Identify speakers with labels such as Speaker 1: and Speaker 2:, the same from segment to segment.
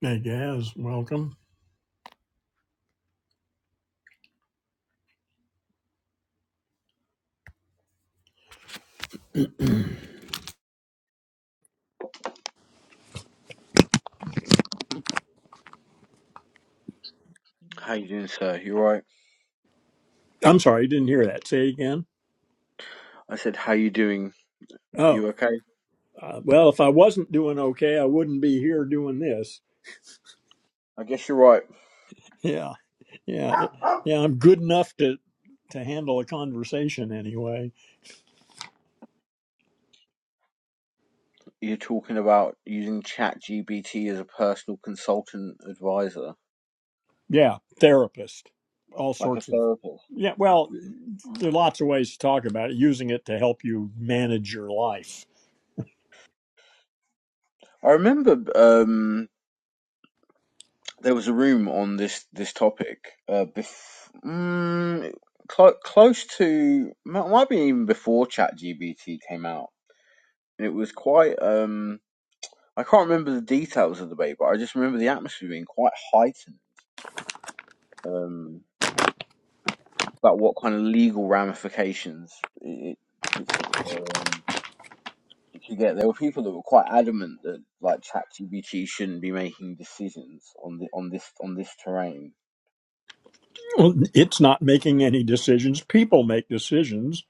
Speaker 1: Hey, Gaz, welcome.
Speaker 2: How you doing, sir? You right?
Speaker 1: I'm sorry, you didn't hear that. Say again.
Speaker 2: I said, how you doing?
Speaker 1: Oh,
Speaker 2: You okay?
Speaker 1: uh, well, if I wasn't doing okay, I wouldn't be here doing this.
Speaker 2: I guess you're right.
Speaker 1: Yeah, yeah, yeah. I'm good enough to to handle a conversation anyway.
Speaker 2: You're talking about using ChatGPT as a personal consultant advisor,
Speaker 1: Yeah, therapist, all
Speaker 2: like a
Speaker 1: sorts of.
Speaker 2: therapist.
Speaker 1: Yeah, well, there are lots of ways to talk about it. Using it to help you manage your life.
Speaker 2: I remember um, there was a room on this this topic uh, bef- mm, clo close to might might be even before ChatGPT came out. And It was quite. Um, I can't remember the details of the debate, but I just remember the atmosphere being quite heightened. Um, but what kind of legal ramifications it, it, um, it could get. There were people that were quite adamant that like ChatGPT shouldn't be making decisions on the on this on this terrain.
Speaker 1: Well, It's not making any decisions. People make decisions.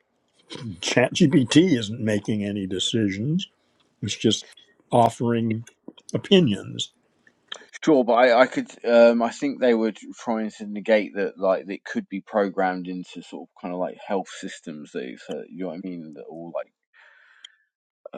Speaker 1: ChatGPT isn't making any decisions It's just offering opinions.
Speaker 2: Sure, but I, I could um, I think they were trying to negate that like it could be programmed into sort of kind of like health systems that it's, uh, you know what I mean that all like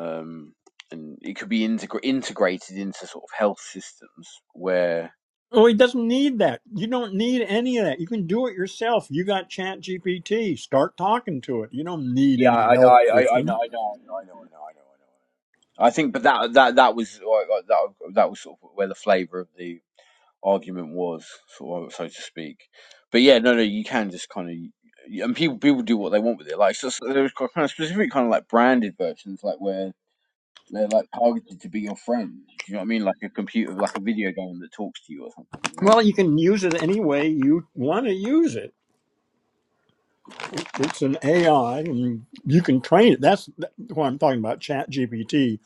Speaker 2: um, and it could be integra- integrated into sort of health systems where.
Speaker 1: Oh, he doesn't need that. You don't need any of that. You can do it yourself. You got Chat GPT. Start talking to it. You don't need
Speaker 2: Yeah,
Speaker 1: any
Speaker 2: I know,
Speaker 1: help
Speaker 2: I, I, I know, I know, I know,
Speaker 1: system.
Speaker 2: I know, I know, I know, I know. I think, but that that that was like, like, that that was sort of where the flavour of the argument was, sort of, so to speak. But yeah, no, no, you can just kind of, and people people do what they want with it. Like, so, so there's kind of specific kind of like branded versions, like where they're like targeted to be your friend. Do you know what I mean? Like a computer, like a video game that talks to you or something. You know?
Speaker 1: Well, you can use it any way you want to use it. It's an AI, and you can train it. That's what I'm talking about, Chat GPT,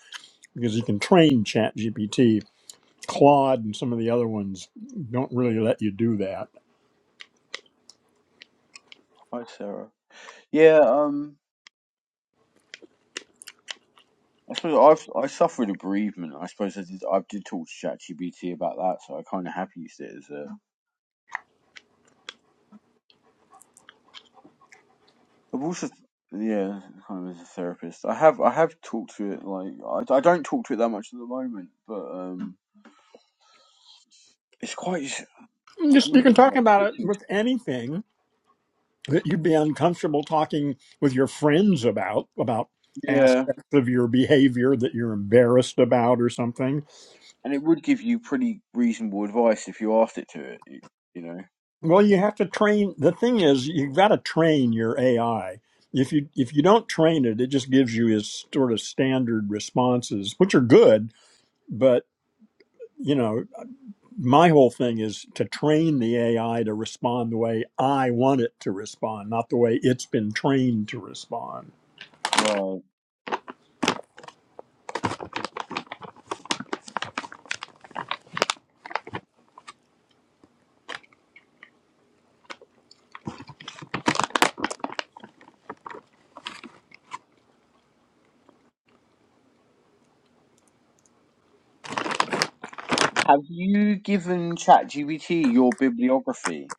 Speaker 1: because you can train Chat GPT. Claude and some of the other ones don't really let you do that.
Speaker 2: Hi, Sarah. Yeah. Um. I suppose I've I suffer with bereavement. I suppose I did I did talk to ChatGPT about that, so I kind of have used it as a. I've also yeah, kind of as a therapist. I have I have talked to it like I, I don't talk to it that much at the moment, but um, it's quite. I've
Speaker 1: Just you
Speaker 2: used
Speaker 1: can
Speaker 2: it for
Speaker 1: talk
Speaker 2: like
Speaker 1: about it
Speaker 2: fixing.
Speaker 1: with anything that you'd be uncomfortable talking with your friends about about
Speaker 2: Yeah,
Speaker 1: aspects of your behavior that you're embarrassed about or something
Speaker 2: and it would give you pretty reasonable advice if you asked it to it. You, you know.
Speaker 1: well you have to train the thing is you've got to train your ai if you if you don't train it it just gives you his sort of standard responses which are good but you know my whole thing is to train the ai to respond the way i want it to respond not the way it's been trained to respond
Speaker 2: Right. Have you given ChatGPT your bibliography?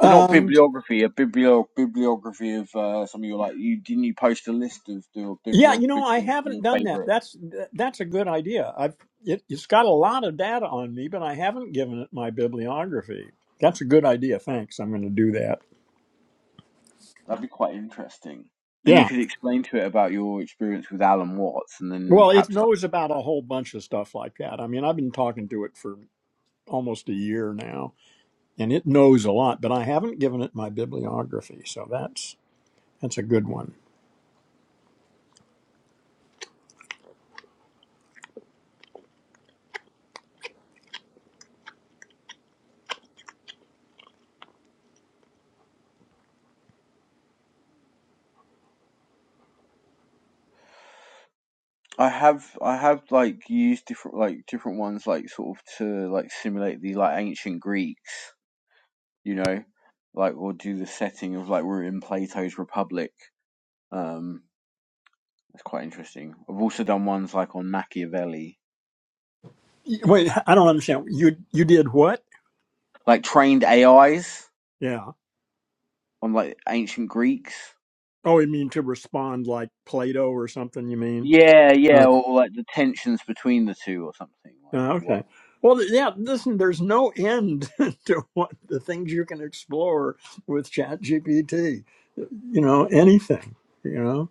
Speaker 2: Well, not bibliography, a biblio bibliography of uh, some of your like you didn't you post a list of your
Speaker 1: Yeah,
Speaker 2: biblio
Speaker 1: you know, I
Speaker 2: bibliography
Speaker 1: haven't
Speaker 2: your
Speaker 1: done that.
Speaker 2: favorite?
Speaker 1: That's th- that's a good idea. I've it, it's got a lot of data on me, but I haven't given it my bibliography. That's a good idea. Thanks. I'm going to do that.
Speaker 2: That'd be quite interesting. And you
Speaker 1: Yeah.
Speaker 2: could explain to it about your experience with Alan Watts, and then
Speaker 1: Well, it
Speaker 2: perhaps like
Speaker 1: knows about a whole bunch of stuff like that. I mean, I've been talking to it for almost a year now, and it knows a lot, but I haven't given it my bibliography. So that's that's a good one.
Speaker 2: I have I have like used different like different ones like sort of to like simulate the like ancient Greeks, you know, like or do the setting of like we're in Plato's Republic. Um, that's quite interesting. I've also done ones like on Machiavelli,
Speaker 1: Y- Wait, I don't understand. You you did what?
Speaker 2: like trained AIs
Speaker 1: Yeah.
Speaker 2: on like ancient Greeks.
Speaker 1: Oh, you mean to respond like Plato or something? You mean?
Speaker 2: Yeah,
Speaker 1: Uh,
Speaker 2: yeah, or, or like the tensions between the two or something. Like
Speaker 1: Uh,
Speaker 2: what?
Speaker 1: okay. Well, th- yeah. Listen, there's no end to what the things you can explore with ChatGPT. You know, anything. You know,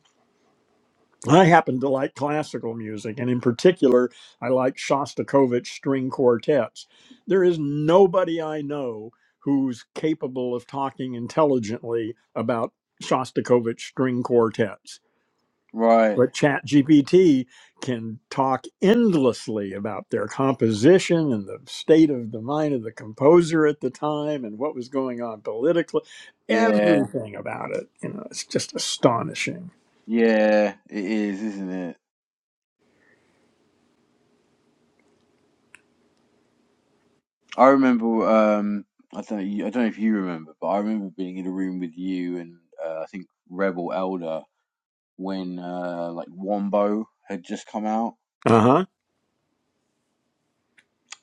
Speaker 1: I happen to like classical music, and in particular, I like Shostakovich string quartets. There is nobody I know who's capable of talking intelligently about Shostakovich string quartets
Speaker 2: Right.
Speaker 1: but ChatGPT can talk endlessly about their composition and the state of the mind of the composer at the time and what was going on politically,
Speaker 2: Yeah,
Speaker 1: everything about it. You know, it's just astonishing.
Speaker 2: yeah, it is, isn't it? I remember. Um, I don't. know- I don't know if you remember, but I remember being in a room with you and uh, I think Rebel Elder when uh, like Wombo had just come out.
Speaker 1: Uh huh.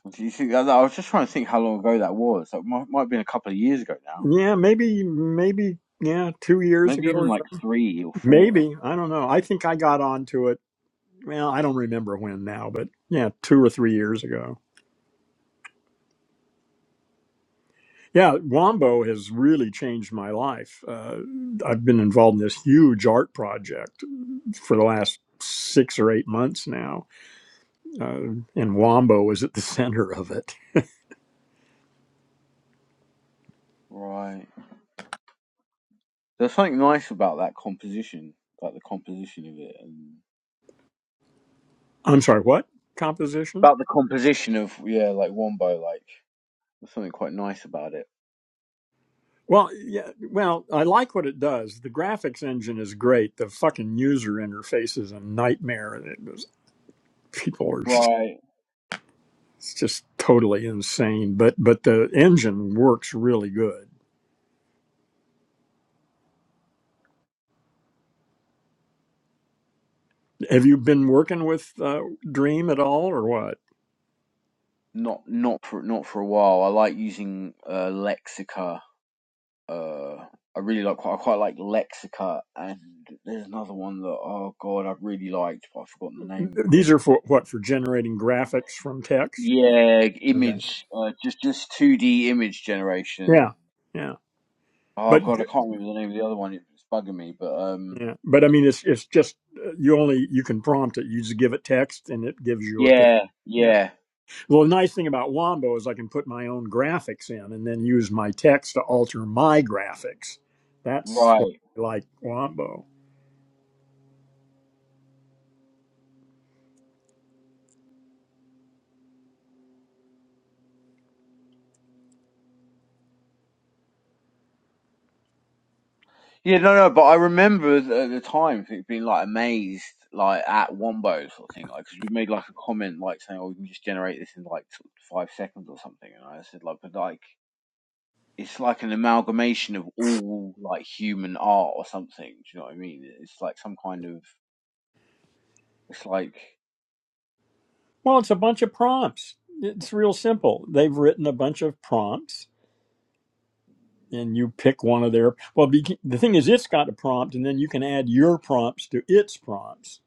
Speaker 2: Do you think? I I was just trying to think how long ago that was. That might might have been a couple of years ago now.
Speaker 1: Yeah, maybe, maybe, yeah, two years
Speaker 2: Maybe
Speaker 1: ago
Speaker 2: even
Speaker 1: or
Speaker 2: like
Speaker 1: so.
Speaker 2: three or four.
Speaker 1: Maybe I don't know. I think I got onto it. Well, I don't remember when now, but yeah, two or three years ago. Yeah, Wombo has really changed my life. Uh, I've been involved in this huge art project for the last six or eight months now, uh, and Wombo is at the center of it.
Speaker 2: Right. There's something nice about that composition, like the composition of it, and
Speaker 1: I'm sorry, what composition?
Speaker 2: about the composition of yeah, like Wombo, like there's something quite nice about it.
Speaker 1: Well, yeah, well, I like what it does. The graphics engine is great. The fucking user interface is a nightmare. It was, people are
Speaker 2: Right.
Speaker 1: it's just totally insane, but but the engine works really good. Have you been working with uh, Dream at all, or what?
Speaker 2: Not not for not for a while. I like using uh, Lexica. Uh, I really like quite I quite like Lexica, and there's another one that oh god I really liked, but I've forgotten the name of it.
Speaker 1: These are for what for generating graphics from text.
Speaker 2: Yeah,
Speaker 1: Okay.
Speaker 2: image, uh, just just two D image generation.
Speaker 1: Yeah, yeah,
Speaker 2: Oh
Speaker 1: but
Speaker 2: god, I can't remember the name of the other one. It's bugging me, but um,
Speaker 1: yeah, but I mean, it's it's just uh, you only you can prompt it. You just give it text, and it gives you a picture.
Speaker 2: yeah,
Speaker 1: Yeah.
Speaker 2: yeah.
Speaker 1: Well, the nice thing about Wombo is I can put my own graphics in, and then use my text to alter my graphics. That's why
Speaker 2: Right.
Speaker 1: I like Wombo.
Speaker 2: Yeah, no, no, but I remember th- at the time th- being like amazed, like at Wombo sort of thing, like because you made like a comment like saying, "Oh, we can just generate this in like sort of five seconds or something," and I said like, "But like, it's like an amalgamation of all like human art or something." Do you know what I mean? It's like some kind of, it's like
Speaker 1: Well, it's a bunch of prompts. It's real simple. They've written a bunch of prompts, and you pick one of their well be, the thing is it's got a prompt and then you can add your prompts to its prompts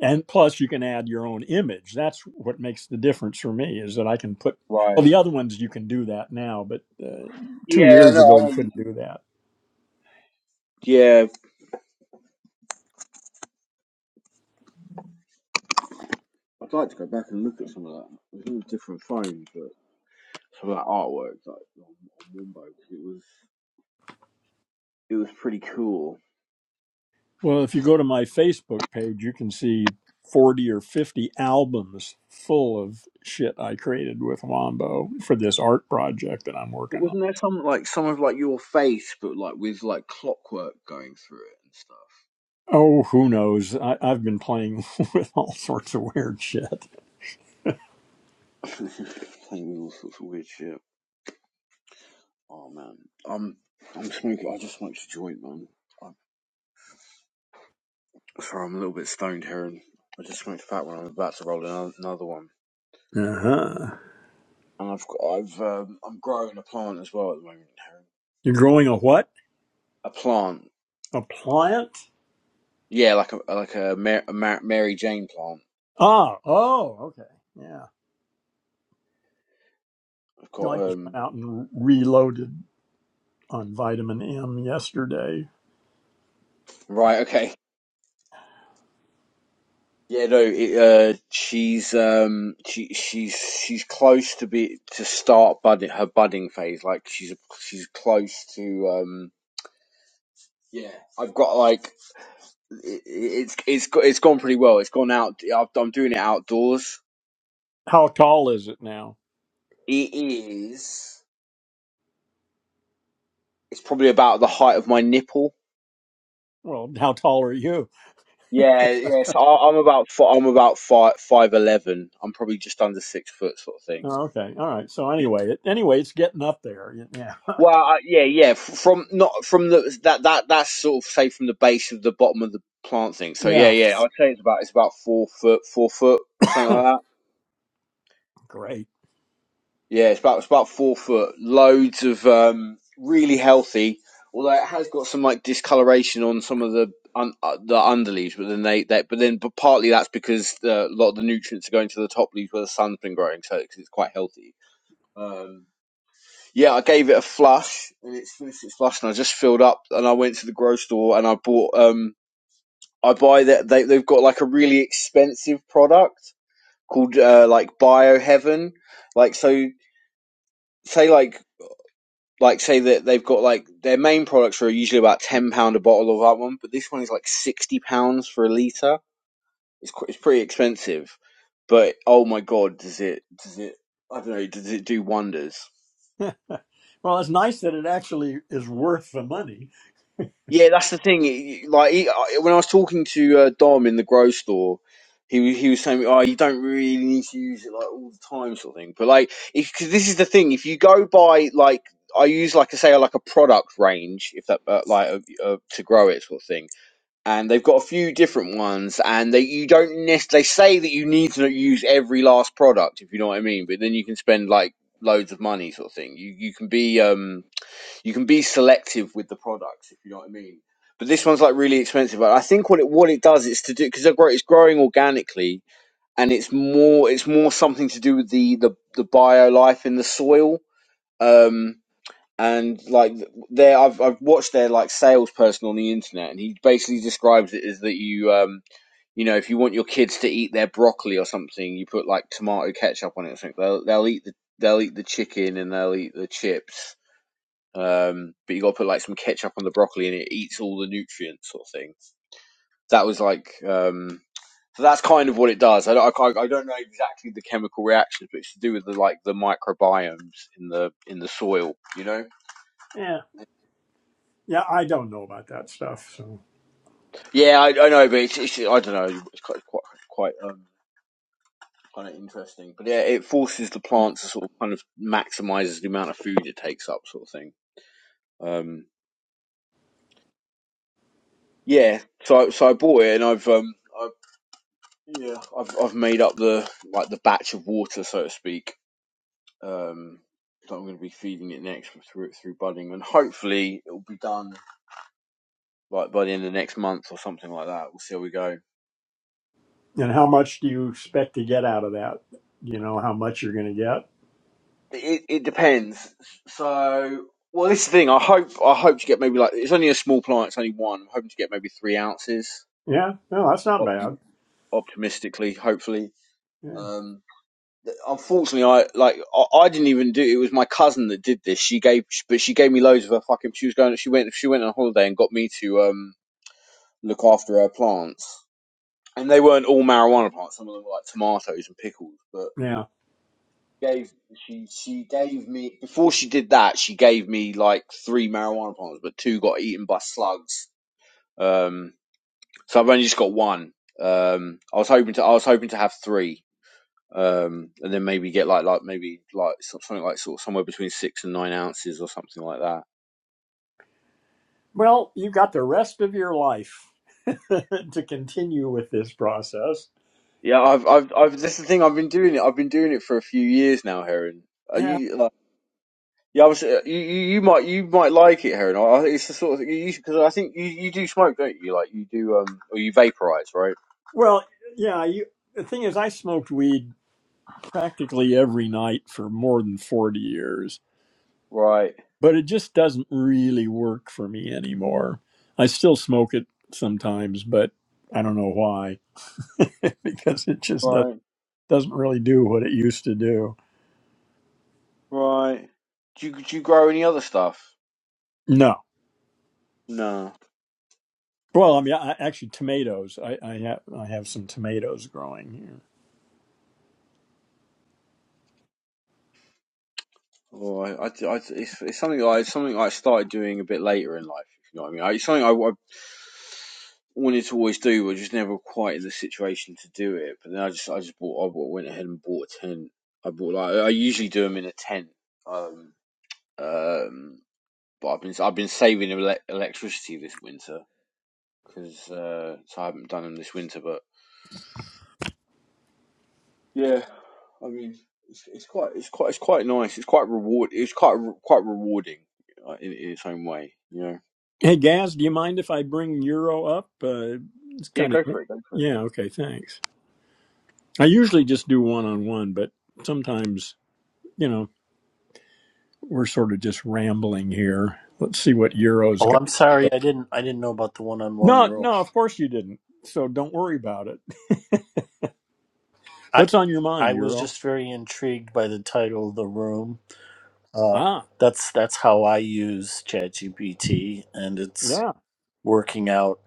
Speaker 1: and plus you can add your own image that's what makes the difference for me is that i can put well
Speaker 2: right.
Speaker 1: the other ones you can do that now but uh, two
Speaker 2: Yeah, I
Speaker 1: years
Speaker 2: know.
Speaker 1: ago
Speaker 2: I
Speaker 1: you
Speaker 2: know. you-
Speaker 1: couldn't do that
Speaker 2: can- Yeah, I'd like to go back and look at some of that. It was on a different phone, but some of that artwork like on, on Wombo 'cause it was it was pretty cool
Speaker 1: well if you go to my facebook page you can see 40 or 50 albums full of shit i created with wombo for this art project that i'm
Speaker 2: But
Speaker 1: working on
Speaker 2: wasn't there some like some of like your face, but like with like clockwork going through it and
Speaker 1: oh who knows I, i've been playing with all sorts of weird shit
Speaker 2: stuff? Playing with all sorts of weird shit. Oh man, I'm I'm smoking. I just smoked a joint, man. I'm, sorry, I'm a little bit stoned here, and I just smoked a fat one. I'm about to roll another, another one,
Speaker 1: Uh-huh.
Speaker 2: and I've got, I've um, I'm growing a plant as well at the moment. Heron.
Speaker 1: You're growing a what?
Speaker 2: A plant,
Speaker 1: A plant?
Speaker 2: yeah, like a like a, Mar- a Mar- Mary Jane plant.
Speaker 1: Ah, oh, okay. Yeah.
Speaker 2: I've
Speaker 1: No,
Speaker 2: got
Speaker 1: I just went
Speaker 2: um
Speaker 1: out and reloaded on vitamin M yesterday.
Speaker 2: right, okay. Yeah, no, it, uh, she's um, she she's she's close to be to start budding her budding phase. Like she's she's close to um, yeah. I've got like it, it's it's go- it's gone pretty well. It's gone out. I've, I'm doing it outdoors.
Speaker 1: How tall is it now?
Speaker 2: It is. It's probably about the height of my nipple.
Speaker 1: Well, how tall are you?
Speaker 2: Yeah, yeah. So I, I'm about fi- I'm about five five eleven. I'm probably just under six foot, sort of thing.
Speaker 1: Oh, okay. All right. So anyway, it, anyway, it's getting up there. Yeah.
Speaker 2: Well, uh, yeah, yeah. From not from the that that that's sort of say from the base of the bottom of the plant thing. So yeah,
Speaker 1: Yeah.
Speaker 2: yeah. I'd say it's about it's about four foot, four foot, something like that.
Speaker 1: Great.
Speaker 2: Yeah, it's about it's about four foot. Loads of um, really healthy. Although it has got some like discoloration on some of the un, uh, the underleaves, but then they, they but then but partly that's because uh, a lot of the nutrients are going to the top leaves where the sun's been growing, so it's it's quite healthy. Um, yeah, I gave it a flush and it's finished its flush, and I just filled up and I went to the grocery store and I bought um I buy that they they've got like a really expensive product called uh, like Bioheaven, like so say like like say that they've got like their main products are usually about ten pound a bottle of that one, but this one is like sixty pounds for a liter. It's qu- it's pretty expensive, but oh my god, does it does it I don't know does it do wonders?
Speaker 1: well, it's nice that it actually is worth the money.
Speaker 2: Yeah, that's the thing. y- Like he, I- when I was talking to uh, Dom in the grocery store, he wa- he was saying, "Oh, you don't really need to use it like all the time, sort of thing." But like, because this is the thing, if you go by like, I use like I say like a product range, if that uh, like uh, uh, to grow it sort of thing, and they've got a few different ones, and they you don't necessarily they say that you need to use every last product, if you know what I mean. But then you can spend like loads of money, sort of thing. You you can be um you can be selective with the products, if you know what I mean. But this one's like really expensive. I think what it what it does is to do because it's growing organically and it's more it's more something to do with the the, the bio life in the soil. Um, and like there, I've I've watched their like salesperson on the internet, and he basically describes it as that you um you know if you want your kids to eat their broccoli or something, you put like tomato ketchup on it or something. They'll they'll eat the they'll eat the chicken and they'll eat the chips um, but you got to put like some ketchup on the broccoli and it eats all the nutrients sort of thing. That was like, um, so that's kind of what it does. I don't, I, I don't know exactly the chemical reactions, but it's to do with the like the microbiomes in the in the soil, you know.
Speaker 1: Yeah. Yeah, I don't know about that stuff. So,
Speaker 2: Yeah, I, I know, but it's, it's I don't know, it's quite quite quite um, kind of interesting. But yeah, it forces the plant to sort of kind of maximizes the amount of food it takes up, sort of thing. Um, yeah, so so I bought it and I've um I Yeah, I've I've made up the like the batch of water, so to speak, um, that I'm going to be feeding it next through through budding, and hopefully it'll be done like by the end of next month or something like that. We'll see how we go.
Speaker 1: and how much do you expect to get out of that? Do you know how much you're going to get?
Speaker 2: It it depends. So, well, this is the thing. I hope I hope to get maybe like it's only a small plant. It's only one. I'm hoping to get maybe three ounces.
Speaker 1: Yeah, no, that's not
Speaker 2: Optim-
Speaker 1: bad.
Speaker 2: optimistically, hopefully.
Speaker 1: Yeah,
Speaker 2: um. Unfortunately, I like I, I didn't even do. It It was my cousin that did this. She gave, but she gave me loads of her fucking. She was going. She went. She went on holiday and got me to um look after her plants. And they weren't all marijuana plants. Some of them were like tomatoes and pickles. But
Speaker 1: yeah.
Speaker 2: gave she she gave me before she did that. She gave me like three marijuana plants, but two got eaten by slugs. Um, so I've only just got one. Um, I was hoping to. I was hoping to have three um, and then maybe get like like maybe like so- something like sort of somewhere between six and nine ounces or something like that.
Speaker 1: Well, you've got the rest of your life to continue with this process.
Speaker 2: Yeah, I've I've I've this is the thing I've been doing it. I've been doing it for a few years now, Heron. Uh,
Speaker 1: Yeah.
Speaker 2: you like yeah, I was uh, you, you you might you might like it, Heron. I, it's the sort of thing you because I think you you do smoke, don't you? Like you do um or you vaporize, right?
Speaker 1: Well, yeah. You. The thing is, I smoked weed practically every night for more than forty years,
Speaker 2: Right,
Speaker 1: but it just doesn't really work for me anymore. I still smoke it sometimes, but I don't know why because it just does,
Speaker 2: right,
Speaker 1: doesn't really do what it used to do.
Speaker 2: right. Do you do you grow any other stuff?
Speaker 1: No.
Speaker 2: No.
Speaker 1: Well, I mean, I, actually, tomatoes. I, I have I have some tomatoes growing here.
Speaker 2: Oh, I, I, I- it's, it's something I it's something I started doing a bit later in life. If you know what I mean, I, it's something I, I wanted to always do, but just never quite in the situation to do it. But then I just I just bought I bought, went ahead and bought a tent. I bought like I usually do them in a tent. Um, um, but I've been I've been saving ele- electricity this winter because uh, so I haven't done them this winter. But. Yeah, I mean, it's, it's quite, it's quite, it's quite nice. It's quite reward. It's quite, re- quite rewarding uh, in, in its own way. You know.
Speaker 1: Hey, Gaz, do you mind if I bring Euro up? Uh, it's
Speaker 2: Yeah,
Speaker 1: kind of
Speaker 2: go for it. Go for it.
Speaker 1: yeah. Okay, thanks. I usually just do one on one, but sometimes you know we're sort of just rambling here. Let's see what Euro's
Speaker 3: Oh,
Speaker 1: got.
Speaker 3: I'm sorry. I didn't. I didn't know about the one-on-one
Speaker 1: No,
Speaker 3: rule.
Speaker 1: no, of course you didn't. So don't worry about it.
Speaker 3: I
Speaker 1: What's on your mind,
Speaker 3: I was
Speaker 1: Euro?
Speaker 3: just very intrigued by the title of the room. Uh,
Speaker 1: Ah,
Speaker 3: that's that's how I use ChatGPT, and it's
Speaker 1: yeah,
Speaker 3: working out.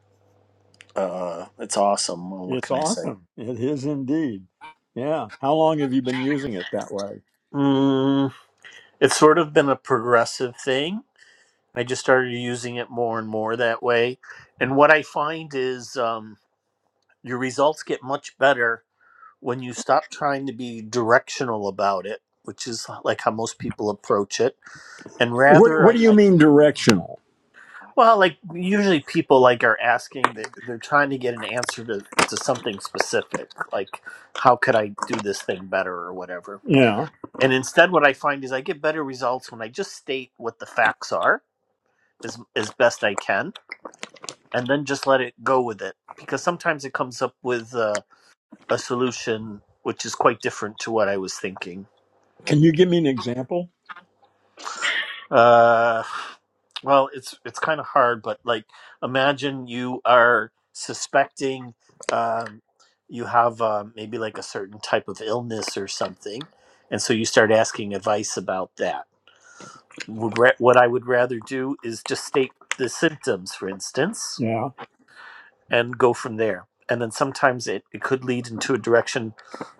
Speaker 3: Uh, it's awesome. Well, what
Speaker 1: it's
Speaker 3: can I say?
Speaker 1: awesome. It is indeed. Yeah. How long have you been using it that way?
Speaker 3: Mm, it's sort of been a progressive thing. I just started using it more and more that way, and what I find is um, your results get much better when you stop trying to be directional about it, which is like how most people approach it, and
Speaker 1: What
Speaker 3: rather,
Speaker 1: What
Speaker 3: I,
Speaker 1: do you
Speaker 3: I
Speaker 1: mean directional?
Speaker 3: well, like usually people like are asking that they're trying to get an answer to to something specific, like how could I do this thing better or whatever.
Speaker 1: Yeah.
Speaker 3: And instead, what I find is I get better results when I just state what the facts are as as best I can, and then just let it go with it. Because sometimes it comes up with uh, a solution which is quite different to what I was thinking
Speaker 1: Can you give me an example?
Speaker 3: Uh, well, it's it's kind of hard, but like, imagine you are suspecting um, you have uh, maybe like a certain type of illness or something, and so you start asking advice about that. Would ra- what I would rather do is just state the symptoms, for instance,
Speaker 1: Yeah.
Speaker 3: and go from there. And then sometimes it, it could lead into a direction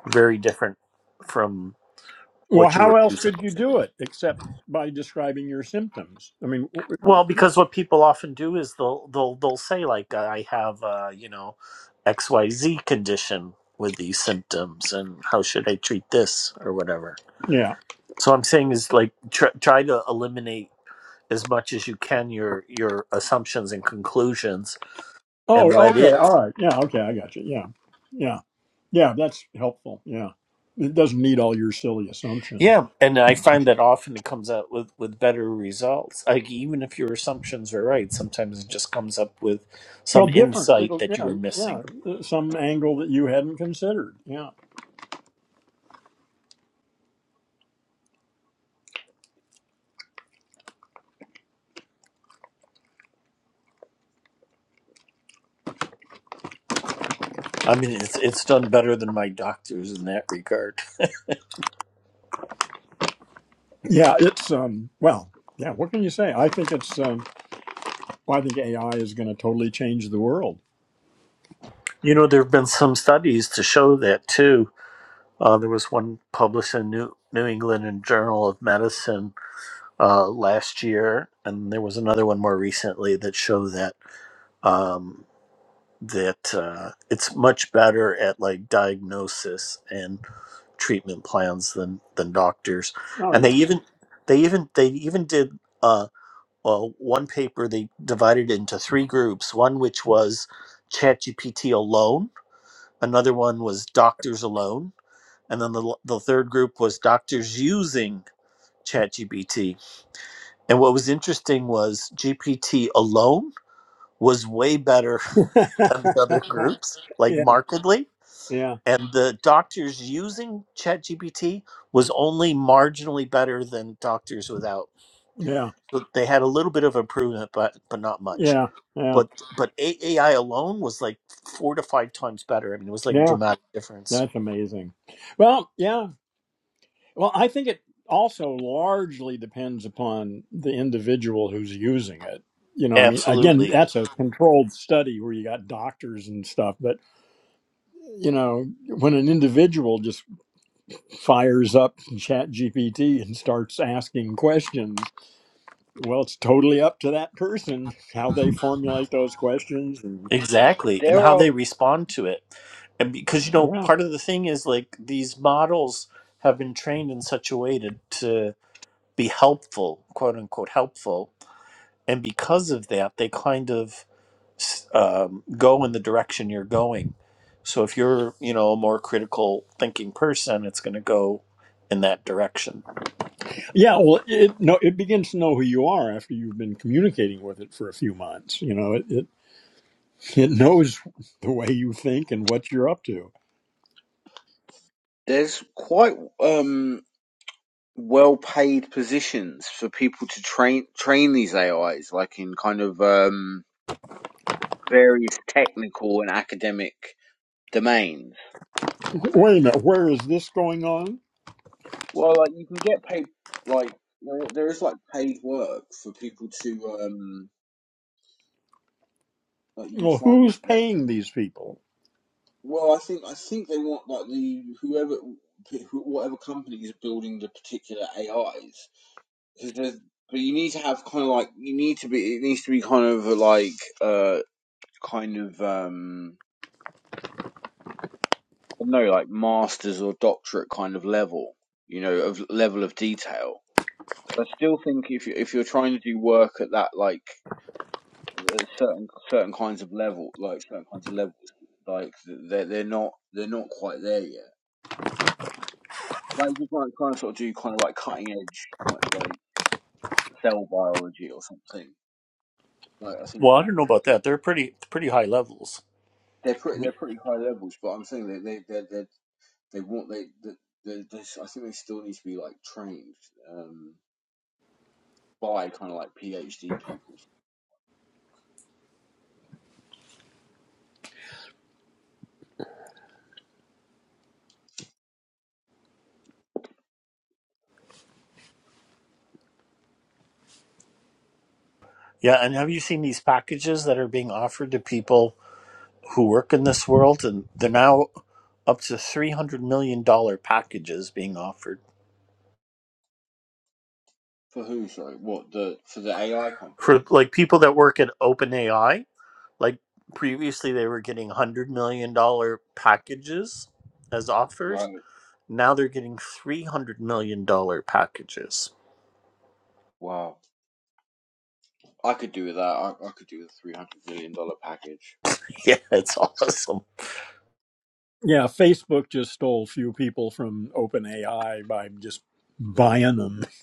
Speaker 3: very different from
Speaker 1: Well,
Speaker 3: what you were
Speaker 1: how else could you
Speaker 3: presupposing.
Speaker 1: do it except by describing your symptoms? I mean, w-
Speaker 3: Well, because what people often do is they'll they'll they'll say like I have uh, you know XYZ condition with these symptoms and how should I treat this or whatever.
Speaker 1: yeah.
Speaker 3: So I'm saying is like tr- try to eliminate as much as you can your your assumptions and conclusions and
Speaker 1: Oh,
Speaker 3: let
Speaker 1: okay.
Speaker 3: it
Speaker 1: All right. Yeah. Okay. I got you. Yeah. Yeah. Yeah. That's helpful. Yeah. It doesn't need all your silly assumptions.
Speaker 3: yeah and i find that often it comes out with with better results like even if your assumptions are right sometimes it just comes up with
Speaker 1: Well,
Speaker 3: some
Speaker 1: different.
Speaker 3: insight
Speaker 1: It'll,
Speaker 3: that you
Speaker 1: yeah.
Speaker 3: were missing
Speaker 1: Yeah. uh, Some angle that you hadn't considered. Yeah.
Speaker 3: I mean, it's it's done better than my doctors in that regard.
Speaker 1: Yeah. It's, um, well, yeah. What can you say? I think it's, um, well, I think AI is going to totally change the world.
Speaker 3: You know, there have been some studies to show that too. Uh, there was one published in New New England and Journal of Medicine uh, last year, and there was another one more recently that show that um, that uh, it's much better at like diagnosis and treatment plans than than doctors,
Speaker 1: Oh
Speaker 3: and
Speaker 1: yeah.
Speaker 3: they even they even they even did. uh, well, one paper they divided into three groups. One which was ChatGPT alone, another one was doctors alone, and then the, the third group was doctors using ChatGPT. And what was interesting was GPT alone was way better than the other groups, like
Speaker 1: yeah,
Speaker 3: markedly.
Speaker 1: yeah,
Speaker 3: And the doctors using ChatGPT was only marginally better than doctors without.
Speaker 1: yeah,
Speaker 3: So they had a little bit of improvement, but but not much.
Speaker 1: yeah, yeah,
Speaker 3: but but A I alone was like four to five times better. I mean, it was like a
Speaker 1: yeah.
Speaker 3: dramatic difference.
Speaker 1: That's amazing. Well, yeah. Well, I think it also largely depends upon the individual who's using it. You know, I mean, again,
Speaker 3: Absolutely,
Speaker 1: that's a controlled study where you got doctors and stuff. But you know, when an individual just fires up Chat GPT and starts asking questions, well, it's totally up to that person how they formulate those questions and
Speaker 3: exactly, and
Speaker 2: There
Speaker 3: how
Speaker 2: are
Speaker 3: they respond to it, and because you know,
Speaker 1: yeah,
Speaker 3: part of the thing is like these models have been trained in such a way to to be helpful, quote unquote helpful, and because of that, they kind of s- um, go in the direction you're going. So if you're, you know, a more critical thinking person, it's going to go in that direction.
Speaker 1: Yeah, well, it no, it begins to know who you are after you've been communicating with it for a few months. You know, it it, it knows the way you think and what you're up to.
Speaker 2: there's quite um well paid positions for people to train train these AIs, like in kind of um various technical and academic domains.
Speaker 1: Wait a minute, where is this going on?
Speaker 2: Well, like you can get paid like there there is like paid work for people to um like you can
Speaker 1: Well,
Speaker 2: find
Speaker 1: who's
Speaker 2: it
Speaker 1: paying these people?
Speaker 2: Well, I think I think they want like the whoever who- whatever company is building the particular AIs because there's but you need to have kind of like you need to be it needs to be kind of like uh kind of um I don't know like masters or doctorate kind of level you know of level of detail. I still think if you if you're trying to do work at that like uh, certain certain kinds of level like certain kinds of levels like they're they're not they're not quite there yet Like you might kind of sort of do kind of like cutting edge, kind of like cell biology or something. Like I think
Speaker 3: Well, I don't know about
Speaker 2: ChatGPT,
Speaker 3: that. They're pretty pretty high levels.
Speaker 2: they're
Speaker 3: I
Speaker 2: pretty
Speaker 3: mean,
Speaker 2: they're pretty high levels, but I'm saying that they they they they want they they, they, they I think they still need to be like trained um, by kind of like PhD people.
Speaker 3: yeah, and have you seen these packages that are being offered to people who work in this world? And they're now up to three hundred million dollar packages being offered
Speaker 2: For who? Sorry, what the for the AI
Speaker 3: for
Speaker 2: companies?
Speaker 3: like people that work at OpenAI. Like previously, they were getting hundred million dollar packages as offers.
Speaker 2: Right.
Speaker 3: Now they're getting three hundred million dollar packages.
Speaker 2: Wow. I could do with that. I, I could do with a three hundred million dollar package,
Speaker 3: Yeah, it's awesome.
Speaker 1: Yeah, Facebook just stole few people from OpenAI by just buying them.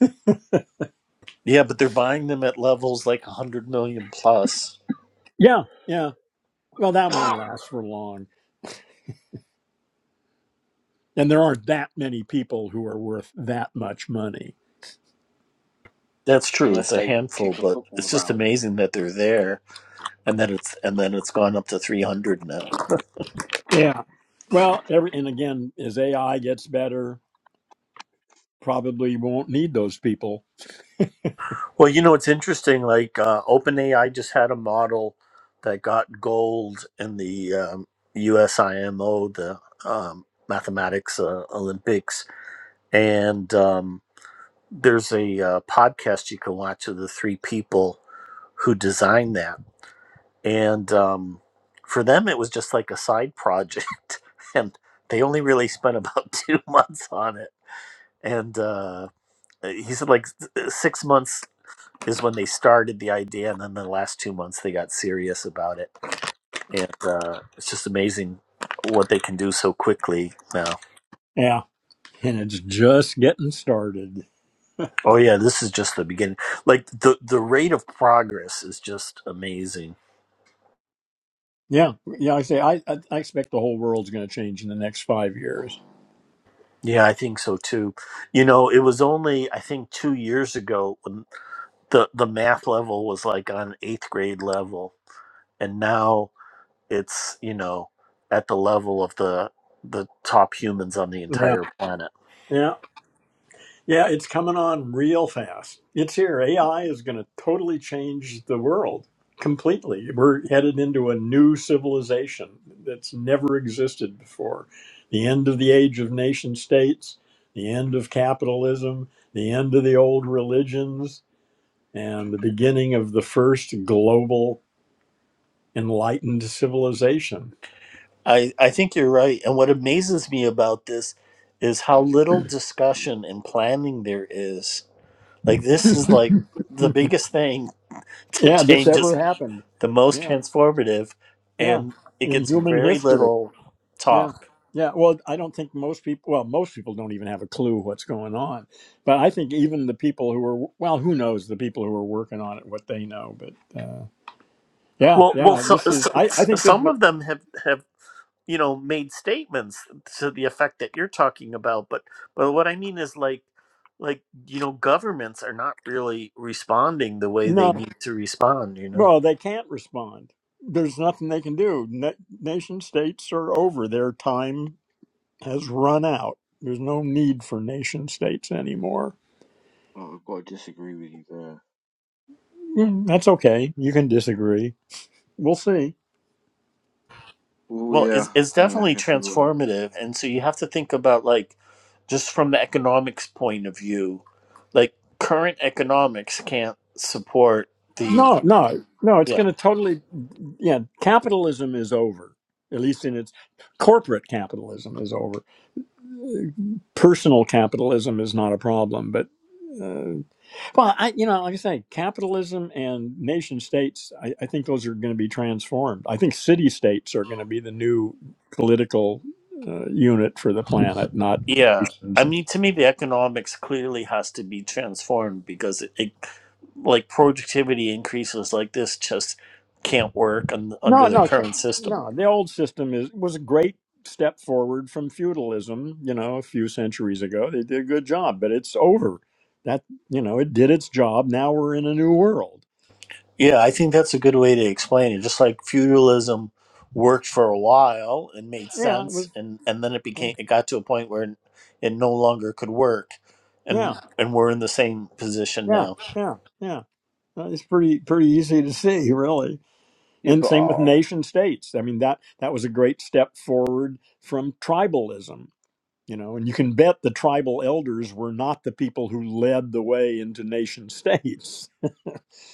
Speaker 3: Yeah, but they're buying them at levels like hundred million plus.
Speaker 1: Yeah, yeah. Well, that won't last for long, and there aren't that many people who are worth that much money.
Speaker 3: That's true. It's
Speaker 2: unless
Speaker 3: a
Speaker 2: they
Speaker 3: handful,
Speaker 2: kick a
Speaker 3: but
Speaker 2: football
Speaker 3: it's just
Speaker 2: around.
Speaker 3: amazing that they're there, and that it's and then it's gone up to three hundred now.
Speaker 1: Yeah. Well, every and again, as AI gets better, probably won't need those people.
Speaker 3: Well, you know, it's interesting. Like uh, OpenAI just had a model that got gold in the um, USIMO, the um, Mathematics uh, Olympics, and um, there's a uh, podcast you can watch of the three people who designed that and um, for them it was just like a side project and they only really spent about two months on it and uh, he said like s- uh, six months is when they started the idea and then the last two months they got serious about it and uh, it's just amazing what they can do so quickly now
Speaker 1: Yeah, and it's just getting started.
Speaker 3: oh yeah this is just the beginning like the the rate of progress is just amazing
Speaker 1: Yeah, yeah. like I say I I, I expect the whole world's going to change in the next five years.
Speaker 3: yeah i think so too you know it was only i think two years ago the the math level was like on eighth grade level and now it's you know at the level of the the top humans on the
Speaker 1: Yeah,
Speaker 3: entire planet
Speaker 1: yeah, yeah. It's coming on real fast. It's here. AI is going to totally change the world completely. We're headed into a new civilization that's never existed before. The end of the age of nation states. The end of capitalism. The end of the old religions and the beginning of the first global enlightened civilization.
Speaker 3: i i think you're right and what amazes me about this is how little discussion and planning there is like this is like the biggest thing to
Speaker 1: Yeah, this
Speaker 3: change is
Speaker 1: ever happened.
Speaker 3: the most
Speaker 1: Yeah,
Speaker 3: transformative
Speaker 1: yeah,
Speaker 3: and it
Speaker 1: in
Speaker 3: gets
Speaker 1: human
Speaker 3: very
Speaker 1: history.
Speaker 3: little
Speaker 1: Yeah,
Speaker 3: talk
Speaker 1: yeah. Well, I don't think most people, well, most people don't even have a clue what's going on. But I think even the people who were, well, who knows the people who are working on it, what they know. But uh, yeah,
Speaker 3: well well
Speaker 1: yeah,
Speaker 3: so,
Speaker 1: this is,
Speaker 3: so,
Speaker 1: I, I think this is,
Speaker 3: some of them have have you know made statements to the effect that you're talking about but but what i mean is like like you know governments are not really responding the way they
Speaker 1: no,
Speaker 3: need to respond you know
Speaker 1: well, they can't respond. There's nothing they can do. Na- nation states are over. Their time has run out. There's no need for nation states anymore.
Speaker 2: Oh, I've got to disagree with you there.
Speaker 1: Mm, That's okay. You can disagree. We'll see.
Speaker 2: Oh
Speaker 3: well it's,
Speaker 2: yeah,
Speaker 3: it's
Speaker 2: yeah, I
Speaker 3: definitely
Speaker 2: guess we will.
Speaker 3: transformative and so you have to think about like just from the economics point of view like current economics can't support the
Speaker 1: No, no, no. It's
Speaker 3: yeah
Speaker 1: going to totally. Yeah, capitalism is over. At least in its corporate capitalism is over. Personal capitalism is not a problem, but uh, well, I, you know, like I say, capitalism and nation states, I, I think those are going to be transformed. I think city states are going to be the new political uh, unit for the planet, not
Speaker 3: yeah i
Speaker 1: nations.
Speaker 3: mean to me the economics clearly has to be transformed because it, it like productivity increases like this just can't work un,
Speaker 1: No,
Speaker 3: under their
Speaker 1: no, ca-
Speaker 3: current system.
Speaker 1: no. The old system is was a great step forward from feudalism. You know, a few centuries ago, they did a good job, but it's over. That you know, it did its job. Now we're in a new world.
Speaker 3: Yeah, I think that's a good way to explain it. Just like feudalism worked for a while and made
Speaker 1: Yeah, it
Speaker 3: sense,
Speaker 1: was.
Speaker 3: and and then it
Speaker 1: Yeah,
Speaker 3: became it got to a point where it no longer could work,
Speaker 1: yeah.
Speaker 3: and and we're in the same position
Speaker 1: Yeah,
Speaker 3: now.
Speaker 1: yeah, yeah. Uh, It's pretty pretty easy to see, really.
Speaker 2: Yeah,
Speaker 1: And
Speaker 2: but
Speaker 1: same with
Speaker 2: uh,
Speaker 1: nation states. I mean that that was a great step forward from tribalism, you know. And you can bet the tribal elders were not the people who led the way into nation states,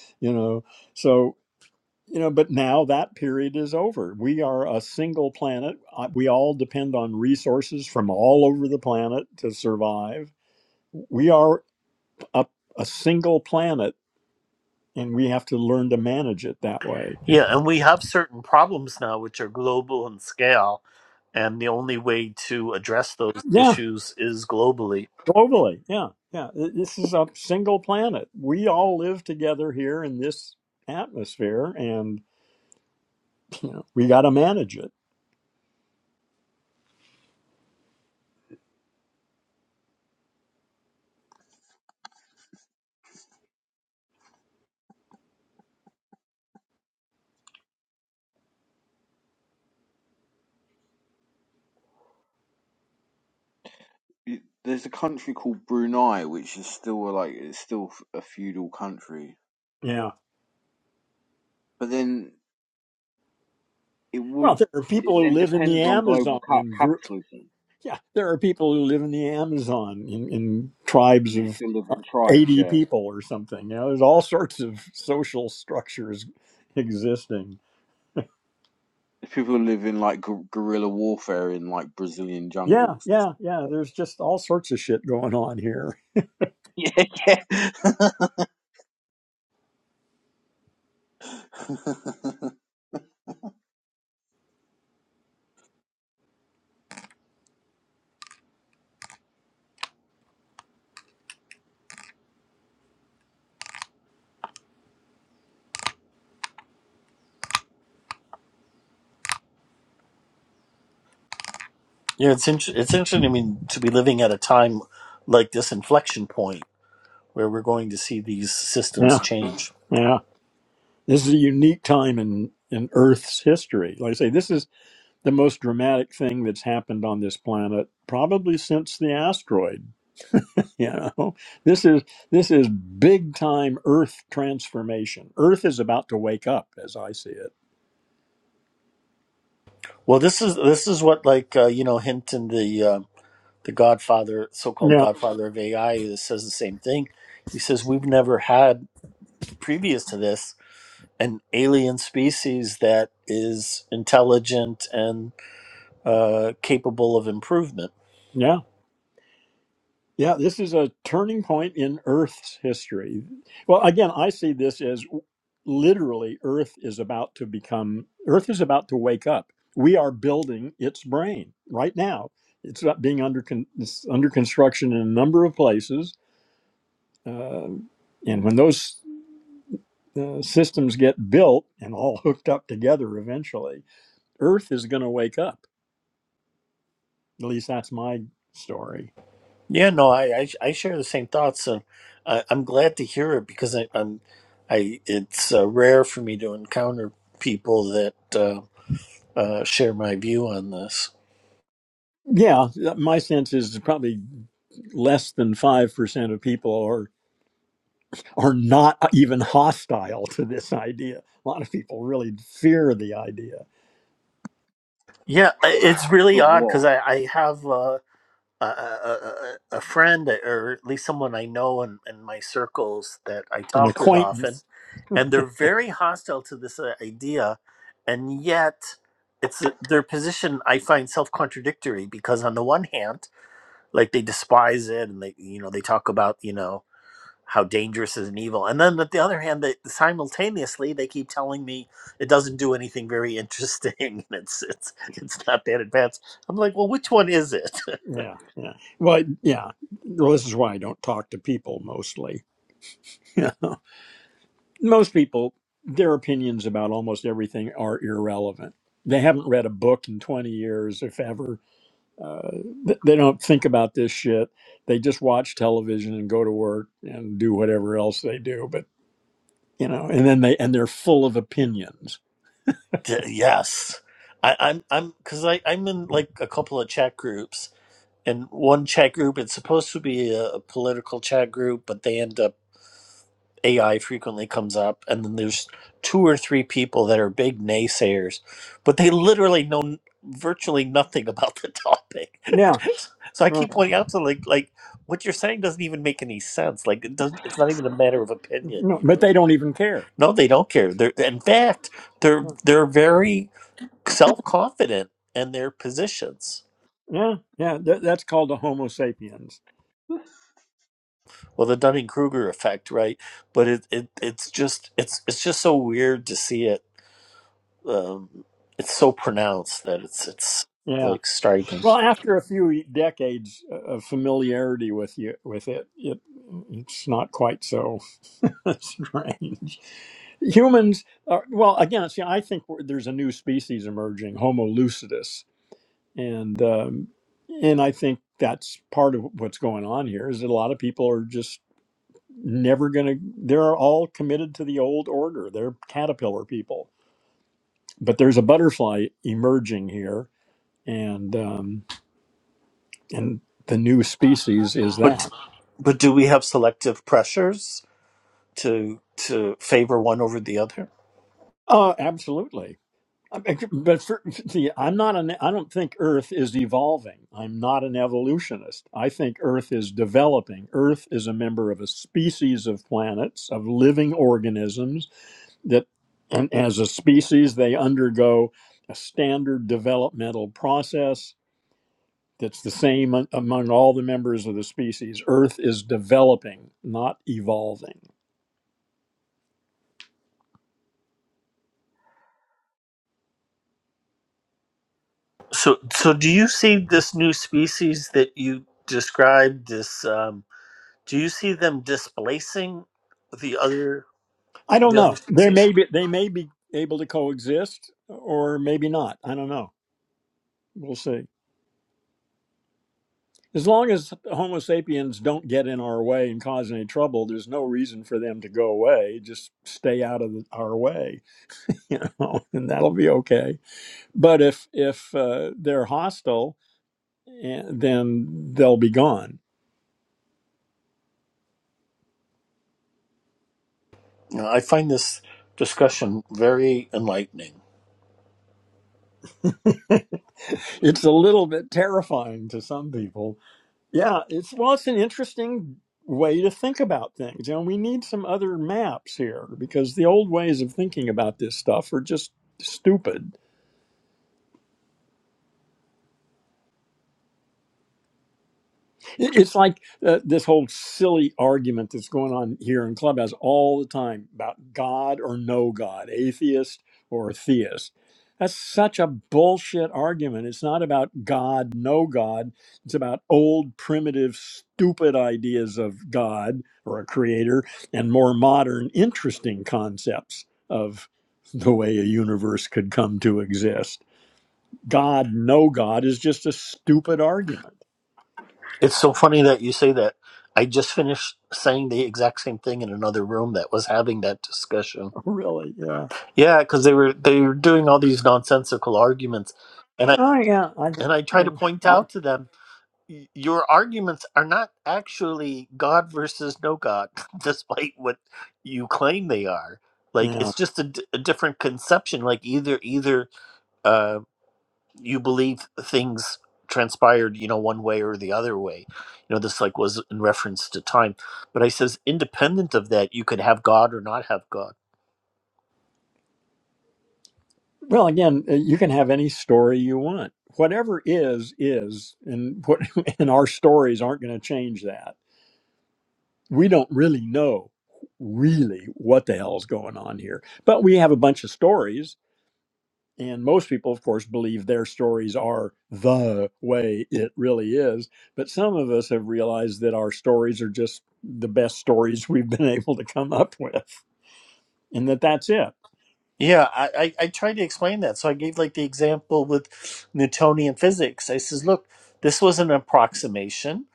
Speaker 1: you know. So you know, but now that period is over. We are a single planet. Uh, We all depend on resources from all over the planet to survive. We are a, a single planet and we have to learn to manage it that way.
Speaker 3: Yeah, and we have certain problems now which are global in scale, and the only way to address those
Speaker 1: Yeah,
Speaker 3: issues is globally.
Speaker 1: globally. Yeah, yeah. Th- This is a single planet. We all live together here in this atmosphere, and you know, we got to manage it.
Speaker 2: y- there's a country called Brunei, which is still uh, like it's still f- a feudal country.
Speaker 1: Yeah.
Speaker 2: But then it would
Speaker 1: Well, there are
Speaker 2: it
Speaker 1: people who
Speaker 2: then
Speaker 1: live in the
Speaker 2: depends on global
Speaker 1: Amazon
Speaker 2: ca-
Speaker 1: in groups.
Speaker 2: capitalism,
Speaker 1: Yeah, there are people who live in the Amazon in, in
Speaker 2: and
Speaker 1: tribes
Speaker 2: you
Speaker 1: of
Speaker 2: still live in tribes.
Speaker 1: eighty
Speaker 2: Yeah,
Speaker 1: people or something. You know, there's all sorts of social structures existing.
Speaker 2: if people live in like gu- guerrilla warfare in like Brazilian
Speaker 1: Yeah,
Speaker 2: jungles.
Speaker 1: yeah, yeah. There's just all sorts of shit going on here.
Speaker 2: Yeah, yeah.
Speaker 3: Yeah, it's int- it's interesting. I mean, to be living at a time like this inflection point where we're going to see these systems
Speaker 1: Yeah,
Speaker 3: change.
Speaker 1: yeah. This is a unique time in in Earth's history. Like I say, this is the most dramatic thing that's happened on this planet probably since the asteroid. You know, this is this is big time Earth transformation. Earth is about to wake up, as I see it.
Speaker 3: Well, this is this is what like uh, you know hint in the uh, the Godfather, so-called
Speaker 1: Yeah,
Speaker 3: Godfather of AI, that says the same thing. He says we've never had previous to this an alien species that is intelligent and uh, capable of improvement.
Speaker 1: yeah. Yeah, this is a turning point in Earth's history. Well, again, I see this as literally Earth is about to become, Earth is about to wake up. We are building its brain right now. It's about being under con- it's under construction in a number of places, uh, and when those uh, systems get built and all hooked up together, eventually, Earth is going to wake up. At least that's my story.
Speaker 3: Yeah, no, I, I I share the same thoughts, and I, I'm glad to hear it because I, I'm, I it's uh, rare for me to encounter people that uh, uh, share my view on this.
Speaker 1: Yeah, my sense is probably less than 5% of people are are not even hostile to this idea. A lot of people really fear the idea.
Speaker 3: Yeah, I- it's really
Speaker 2: of
Speaker 3: odd because
Speaker 2: what?
Speaker 3: I I have uh, a, a a a friend or at least someone I know in in my circles that I
Speaker 1: An
Speaker 3: talk with often,
Speaker 1: acquaintance.
Speaker 3: and they're very hostile to this uh, idea, and yet it's uh, their position I find self contradictory because on the one hand like they despise it and they you know they talk about you know how dangerous is an evil and then at the other hand they simultaneously they keep telling me it doesn't do anything very interesting and it's it's it's not that advanced i'm like well which one is it
Speaker 1: Yeah, yeah. Well, yeah. Well, this is why I don't talk to people mostly. You know? Most people, their opinions about almost everything are irrelevant. They haven't read a book in 20 years, if ever. Uh, th- they don't think about this shit. They just watch television and go to work and do whatever else they do. But. you know and then they and they're full of opinions
Speaker 3: D- yes I, i'm i'm because i i'm in like a couple of chat groups and one chat group it's supposed to be a, a political chat group but they end up AI frequently comes up, and then there's two or three people that are big naysayers, but they literally know n- virtually nothing about the topic.
Speaker 1: yeah
Speaker 3: so I
Speaker 1: right
Speaker 3: keep pointing out to them, like like what you're saying doesn't even make any sense. Like it doesn't. It's not even a matter of opinion.
Speaker 1: no
Speaker 3: You
Speaker 1: but
Speaker 3: know?
Speaker 1: they don't even care
Speaker 3: No, they don't care. They're in fact they're they're very self confident in their positions.
Speaker 1: yeah yeah that, that's called a homo sapiens
Speaker 3: Well, the Dunning Kruger effect, right? But it, it it's just it's it's just so weird to see it um, it's so pronounced that it's it's
Speaker 1: yeah
Speaker 3: like striking.
Speaker 1: well after a few decades uh, of familiarity with you with it it it's not quite so strange humans are, well again see i think we're- there's a new species emerging homo lucidus and um, and I think that's part of what's going on here is that a lot of people are just never going to. They're all committed to the old order. They're caterpillar people, but there's a butterfly emerging here, and um, and the new species is
Speaker 3: But
Speaker 1: that.
Speaker 3: but do we have selective pressures to to favor one over the other?
Speaker 1: Uh, absolutely. I mean, But for, see, I'm not an. I don't think Earth is evolving. I'm not an evolutionist. I think Earth is developing. Earth is a member of a species of planets of living organisms that, and as a species, they undergo a standard developmental process that's the same a- among all the members of the species. Earth is developing, not evolving.
Speaker 3: So so do you see this new species that you described? This um, do you see them displacing the other
Speaker 1: I don't
Speaker 3: the
Speaker 1: know.
Speaker 3: other
Speaker 1: They
Speaker 3: species?
Speaker 1: may be. They may be able to coexist, or maybe not. I don't know. We'll see. As long as Homo sapiens don't get in our way and cause any trouble, there's no reason for them to go away. Just stay out of the, our way, you know, and that'll be okay. But if if uh, they're hostile, eh, then they'll be gone.
Speaker 3: No, I find this discussion very enlightening.
Speaker 1: It's a little bit terrifying to some people. Yeah, it's well, it's an interesting way to think about things, You know, we need some other maps here because the old ways of thinking about this stuff are just stupid It- It's like uh, this whole silly argument that's going on here in Clubhouse all the time about God or no God, atheist or theist. That's such a bullshit argument. It's not about God, no God. It's about old, primitive, stupid ideas of God or a creator and more modern, interesting concepts of the way a universe could come to exist. God, no God is just a stupid argument.
Speaker 3: It's so funny that you say that. I just finished saying the exact same thing in another room that was having that discussion
Speaker 1: Really, yeah.
Speaker 3: Yeah, because they were they were doing all these nonsensical arguments, and I
Speaker 1: Oh yeah, I,
Speaker 3: and I try to
Speaker 1: yeah,
Speaker 3: point
Speaker 1: I-
Speaker 3: out to them, "Y- your arguments are not actually God versus no God, despite what you claim they are. Like
Speaker 1: yeah.
Speaker 3: it's just a, d- a different conception. Like either either uh, you believe things transpired, you know, one way or the other way. You know, this like was in reference to time, but I says independent of that, you could have God or not have God
Speaker 1: Well, again, uh, you can have any story you want. Whatever is is, and what and our stories aren't going to change that. We don't really know really what the hell's going on here, but we have a bunch of stories, and most people, of course, believe their stories are the way it really is. But some of us have realized that our stories are just the best stories we've been able to come up with, and that that's it.
Speaker 3: Yeah, I, I, I tried to explain that. So I gave like the example with Newtonian physics. I says, look, this was an approximation.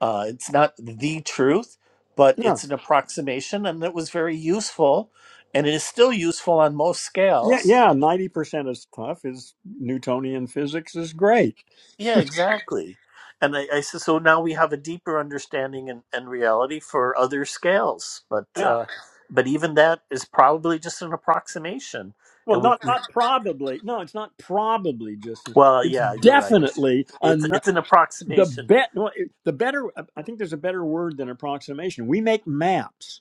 Speaker 3: Uh, it's not the truth, but it's an approximation, and it was very useful, and it is still useful on most
Speaker 1: Yeah,
Speaker 3: scales.
Speaker 1: yeah, ninety percent of stuff is Newtonian physics is great.
Speaker 3: Yeah, exactly. And I, I said, so now we have a deeper understanding and, and reality for other scales, but
Speaker 1: Yeah.
Speaker 3: uh, but even that is probably just an approximation,
Speaker 1: Well,
Speaker 3: and we,
Speaker 1: not
Speaker 3: we
Speaker 1: not probably. No, it's not probably just.
Speaker 3: Well,
Speaker 1: It's
Speaker 3: yeah, you're right. It's
Speaker 1: definitely a,
Speaker 3: it's,
Speaker 1: n-
Speaker 3: it's an
Speaker 1: the
Speaker 3: approximation.
Speaker 1: bet. well, it- The better. I think there's a better word than approximation. We make maps,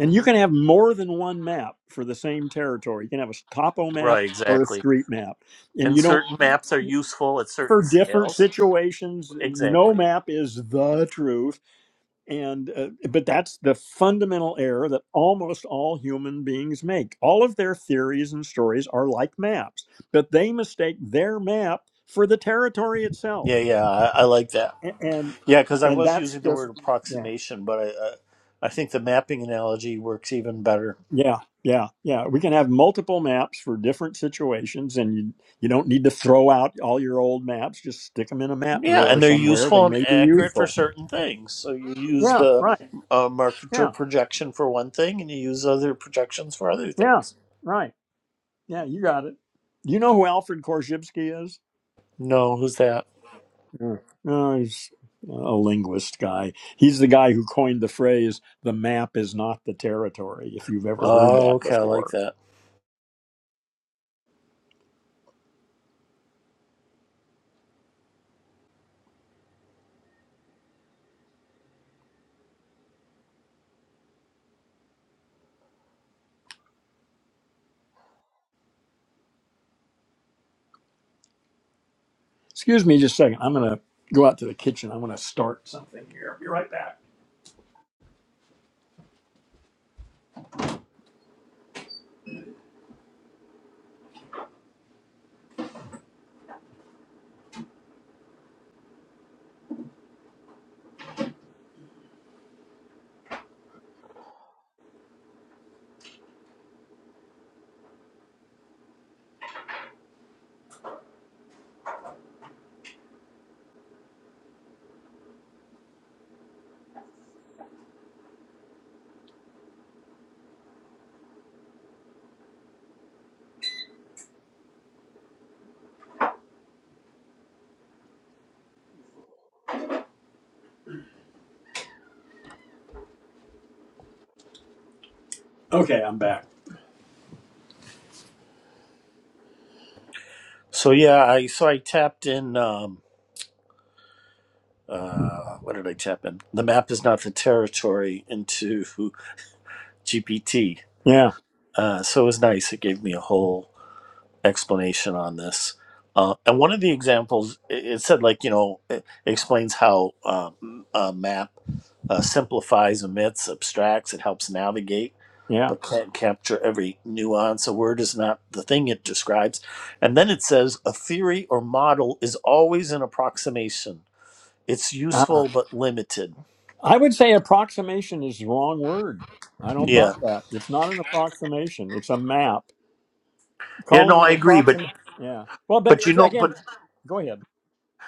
Speaker 1: and you can have more than one map for the same territory. You can have a topo map
Speaker 3: Right,
Speaker 1: or a
Speaker 3: exactly.
Speaker 1: street map, and
Speaker 3: And
Speaker 1: you don't
Speaker 3: certain maps are useful at
Speaker 1: for
Speaker 3: certain
Speaker 1: different
Speaker 3: scales.
Speaker 1: situations. No
Speaker 3: Exactly.
Speaker 1: map is the truth and uh, but that's the fundamental error that almost all human beings make all of their theories and stories are like maps but they mistake their map for the territory
Speaker 3: Yeah,
Speaker 1: itself
Speaker 3: yeah, I, I like that.
Speaker 1: A- and
Speaker 3: Yeah, because I
Speaker 1: and
Speaker 3: was
Speaker 1: that's
Speaker 3: using the
Speaker 1: just
Speaker 3: word
Speaker 1: yeah
Speaker 3: approximation, but I, uh, I think the mapping analogy works even better.
Speaker 1: yeah yeah yeah we can have multiple maps for different situations and you you don't need to throw out all your old maps just stick them in a map
Speaker 3: Yeah,
Speaker 1: drawer
Speaker 3: and they're
Speaker 1: somewhere they
Speaker 3: useful and
Speaker 1: may be
Speaker 3: accurate for
Speaker 1: useful
Speaker 3: certain things. So you use
Speaker 1: yeah
Speaker 3: the
Speaker 1: right
Speaker 3: uh, marketer
Speaker 1: yeah
Speaker 3: projection for one thing, and you use other projections for other
Speaker 1: yeah
Speaker 3: things.
Speaker 1: right yeah you got it you know who alfred korzybski is
Speaker 3: No, who's that?
Speaker 1: Sure. No, he's a linguist guy. He's the guy who coined the phrase, the map is not the territory, if you've ever heard
Speaker 3: Oh,
Speaker 1: that
Speaker 3: okay, I like
Speaker 1: before.
Speaker 3: that.
Speaker 1: Excuse me just a second. I'm going to go out to the kitchen. I'm going to start something here. Be right back. Okay, I'm back.
Speaker 3: So yeah, I so I tapped in. Um, uh, what did I tap in? The map is not the territory into GPT.
Speaker 1: Yeah,
Speaker 3: Uh, so it was nice. It gave me a whole explanation on this. Uh, and one of the examples, it it said, like, you know, it explains how uh, m- a map uh, simplifies, omits, abstracts, it helps navigate,
Speaker 1: yeah.
Speaker 3: but can't capture every nuance. A word is not the thing it describes. And then it says, a theory or model is always an approximation. It's
Speaker 1: Ah,
Speaker 3: useful but limited.
Speaker 1: I would say approximation is the wrong word. I don't buy
Speaker 3: Yeah.
Speaker 1: that. It's not an approximation, it's a map.
Speaker 3: Yeah, no,
Speaker 1: Calling it
Speaker 3: I agree. But,
Speaker 1: approximate. Yeah. Well, but
Speaker 3: but you
Speaker 1: it's-
Speaker 3: know, but
Speaker 1: again, go ahead.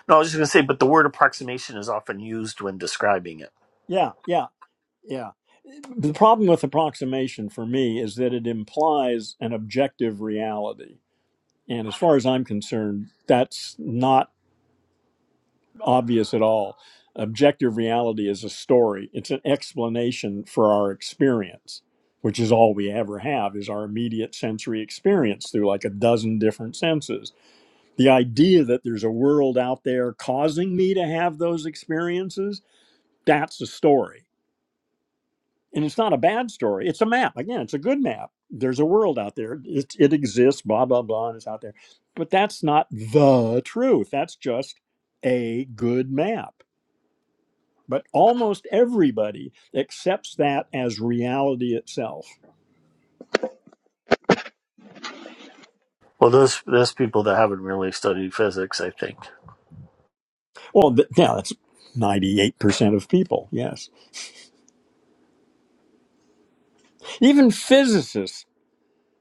Speaker 3: no, I was just going to say, but the word approximation is often used when describing it.
Speaker 1: Yeah, yeah. Yeah. The problem with approximation for me is that it implies an objective reality. And as far as I'm concerned, that's not obvious at all. Objective reality is a story, it's an explanation for our experience, which is all we ever have is our immediate sensory experience through like a dozen different senses. The idea that there's a world out there causing me to have those experiences, that's a story and it's not a bad story. It's a map. Again, it's a good map. There's a world out there. It, it exists, blah, blah, blah, and it's out there. But that's not the truth. That's just a good map. But almost everybody accepts that as reality itself.
Speaker 3: Well, those those people that haven't really studied physics, I think.
Speaker 1: Well, th- yeah, that's 98% of people, yes. Even physicists,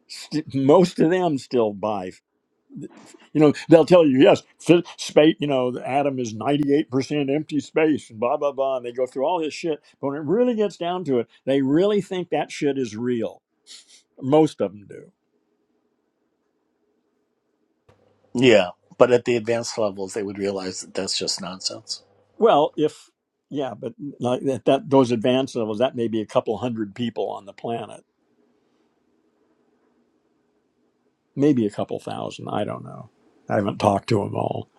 Speaker 1: st- most of them still buy You know, they'll tell you, yes, fit, space, you know, the atom is 98% empty space and blah, blah, blah. And they go through all this shit. But when it really gets down to it, they really think that shit is real. Most of them do.
Speaker 3: Yeah, but at the advanced levels, they would realize that that's just nonsense.
Speaker 1: Well, if, yeah, but like that, that those advanced levels, that may be a couple hundred people on the planet, maybe a couple thousand. I don't know. I haven't talked to them all.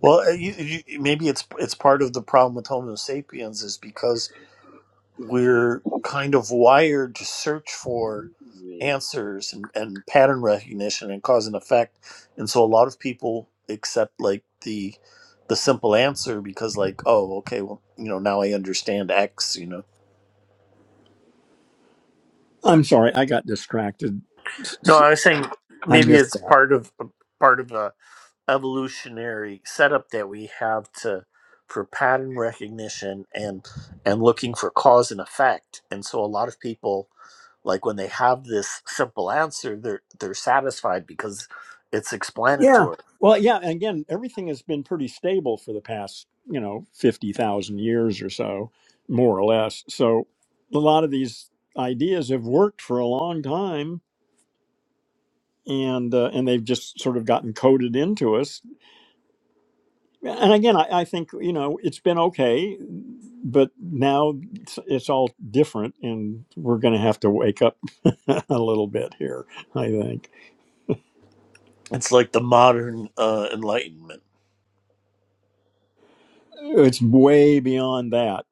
Speaker 3: Well, uh, you, you, maybe it's it's part of the problem with Homo sapiens is because we're kind of wired to search for
Speaker 2: Really?
Speaker 3: answers and, and pattern recognition and cause and effect, and so a lot of people accept like the the simple answer because like oh okay well you know now I understand X you know
Speaker 1: I'm sorry, I got distracted.
Speaker 3: No, I was saying
Speaker 1: I
Speaker 3: maybe
Speaker 1: missed
Speaker 3: it's
Speaker 1: that.
Speaker 3: part of part of evolutionary setup that we have to for pattern recognition and and looking for cause and effect and so a lot of people like when they have this simple answer they're they're satisfied because it's
Speaker 1: Yeah.
Speaker 3: explanatory
Speaker 1: Well, yeah. And again, everything has been pretty stable for the past, you know, 50,000 years or so, more or less. So a lot of these ideas have worked for a long time and uh, and they've just sort of gotten coded into us and again I, I think you know it's been okay but now it's, it's all different and we're going to have to wake up a little bit here i think
Speaker 3: it's like the modern uh, enlightenment
Speaker 1: it's way beyond that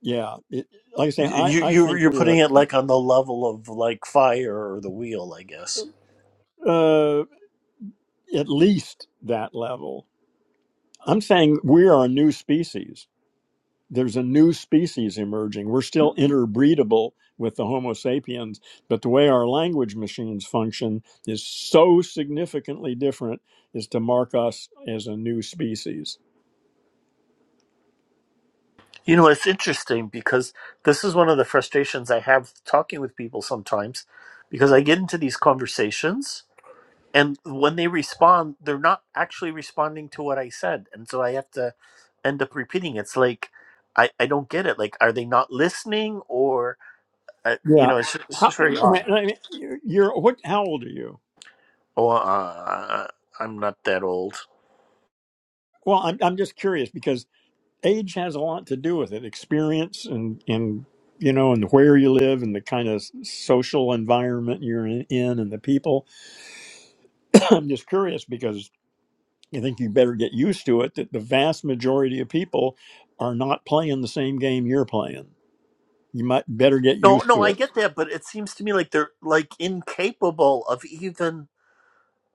Speaker 1: yeah it, like i say i,
Speaker 3: you
Speaker 1: I
Speaker 3: you
Speaker 1: think
Speaker 3: you're
Speaker 1: we're
Speaker 3: putting it like on the level of like fire or the wheel i guess
Speaker 1: uh, at least that level. I'm saying we are a new species. There's a new species emerging. We're still interbreedable with the Homo sapiens, but the way our language machines function is so significantly different is to mark us as a new species.
Speaker 3: you know it's interesting because this is one of the frustrations i have talking with people sometimes because i get into these conversations and when they respond they're not actually responding to what i said and so i have to end up repeating it's like i i don't get it like are they not listening or uh, you
Speaker 1: Yeah.
Speaker 3: know it's just, it's
Speaker 1: How,
Speaker 3: just very
Speaker 1: I
Speaker 3: odd
Speaker 1: mean, I mean, you're what? How old are you?
Speaker 3: oh uh, i'm not that old
Speaker 1: Well, I'm I'm just curious because age has a lot to do with it experience and and you know and where you live and the kind of social environment you're in in and the people i'm just curious because i think you better get used to it that the vast majority of people are not playing the same game you're playing you might better get
Speaker 3: no
Speaker 1: used
Speaker 3: no
Speaker 1: to
Speaker 3: i
Speaker 1: it
Speaker 3: get that but it seems to me like they're like incapable of even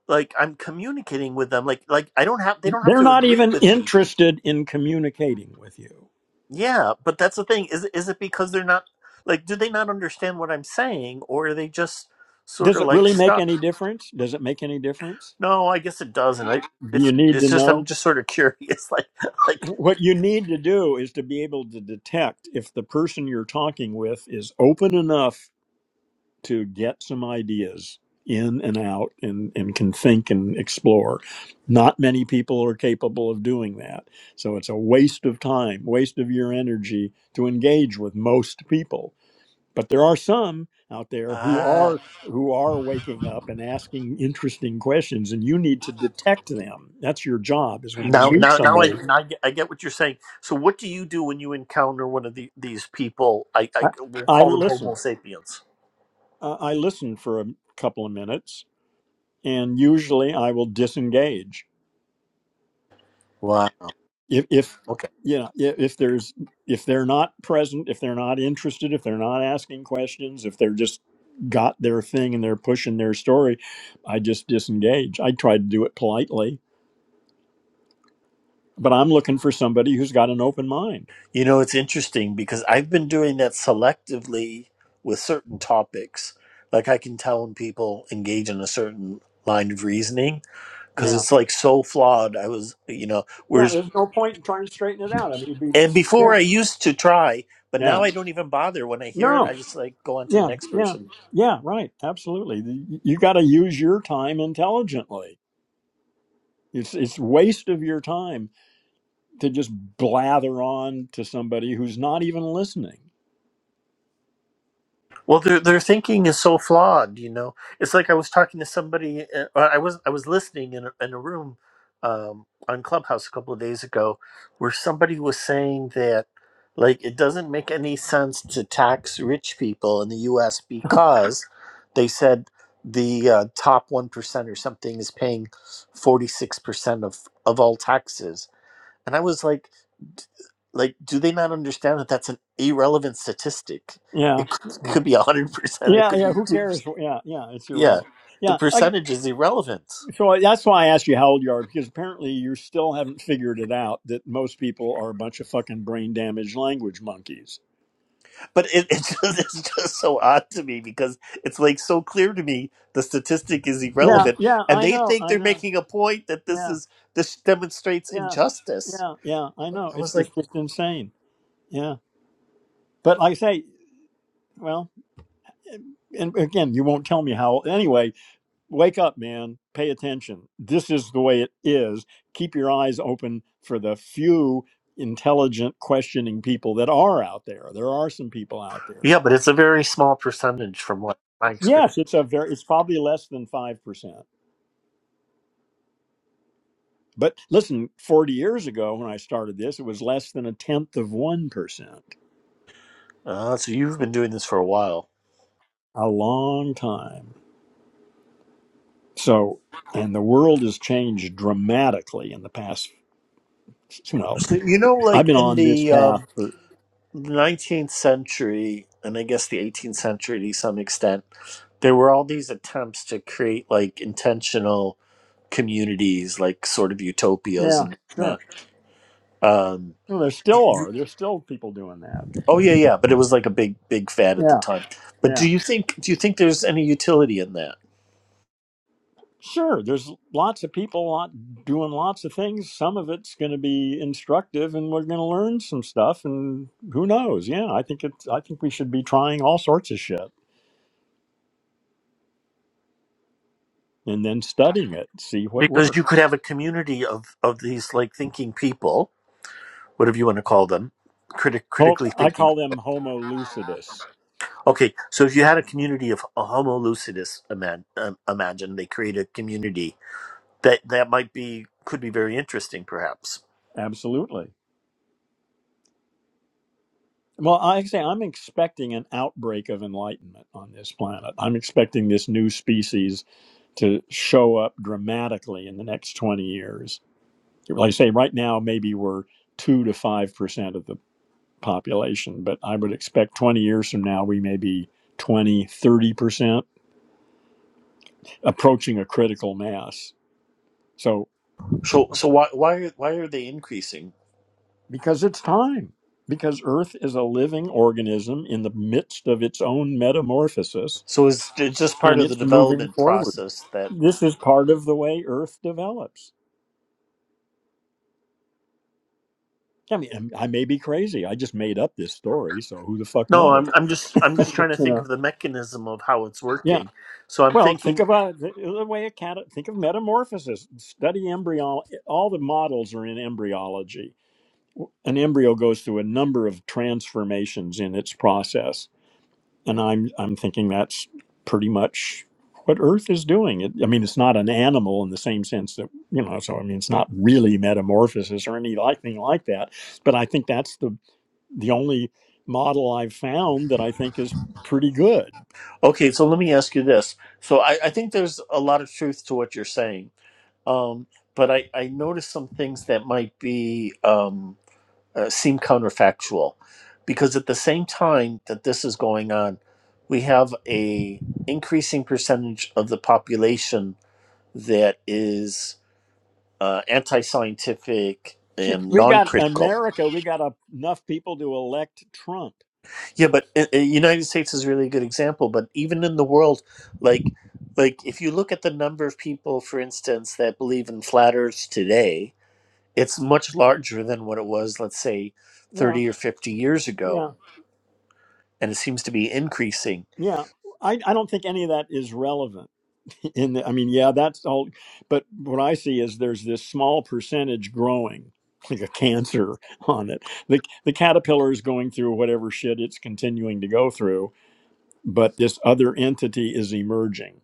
Speaker 3: like i'm communicating with them like like i don't have they don't have
Speaker 1: they're
Speaker 3: to
Speaker 1: not
Speaker 3: agree
Speaker 1: even
Speaker 3: with me
Speaker 1: interested in communicating with you
Speaker 3: Yeah, but that's the thing. Is is it because they're not like do they not understand what I'm saying or are they just sort
Speaker 1: does
Speaker 3: of
Speaker 1: it
Speaker 3: like
Speaker 1: really make any
Speaker 3: stuck?
Speaker 1: difference does it make any difference
Speaker 3: No, I guess it doesn't. I
Speaker 1: do you
Speaker 3: it's
Speaker 1: need to
Speaker 3: it's just
Speaker 1: know
Speaker 3: I'm just sort of curious like like
Speaker 1: What you need to do is to be able to detect if the person you're talking with is open enough to get some ideas in and out and, and can think and explore. Not many people are capable of doing that. So it's a waste of time, waste of your energy to engage with most people. But there are some out there who
Speaker 3: ah
Speaker 1: are who are waking up and asking interesting questions and you need to detect them. That's your job is when you
Speaker 3: now
Speaker 1: meet
Speaker 3: now now I
Speaker 1: somebody.
Speaker 3: now I get, I get what you're saying. So what do you do when you encounter one of the, these people? I
Speaker 1: I,
Speaker 3: I we'll
Speaker 1: I
Speaker 3: call them
Speaker 1: listen.
Speaker 3: homo sapiens.
Speaker 1: uh, I listen for a couple of minutes, and usually I will disengage
Speaker 3: Wow.
Speaker 1: if if you know i- if there's if they're not present, if they're not interested, if they're not asking questions, if they're just got their thing and they're pushing their story, I just disengage. I try to do it politely, but I'm looking for somebody who's got an open mind.
Speaker 3: You know, it's interesting because I've been doing that selectively with certain topics. Like I can tell when people engage in a certain line of reasoning because
Speaker 1: Yeah.
Speaker 3: it's like so flawed. I was, you know,
Speaker 1: Yeah,
Speaker 3: whereas,
Speaker 1: there's no point in trying to straighten it out. I mean, it'd be,
Speaker 3: and before
Speaker 1: yeah.
Speaker 3: I used to try, but now
Speaker 1: Yeah.
Speaker 3: I don't even bother. When I hear it,
Speaker 1: No.
Speaker 3: I just like go on to the
Speaker 1: Yeah,
Speaker 3: next
Speaker 1: yeah,
Speaker 3: person.
Speaker 1: yeah. Right. Absolutely. The- You got to use your time intelligently. It's it's waste of your time to just blather on to somebody who's not even listening.
Speaker 3: Well, their their thinking is so flawed. You know, it's like I was talking to somebody. uh, I was I was listening in a, in a room um, on Clubhouse a couple of days ago, where somebody was saying that like it doesn't make any sense to tax rich people in the U.S. because they said the uh, top one percent or something is paying forty six percent of of all taxes and I was like, d- like, do they not understand that that's an irrelevant statistic?
Speaker 1: Yeah,
Speaker 3: It could, could be 100%, it
Speaker 1: yeah,
Speaker 3: could be
Speaker 1: yeah. Who
Speaker 3: 2%.
Speaker 1: cares? Yeah, yeah. It's
Speaker 3: Yeah,
Speaker 1: irrelevant.
Speaker 3: the
Speaker 1: Yeah. I,
Speaker 3: percentage is irrelevant.
Speaker 1: so that's why I asked you how old you are because apparently you still haven't figured it out that most people are a bunch of fucking brain damaged language monkeys.
Speaker 3: But it, it just, it's just so odd to me because it's like so clear to me the statistic is
Speaker 1: Yeah,
Speaker 3: irrelevant.
Speaker 1: yeah.
Speaker 3: And
Speaker 1: I
Speaker 3: they
Speaker 1: know.
Speaker 3: think
Speaker 1: I
Speaker 3: they're
Speaker 1: know.
Speaker 3: making a point that this
Speaker 1: Yeah,
Speaker 3: is this demonstrates
Speaker 1: yeah,
Speaker 3: injustice.
Speaker 1: yeah, yeah. I know.
Speaker 3: I
Speaker 1: It's
Speaker 3: was
Speaker 1: it's
Speaker 3: like,
Speaker 1: just insane. But like I say, well, and again, you won't tell me how. Anyway, wake up, man. Pay attention. This is the way it is. Keep your eyes open for the few intelligent, questioning people that are out there. There are some people out there.
Speaker 3: yeah, but it's a very small percentage from what my experience.
Speaker 1: Yes, it's a very. It's probably less than five percent. But listen, forty years ago when I started this, it was less than a tenth of one percent.
Speaker 3: Uh, so you've been doing this for a while.
Speaker 1: A long time. So, and the world has changed dramatically in the past. Well,
Speaker 3: So, you know,
Speaker 1: I've
Speaker 3: like
Speaker 1: been
Speaker 3: in
Speaker 1: on this
Speaker 3: the
Speaker 1: path
Speaker 3: um,
Speaker 1: for
Speaker 3: the 19th century and I guess the 18th century to some extent, there were all these attempts to create like intentional communities, like sort of utopias
Speaker 1: yeah,
Speaker 3: and
Speaker 1: sure.
Speaker 3: whatnot. Um,
Speaker 1: No, there still are. There's still people doing that.
Speaker 3: oh yeah, yeah, but it was like a big, big fad at the
Speaker 1: Yeah,
Speaker 3: time. But
Speaker 1: yeah,
Speaker 3: do you think do you think there's any utility in that?
Speaker 1: sure. There's lots of people lot doing lots of things. Some of it's going to be instructive, and we're going to learn some stuff. And who knows? Yeah, I think it's. I think we should be trying all sorts of shit and then studying it, see what
Speaker 3: Because you
Speaker 1: works.
Speaker 3: could have a community of of these like thinking people, whatever you want to call them, critic
Speaker 1: Ho-
Speaker 3: critically
Speaker 1: I
Speaker 3: thinking.
Speaker 1: call them Homo lucidus.
Speaker 3: Okay, so if you had a community of Homo lucidus, imagine, um, imagine they create a community that that might be could be very interesting, perhaps.
Speaker 1: Absolutely. Well, I say I'm expecting an outbreak of enlightenment on this planet. I'm expecting this new species to show up dramatically in the next 20 years. Like I say, right now, maybe we're 2 to 5% of the population, but I would expect 20 years from now, we may be twenty, thirty percent approaching a critical mass. So,
Speaker 3: So so why why are, why are they increasing?
Speaker 1: because it's time, because Earth is a living organism in the midst of its own metamorphosis
Speaker 3: So is it just part
Speaker 1: and
Speaker 3: of the
Speaker 1: it's moving
Speaker 3: development
Speaker 1: forward.
Speaker 3: process that
Speaker 1: This is part of the way Earth develops. I mean, I may be crazy. I just made up this story, so who the fuck
Speaker 3: No,
Speaker 1: knows?
Speaker 3: I'm I'm just I'm just trying to
Speaker 1: you
Speaker 3: think
Speaker 1: know.
Speaker 3: of the mechanism of how it's
Speaker 1: Yeah.
Speaker 3: working. So I'm
Speaker 1: Well, think
Speaker 3: thinking,
Speaker 1: of uh, the, the way a cat. Think of metamorphosis. Study embryo. All the models are in embryology. An embryo goes through a number of transformations in its process, and I'm I'm thinking that's pretty much what Earth is doing. It, I mean, it's not an animal in the same sense that you know. So I mean, it's not really metamorphosis or any like thing like that. But I think that's the the only model I've found that I think is pretty good.
Speaker 3: Okay, so let me ask you this. So I, I think there's a lot of truth to what you're saying. Um, but I, I noticed some things that might be Um, uh, seem counterfactual because at the same time that this is going on we have a increasing percentage of the population that is uh, anti-scientific
Speaker 1: Shit,
Speaker 3: and
Speaker 1: We got
Speaker 3: non-critical
Speaker 1: America. We got a, enough people to elect Trump.
Speaker 3: yeah but uh, uh, united states is really a really good example but even in the world like like if you look at the number of people for instance that believe in flat earths today it's much larger than what it was let's say
Speaker 1: Yeah,
Speaker 3: 30 or 50 years
Speaker 1: yeah,
Speaker 3: ago and it seems to be increasing
Speaker 1: yeah. I, I don't think any of that is relevant. In the, I mean, yeah, that's all. But what I see is there's this small percentage growing, like a cancer on it. The the caterpillar is going through whatever shit it's continuing to go through, but this other entity is emerging.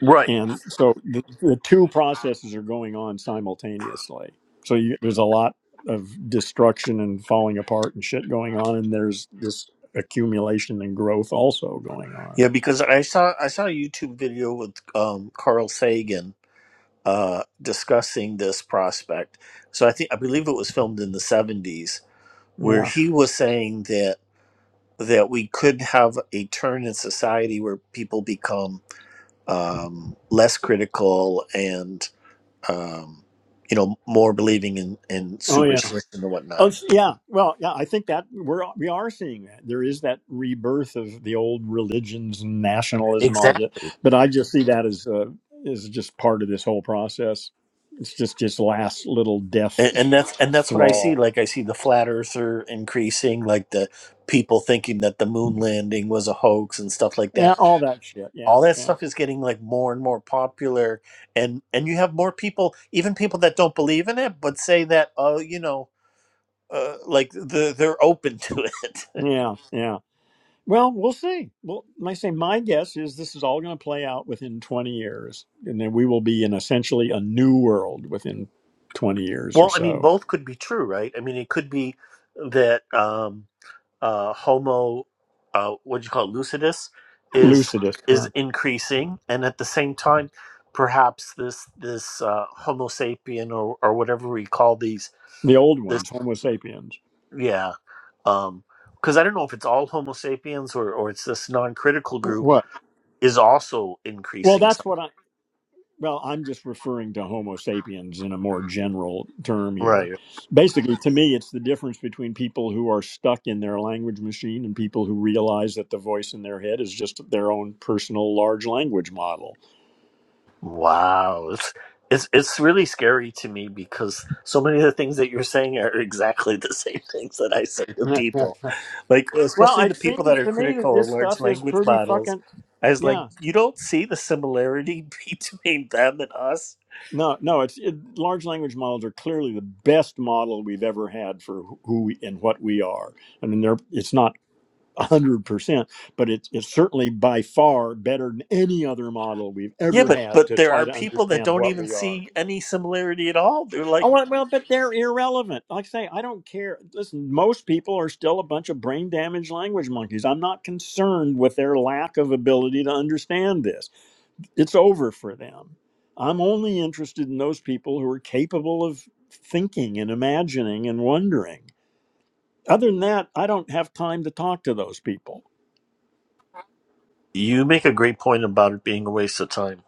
Speaker 3: Right.
Speaker 1: and so the, the two processes are going on simultaneously so you, there's a lot of destruction and falling apart and shit going on and there's this accumulation and growth also going on
Speaker 3: Yeah, because I saw I saw a YouTube video with um, Carl Sagan uh, discussing this prospect. So I think I believe it was filmed in the seventies, where
Speaker 1: yeah
Speaker 3: he was saying that that we could have a turn in society where people become um, less critical and um, you know more believing in, in
Speaker 1: oh yeah
Speaker 3: superstition and
Speaker 1: oh
Speaker 3: whatnot.
Speaker 1: s- yeah well yeah i think that we're we are seeing that there is that rebirth of the old religions and nationalism all that but i just see that as uh, as just part of this whole process it's just just last little death
Speaker 3: and, and that's and that's what I see.
Speaker 1: thrall
Speaker 3: Like I see the flat earther increasing, like the people thinking that the moon landing was a hoax and stuff like
Speaker 1: yeah
Speaker 3: that.
Speaker 1: all that shit yeah
Speaker 3: All that
Speaker 1: yeah
Speaker 3: stuff is getting like more and more popular, and and you have more people, even people that don't believe in it, but say that oh, you know, uh, like the, they're open to it.
Speaker 1: Yeah, yeah. Well, we'll see. Well, like I say, my guess is this is all going to play out within 20 years, and then we will be in essentially a new world within 20 years or
Speaker 3: well, I mean,
Speaker 1: so.
Speaker 3: both could be true, right? I mean, it could be that. Um, uh, Homo, uh, what do you call it, lucidus, is
Speaker 1: Lucidus, yeah.
Speaker 3: is increasing, and at the same time, perhaps this this uh, Homo sapien or or whatever we call these
Speaker 1: the old
Speaker 3: this
Speaker 1: ones, Homo sapiens.
Speaker 3: yeah, um, because I don't know if it's all Homo sapiens or or it's this non critical
Speaker 1: Wh-
Speaker 3: group
Speaker 1: What?
Speaker 3: is also
Speaker 1: Well,
Speaker 3: increasing.
Speaker 1: that's
Speaker 3: Some.
Speaker 1: what I. Well, I'm just referring to Homo sapiens in a more general term here.
Speaker 3: right.
Speaker 1: Basically, to me, it's the difference between people who are stuck in their language machine and people who realize that the voice in their head is just their own personal large language model
Speaker 3: Wow, it's, it's it's really scary to me because so many of the things that you're saying are exactly the same things that I say to
Speaker 1: well,
Speaker 3: people, like especially the
Speaker 1: it
Speaker 3: people that
Speaker 1: seems
Speaker 3: are
Speaker 1: to me that
Speaker 3: critical of
Speaker 1: this
Speaker 3: large
Speaker 1: stuff is
Speaker 3: language
Speaker 1: pretty
Speaker 3: models.
Speaker 1: fucking
Speaker 3: I was like,
Speaker 1: yeah.
Speaker 3: you don't see the similarity between them and us.
Speaker 1: No, no, it's it, large language models are clearly the best model we've ever had for wh- who we and what we are. I mean, they're it's not hundred percent, but it's it's certainly by far better than any other model we've
Speaker 3: Yeah,
Speaker 1: ever
Speaker 3: but
Speaker 1: had
Speaker 3: but
Speaker 1: to
Speaker 3: there
Speaker 1: try
Speaker 3: are
Speaker 1: to
Speaker 3: people that
Speaker 1: understand
Speaker 3: don't
Speaker 1: what
Speaker 3: even
Speaker 1: we are.
Speaker 3: see any similarity at all. They're
Speaker 1: Oh
Speaker 3: like,
Speaker 1: well, well, but they're irrelevant. Like I say, I don't care. Listen, most people are still a bunch of brain damaged language monkeys. I'm not concerned with their lack of ability to understand this it's over for them. I'm only interested in those people who are capable of thinking and imagining and wondering. Other than that, I don't have time to talk to those people.
Speaker 3: you make a great point about it being a waste of time.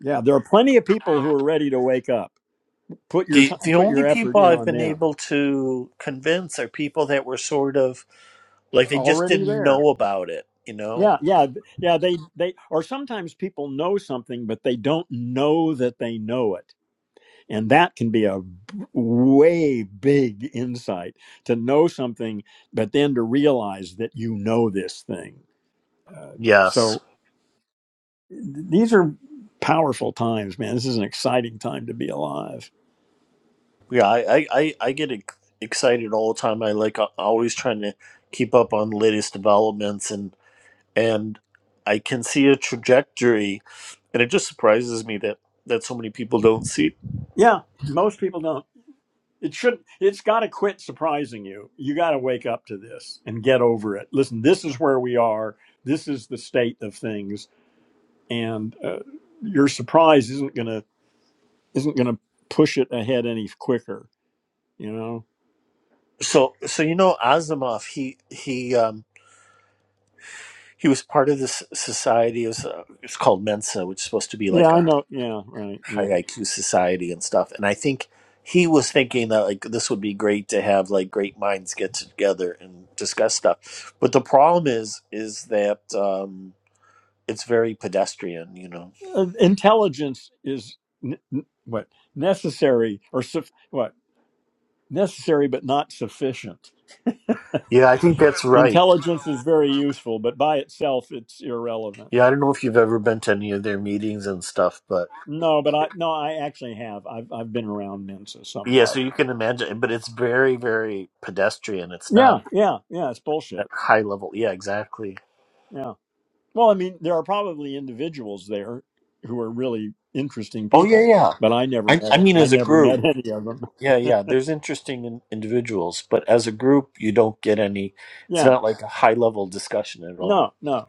Speaker 1: Yeah, there are plenty of people who are ready to wake up. Put your
Speaker 3: The
Speaker 1: t-
Speaker 3: the
Speaker 1: put
Speaker 3: only
Speaker 1: your effort
Speaker 3: people
Speaker 1: in
Speaker 3: I've
Speaker 1: on
Speaker 3: been
Speaker 1: them.
Speaker 3: able to convince are people that were sort of Like they just
Speaker 1: Already
Speaker 3: didn't
Speaker 1: there.
Speaker 3: know about it, you know?
Speaker 1: Yeah, yeah, yeah. They they or sometimes people know something, but they don't know that they know it And that can be a b- way big insight to know something, but then to realize that you know this thing. Uh,
Speaker 3: Yes.
Speaker 1: so th- these are powerful times, man. This is an exciting time to be alive.
Speaker 3: Yeah, I, I, I I get ex- excited all the time. I like a- always trying to keep up on latest developments and and I can see a trajectory and it just surprises me that that so many people don't see it.
Speaker 1: Yeah, most people don't. It should. It's got to quit surprising you. You got to wake up to this and get over it. Listen, this is where we are. This is the state of things, and uh, your surprise isn't gonna isn't gonna push it ahead any quicker. You know.
Speaker 3: So so you know Asimov he he um he was part of this society it was, uh, it's called Mensa which is supposed to be
Speaker 1: Yeah,
Speaker 3: like
Speaker 1: I
Speaker 3: a
Speaker 1: know. Yeah, right.
Speaker 3: high
Speaker 1: Yeah,
Speaker 3: IQ society and stuff. And I think he was thinking that like this would be great to have like great minds get together and discuss stuff. But the problem is is that um, it's very pedestrian, you know.
Speaker 1: Uh, intelligence is n- n- what necessary or suf- what necessary, but not sufficient.
Speaker 3: Yeah, I think that's right.
Speaker 1: Intelligence is very useful, but by itself, it's irrelevant.
Speaker 3: Yeah, I don't know if you've ever been to any of their meetings and stuff, but
Speaker 1: No, but I no, I actually have. I've I've been around Mensa
Speaker 3: yeah, so
Speaker 1: somewhat.
Speaker 3: you can imagine. But it's very, very pedestrian. It's not
Speaker 1: Yeah, yeah, yeah. It's
Speaker 3: that
Speaker 1: bullshit.
Speaker 3: high level. Yeah, exactly.
Speaker 1: Yeah. Well, I mean, there are probably individuals there who are really interesting
Speaker 3: Oh yeah,
Speaker 1: people,
Speaker 3: yeah.
Speaker 1: but I never
Speaker 3: I,
Speaker 1: met.
Speaker 3: I mean,
Speaker 1: I
Speaker 3: as a
Speaker 1: never
Speaker 3: group.
Speaker 1: met any of them.
Speaker 3: Yeah, yeah. There's interesting in- individuals, but as a group, you don't get any. It's
Speaker 1: Yeah.
Speaker 3: not like a high level discussion at all.
Speaker 1: No, no.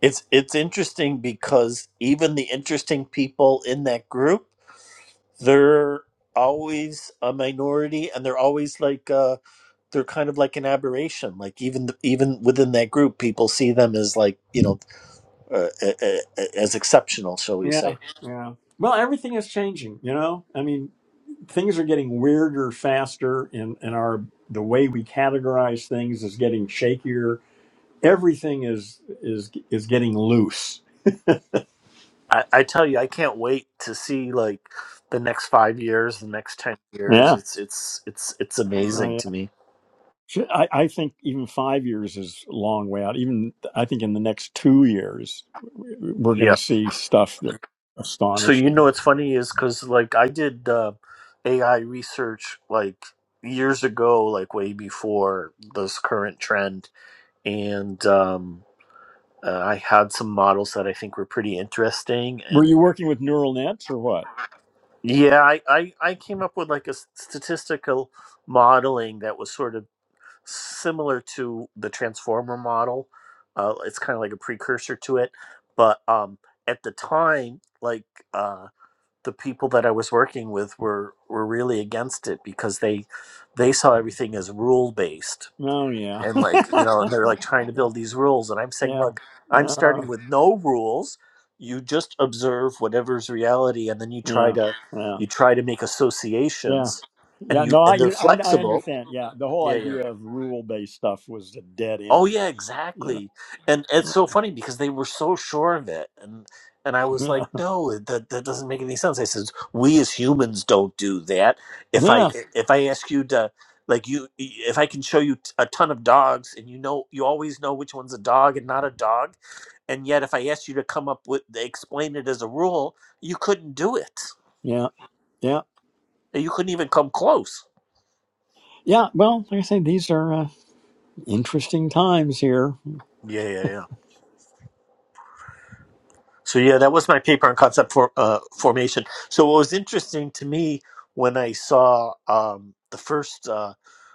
Speaker 3: It's it's interesting because even the interesting people in that group, they're always a minority, and they're always like uh, they're kind of like an aberration. Like even the, even within that group, people see them as like you know uh, uh, uh, as exceptional, shall we say?
Speaker 1: Yeah, yeah. Well, everything is changing, you know? I mean, things are getting weirder faster and and our the way we categorize things is getting shakier. Everything is is is getting loose.
Speaker 3: I, I tell you, I can't wait to see like the next five years, the next ten years.
Speaker 1: Yeah.
Speaker 3: It's it's it's it's amazing
Speaker 1: Oh
Speaker 3: to
Speaker 1: yeah.
Speaker 3: me.
Speaker 1: Sh- I, I think even five years is a long way out. Even I think in the next two years, we're going to
Speaker 3: Yeah.
Speaker 1: see stuff that's
Speaker 3: So you know,
Speaker 1: astonishing.
Speaker 3: what's funny is because like I did uh, AI research like years ago, like way before this current trend, and um, uh, I had some models that I think were pretty interesting.
Speaker 1: Were
Speaker 3: And
Speaker 1: you working with neural nets or what?
Speaker 3: yeah, I I, I came up with like a s- statistical modeling that was sort of similar to the transformer model uh, it's kind of like a precursor to it but um, at the time like uh, the people that i was working with were were really against it because they they saw everything as rule based
Speaker 1: No, yeah,
Speaker 3: and like you know and they're like trying to build these rules and i'm saying
Speaker 1: yeah,
Speaker 3: look i'm
Speaker 1: no,
Speaker 3: starting with no rules you just observe whatever's reality and then you try
Speaker 1: yeah,
Speaker 3: to
Speaker 1: yeah.
Speaker 3: you try to make
Speaker 1: Yeah.
Speaker 3: associations
Speaker 1: Yeah.
Speaker 3: and you
Speaker 1: No,
Speaker 3: and
Speaker 1: I,
Speaker 3: they're
Speaker 1: I, I
Speaker 3: flexible
Speaker 1: understand. Yeah. The whole idea of rule based stuff was a dead
Speaker 3: Oh
Speaker 1: end.
Speaker 3: yeah,
Speaker 1: You know?
Speaker 3: exactly. And it's so funny because they were so sure of it, and and I was
Speaker 1: Yeah. Yeah.
Speaker 3: like, no, that that doesn't make any sense. I says we as humans don't do that. If
Speaker 1: Yeah.
Speaker 3: I if I ask you to like you if I can show you t- a ton of dogs and you know you always know which one's a dog and not a dog, and yet if I asked you to come up with explain it as a rule, you couldn't do it.
Speaker 1: Yeah. Yeah.
Speaker 3: You couldn't even come close.
Speaker 1: Yeah. Well, like I say, these are uh, interesting times here.
Speaker 3: Yeah, yeah, So yeah, that was my paper on concept for, uh, formation. So what was interesting to me when I saw um, the first uh,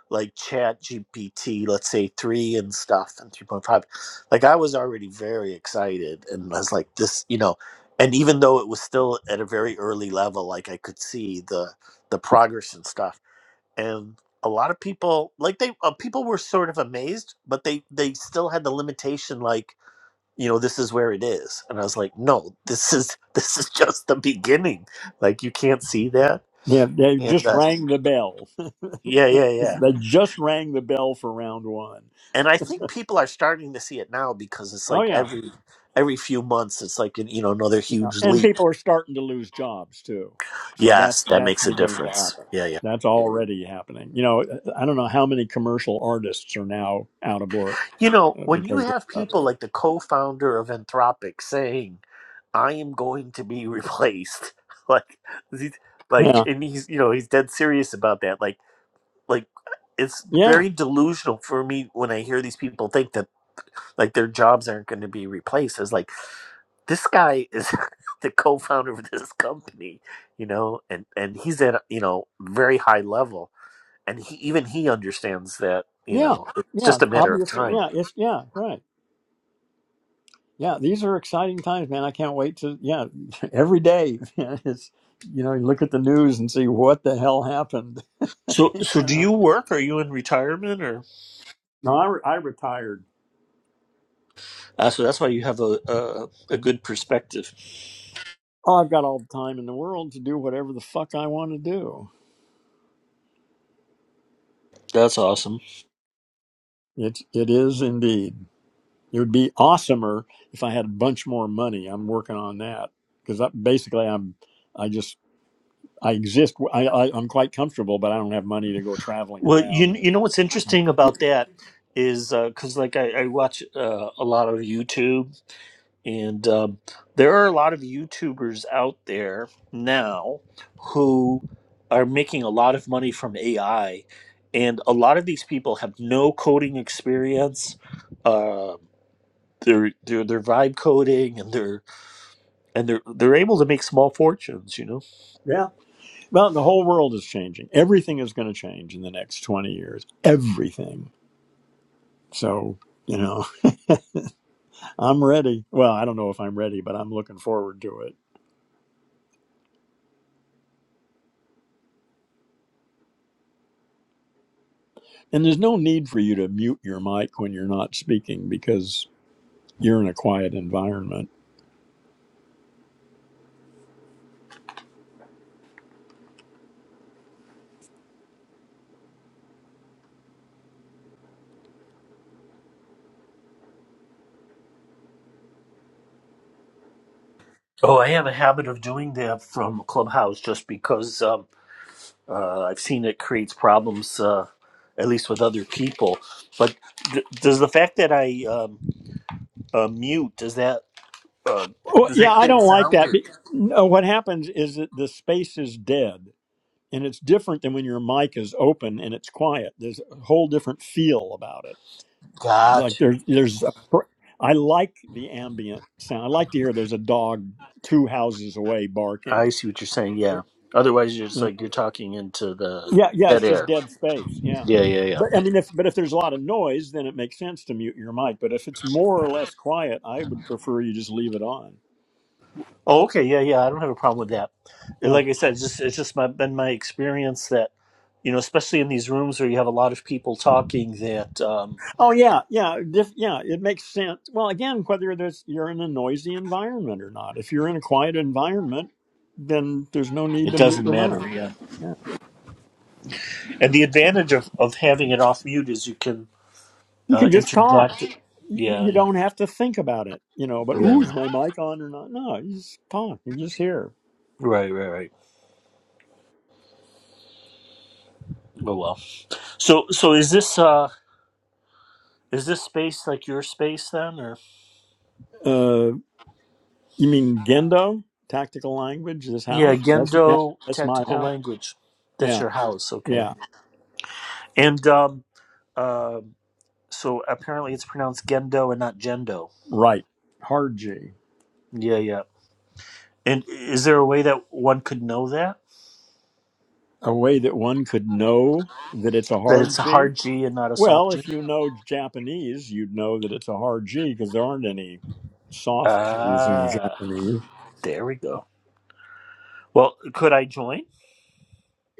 Speaker 3: like Chat GPT, let's say three and stuff and three point five, like I was already very excited and I was like this, you know, and even though it was still at a very early level, like I could see the the progress and stuff and. A lot of people like they uh, people were sort of amazed, but they they still had the limitation like you know this is where it is and i was like no this is this is just the beginning like you can't see that
Speaker 1: Yeah. They
Speaker 3: and
Speaker 1: just
Speaker 3: uh,
Speaker 1: rang the bell.
Speaker 3: yeah yeah yeah
Speaker 1: they just rang the bell for round one.
Speaker 3: and i think people are starting to see it now because it's
Speaker 1: Oh,
Speaker 3: like
Speaker 1: yeah.
Speaker 3: every every few months it's like you know another
Speaker 1: Yeah.
Speaker 3: huge
Speaker 1: And
Speaker 3: leap
Speaker 1: people are starting to lose jobs too. So
Speaker 3: yes
Speaker 1: that's
Speaker 3: that
Speaker 1: that's
Speaker 3: makes a
Speaker 1: beginning to
Speaker 3: difference
Speaker 1: happen.
Speaker 3: yeah yeah
Speaker 1: That's already happening. You know, I don't know how many commercial artists are now out of work
Speaker 3: you know
Speaker 1: uh,
Speaker 3: when you
Speaker 1: because
Speaker 3: have people
Speaker 1: of-
Speaker 3: like the co-founder of anthropic saying i am going to be replaced like like
Speaker 1: yeah,
Speaker 3: and he's you know he's dead serious about that like like it's
Speaker 1: yeah,
Speaker 3: very delusional for me when I hear these people think that like their jobs aren't going to be replaced. It's like this guy is the co-founder of this company, you know, and and he's at a, you know very high level, and he even he understands that you
Speaker 1: yeah,
Speaker 3: know it's
Speaker 1: yeah.
Speaker 3: just a matter of
Speaker 1: Obviously,
Speaker 3: time.
Speaker 1: yeah, it's yeah, right, yeah. These are exciting times, man. I can't wait to yeah. Every day, it's you know, you look at the news and see what the hell happened.
Speaker 3: So
Speaker 1: you
Speaker 3: so do
Speaker 1: know,
Speaker 3: you work? Are you in retirement or?
Speaker 1: no, I re- I retired.
Speaker 3: Uh, so that's why you have a a, a good perspective.
Speaker 1: Oh, I've got all the time in the world to do whatever the fuck I want to do.
Speaker 3: That's awesome.
Speaker 1: It it is indeed. It would be awesomer if I had a bunch more money. I'm working on that because basically I'm I just I exist. I, I I'm quite comfortable, but I don't have money to go traveling
Speaker 3: Well,
Speaker 1: around
Speaker 3: you
Speaker 1: and
Speaker 3: you know what's interesting about that is because like I, I watch uh, a lot of YouTube, and um, there are a lot of YouTubers out there now who are making a lot of money from AI, and a lot of these people have no coding experience. Uh, they're they're they're vibe coding, and they're and they're they're able to make small fortunes. You know.
Speaker 1: yeah. Well, the whole world is changing. Everything is going to change in the next 20 years. Everything. So you know, I'm ready. Well, I don't know if I'm ready, but I'm looking forward to it. And there's no need for you to mute your mic when you're not speaking because you're in a quiet environment.
Speaker 3: Oh, I have a habit of doing that from Clubhouse just because. Uh, I've seen it creates problems, uh, at least with other people. But th- does the fact that I um, uh, mute does that uh,
Speaker 1: Well,
Speaker 3: does
Speaker 1: yeah,
Speaker 3: that
Speaker 1: I
Speaker 3: create a
Speaker 1: don't like
Speaker 3: sound?
Speaker 1: that.
Speaker 3: Or?
Speaker 1: Be- No, what happens is that the space is dead, and it's different than when your mic is open and it's quiet. There's a whole different feel about it. Like
Speaker 3: Gotcha.
Speaker 1: there's there's a pr- I like the ambient sound. I like to hear there's a dog two houses away barking.
Speaker 3: I see what you're saying.
Speaker 1: Yeah,
Speaker 3: Yeah. Otherwise, you're just
Speaker 1: you
Speaker 3: like
Speaker 1: know.
Speaker 3: you're talking into the
Speaker 1: Yeah, yeah. It's
Speaker 3: dead
Speaker 1: just
Speaker 3: air.
Speaker 1: dead space. Yeah.
Speaker 3: Yeah, yeah, yeah.
Speaker 1: But I mean, if but if there's a lot of noise, then it makes sense to mute your mic. But if it's more or less quiet, I would prefer you just leave it on.
Speaker 3: Oh, okay. Yeah, yeah. I don't have a problem with that. And
Speaker 1: yeah.
Speaker 3: Like I said, it's just it's just my, been my experience that you know, especially in these rooms where you have a lot of people talking, that um,
Speaker 1: Oh yeah, yeah, diff, yeah. It makes sense. Well, again, whether there's, you're in a noisy environment or not. If you're in a quiet environment, then there's no need
Speaker 3: it
Speaker 1: to mute
Speaker 3: doesn't
Speaker 1: your
Speaker 3: matter.
Speaker 1: mouth.
Speaker 3: Yeah.
Speaker 1: Yeah.
Speaker 3: And the advantage of, of having it off mute is you can
Speaker 1: You
Speaker 3: uh,
Speaker 1: can just talk.
Speaker 3: interject. it.
Speaker 1: You,
Speaker 3: Yeah,
Speaker 1: you
Speaker 3: yeah,
Speaker 1: don't have to think about it. You know, but
Speaker 3: yeah,
Speaker 1: ooh,
Speaker 3: yeah.
Speaker 1: is my mic on or not? No, you just talk. you just hear.
Speaker 3: Right, right, right. Oh well. So, so is this uh is this space like your space then, or
Speaker 1: Uh, you mean Gendo? Tactical language. This
Speaker 3: yeah,
Speaker 1: house. That's yeah.
Speaker 3: Gendo
Speaker 1: That's my
Speaker 3: tactical
Speaker 1: house.
Speaker 3: language? That's
Speaker 1: Yeah.
Speaker 3: your house, okay?
Speaker 1: Yeah.
Speaker 3: And um, uh, so apparently it's pronounced Gendo and not Gendo.
Speaker 1: Right. Hard G.
Speaker 3: Yeah, yeah. And is there a way that one could know that
Speaker 1: A way that one could know that it's a
Speaker 3: that it's
Speaker 1: hard
Speaker 3: a
Speaker 1: G.
Speaker 3: hard G and not a
Speaker 1: Well,
Speaker 3: soft G?
Speaker 1: if you know Japanese, you'd know that it's a hard G because there aren't any soft G's in
Speaker 3: Ah,
Speaker 1: Japanese.
Speaker 3: there we go. Well, could I join?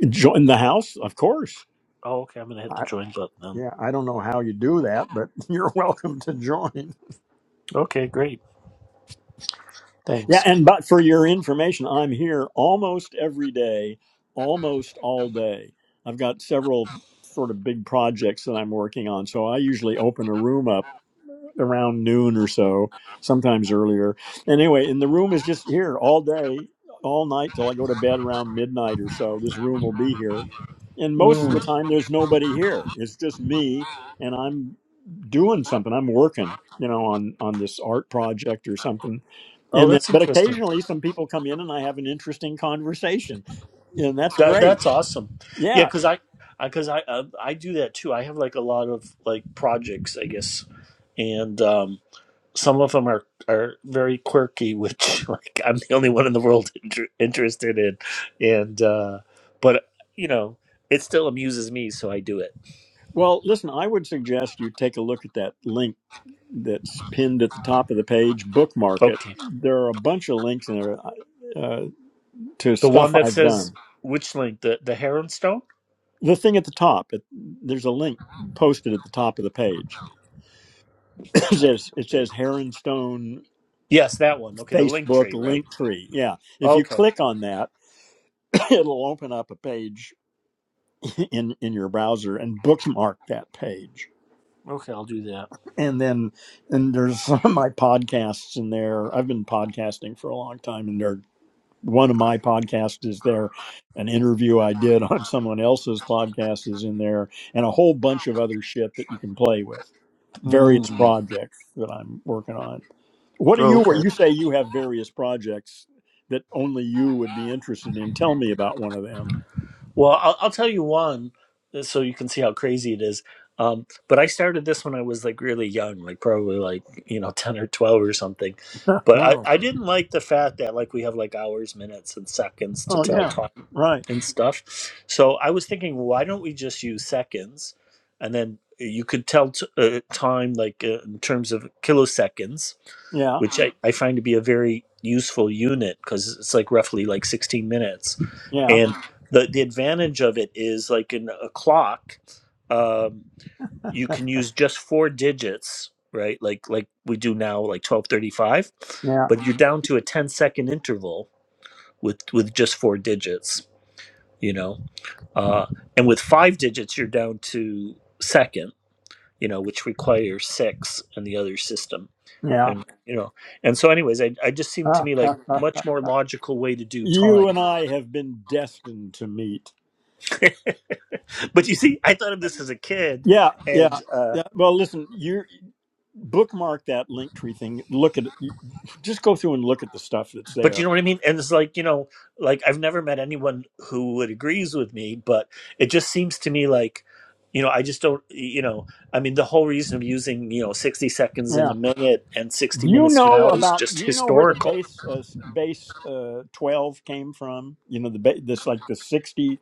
Speaker 1: Join the house, of course.
Speaker 3: Oh, okay. I'm gonna hit
Speaker 1: I,
Speaker 3: the join button then.
Speaker 1: yeah, I don't know how you do that, but you're welcome to join.
Speaker 3: Okay, great.
Speaker 1: Yeah,
Speaker 3: Thanks.
Speaker 1: and but for your information, I'm here almost every day, almost all day. I've got several sort of big projects that I'm working on, so I usually open a room up around noon or so, sometimes earlier. And anyway, and the room is just here all day, all night till I go to bed around midnight or so. This room will be here. And most
Speaker 3: Mm.
Speaker 1: of the
Speaker 3: Mm.
Speaker 1: time, there's nobody here. It's just me, and I'm doing something. I'm working, you know, on on this art project or something.
Speaker 3: Oh,
Speaker 1: And then,
Speaker 3: that's
Speaker 1: but
Speaker 3: interesting.
Speaker 1: occasionally, some people come in and I have an interesting conversation, and that's
Speaker 3: That
Speaker 1: great.
Speaker 3: that's awesome. Yeah,
Speaker 1: Yeah.
Speaker 3: because I, because I, because I, uh, I do that too. I have like a lot of like projects, I guess, and um, some of them are are very quirky, which like I'm the only one in the world inter- interested in, and uh, but you know, it still amuses me, so I do it.
Speaker 1: Well, listen, I would suggest you take a look at that link that's pinned at the top of the page. Bookmark it.
Speaker 3: Okay,
Speaker 1: There are a bunch of links in there uh, uh, to
Speaker 3: the one
Speaker 1: stuff
Speaker 3: that
Speaker 1: I've
Speaker 3: says
Speaker 1: done.
Speaker 3: which link the the Heronstone,
Speaker 1: The thing at the top, it, there's a link posted at the top of the page.
Speaker 3: the
Speaker 1: It
Speaker 3: top.
Speaker 1: says, it says Heronstone
Speaker 3: Yes, that one. Okay, the link
Speaker 1: Facebook
Speaker 3: tree, right?
Speaker 1: link tree. Yeah. If you
Speaker 3: Okay.
Speaker 1: click on that, it'll open up a page in, in your browser and bookmark that page.
Speaker 3: Okay, I'll do that.
Speaker 1: And then, and there's some of my podcasts in there. I've been podcasting for a long time, and there are one of my podcasts is there an interview i did on someone else's podcast is in there and a whole bunch of other shit that you can play with various
Speaker 3: Mm.
Speaker 1: projects that i'm working on what do
Speaker 3: Oh,
Speaker 1: you
Speaker 3: okay.
Speaker 1: you say you have various projects that only you would be interested in tell me about one of them
Speaker 3: Well, I'll, I'll tell you one uh, so you can see how crazy it is. Um, but I started this when I was like really young, like probably like, you know, 10 or 12 or something. But I,
Speaker 1: oh
Speaker 3: I didn't like the fact that like we have like hours, minutes, and seconds to
Speaker 1: oh
Speaker 3: tell
Speaker 1: yeah
Speaker 3: time
Speaker 1: right
Speaker 3: and stuff. So I was thinking, why don't we just use seconds? And then uh, you could tell t- uh, time like uh, in terms of kiloseconds
Speaker 1: yeah
Speaker 3: which I, I find to be a very useful unit because it's like roughly like 16 minutes.
Speaker 1: yeah
Speaker 3: And the, the advantage of it is like in a clock, um, you can use just four digits, right? Like like we do now, like 1235,
Speaker 1: yeah
Speaker 3: but you're down to a 10 second interval with, with just four digits, you know? Uh, and with five digits, you're down to second, you know, which requires six in the other system
Speaker 1: yeah
Speaker 3: and you know and so anyways i, I just seemed to me like much more logical way to do
Speaker 1: you
Speaker 3: time
Speaker 1: and i have been destined to meet
Speaker 3: but you see i thought of this as a kid
Speaker 1: yeah yeah
Speaker 3: and uh
Speaker 1: yeah well listen you bookmark that link tree thing. Look at just go through and look at the stuff that's
Speaker 3: but you know
Speaker 1: there.
Speaker 3: what i mean and it's like you know like i've never met anyone who would agrees with me but it just seems to me like you know i just don't you know i mean the whole reason of using you know 60 seconds in
Speaker 1: Yeah.
Speaker 3: a minute and 60
Speaker 1: You
Speaker 3: minutes to an
Speaker 1: know
Speaker 3: hour is
Speaker 1: about
Speaker 3: just
Speaker 1: you know where the
Speaker 3: historical
Speaker 1: base uh, base uh, twelve came from. You know the ba- this like the sixty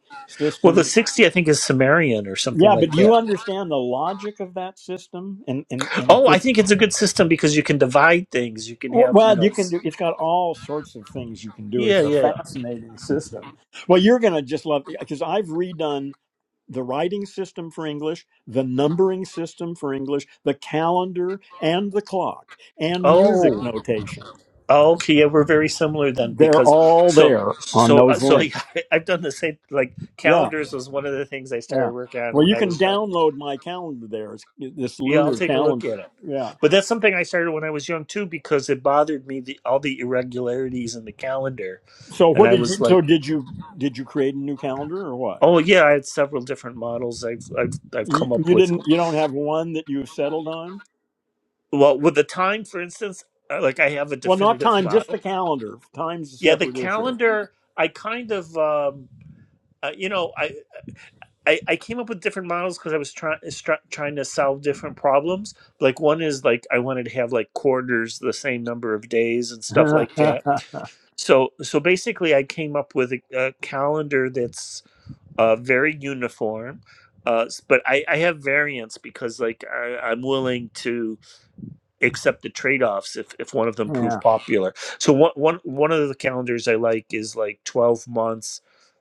Speaker 3: well the
Speaker 1: system.
Speaker 3: 60 i think is sumerian or something
Speaker 1: Yeah, but
Speaker 3: like
Speaker 1: you
Speaker 3: that
Speaker 1: understand the logic of that system, and and and
Speaker 3: oh i
Speaker 1: just
Speaker 3: think it's a good system because you can divide things you can have you
Speaker 1: well, you
Speaker 3: know
Speaker 1: can do. It's got all sorts of things you can do.
Speaker 3: Yeah,
Speaker 1: It's a
Speaker 3: yeah, yeah.
Speaker 1: fascinating system. Well, you're gonna just love because I've redone the writing system for English, the numbering system for English, the calendar and the clock and music
Speaker 3: Oh,
Speaker 1: notation.
Speaker 3: oh, okay. Yeah, we're very similar then
Speaker 1: They're
Speaker 3: because
Speaker 1: all
Speaker 3: so
Speaker 1: there on
Speaker 3: so uh,
Speaker 1: those
Speaker 3: so
Speaker 1: links.
Speaker 3: yeah, I've done the same. Like
Speaker 1: Yeah,
Speaker 3: calendars was one of the things I
Speaker 1: yeah.
Speaker 3: started working on
Speaker 1: Well,
Speaker 3: when
Speaker 1: you
Speaker 3: I
Speaker 1: can
Speaker 3: was young.
Speaker 1: download my calendar there. It's this
Speaker 3: Yeah, I'll
Speaker 1: lunar
Speaker 3: take a look at
Speaker 1: calendar.
Speaker 3: it.
Speaker 1: Yeah.
Speaker 3: But that's something I started when I was young too because it bothered me the all the irregularities in the calendar,
Speaker 1: So
Speaker 3: and
Speaker 1: what
Speaker 3: I
Speaker 1: did
Speaker 3: was
Speaker 1: you so
Speaker 3: like,
Speaker 1: did you did you create a new calendar or what?
Speaker 3: oh yeah, I had several different models I've I've I've
Speaker 1: You,
Speaker 3: come up
Speaker 1: you
Speaker 3: with.
Speaker 1: didn't you don't have one that you've settled on?
Speaker 3: Well, with the time, for instance, uh, like I have a
Speaker 1: Well, not
Speaker 3: definitive
Speaker 1: time, just the
Speaker 3: model.
Speaker 1: calendar. Time's a
Speaker 3: Yeah, the
Speaker 1: separate issue.
Speaker 3: calendar. I kind of um, uh, you know, I I, I came up with different models because I was trying trying to solve different problems. Like one is like I wanted to have like quarters the same number of days and stuff like that. So so basically, I came up with a, a calendar that's uh, very uniform. Uh, s- but I, I have variants because like I, I'm willing to accept the trade-offs if, if one of them prove
Speaker 1: yeah.
Speaker 3: popular. So one, one, one of the calendars I like is like 12 months.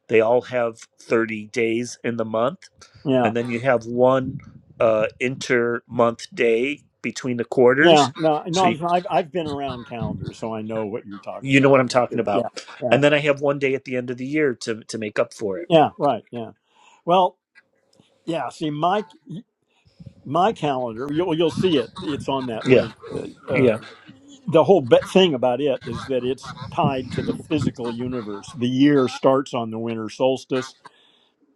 Speaker 3: They all have 30 days in the month
Speaker 1: Yeah.
Speaker 3: and then you have one uh, inter-month day between the
Speaker 1: Yeah,
Speaker 3: quarters.
Speaker 1: no,
Speaker 3: So
Speaker 1: no,
Speaker 3: you,
Speaker 1: no, I've I've been around calendars, so I know what you're talking
Speaker 3: you
Speaker 1: about.
Speaker 3: know what
Speaker 1: I've
Speaker 3: I'm
Speaker 1: been
Speaker 3: talking
Speaker 1: through,
Speaker 3: about.
Speaker 1: yeah, yeah,
Speaker 3: And then I have one day at the end of the year to to make up for it.
Speaker 1: yeah, right, yeah. Well, yeah. See, my my calendar, you'll you'll see it. It's on that
Speaker 3: Yeah,
Speaker 1: link. Uh, uh,
Speaker 3: yeah.
Speaker 1: the whole be- thing about it is that it's tied to the physical universe. The year starts on the winter solstice.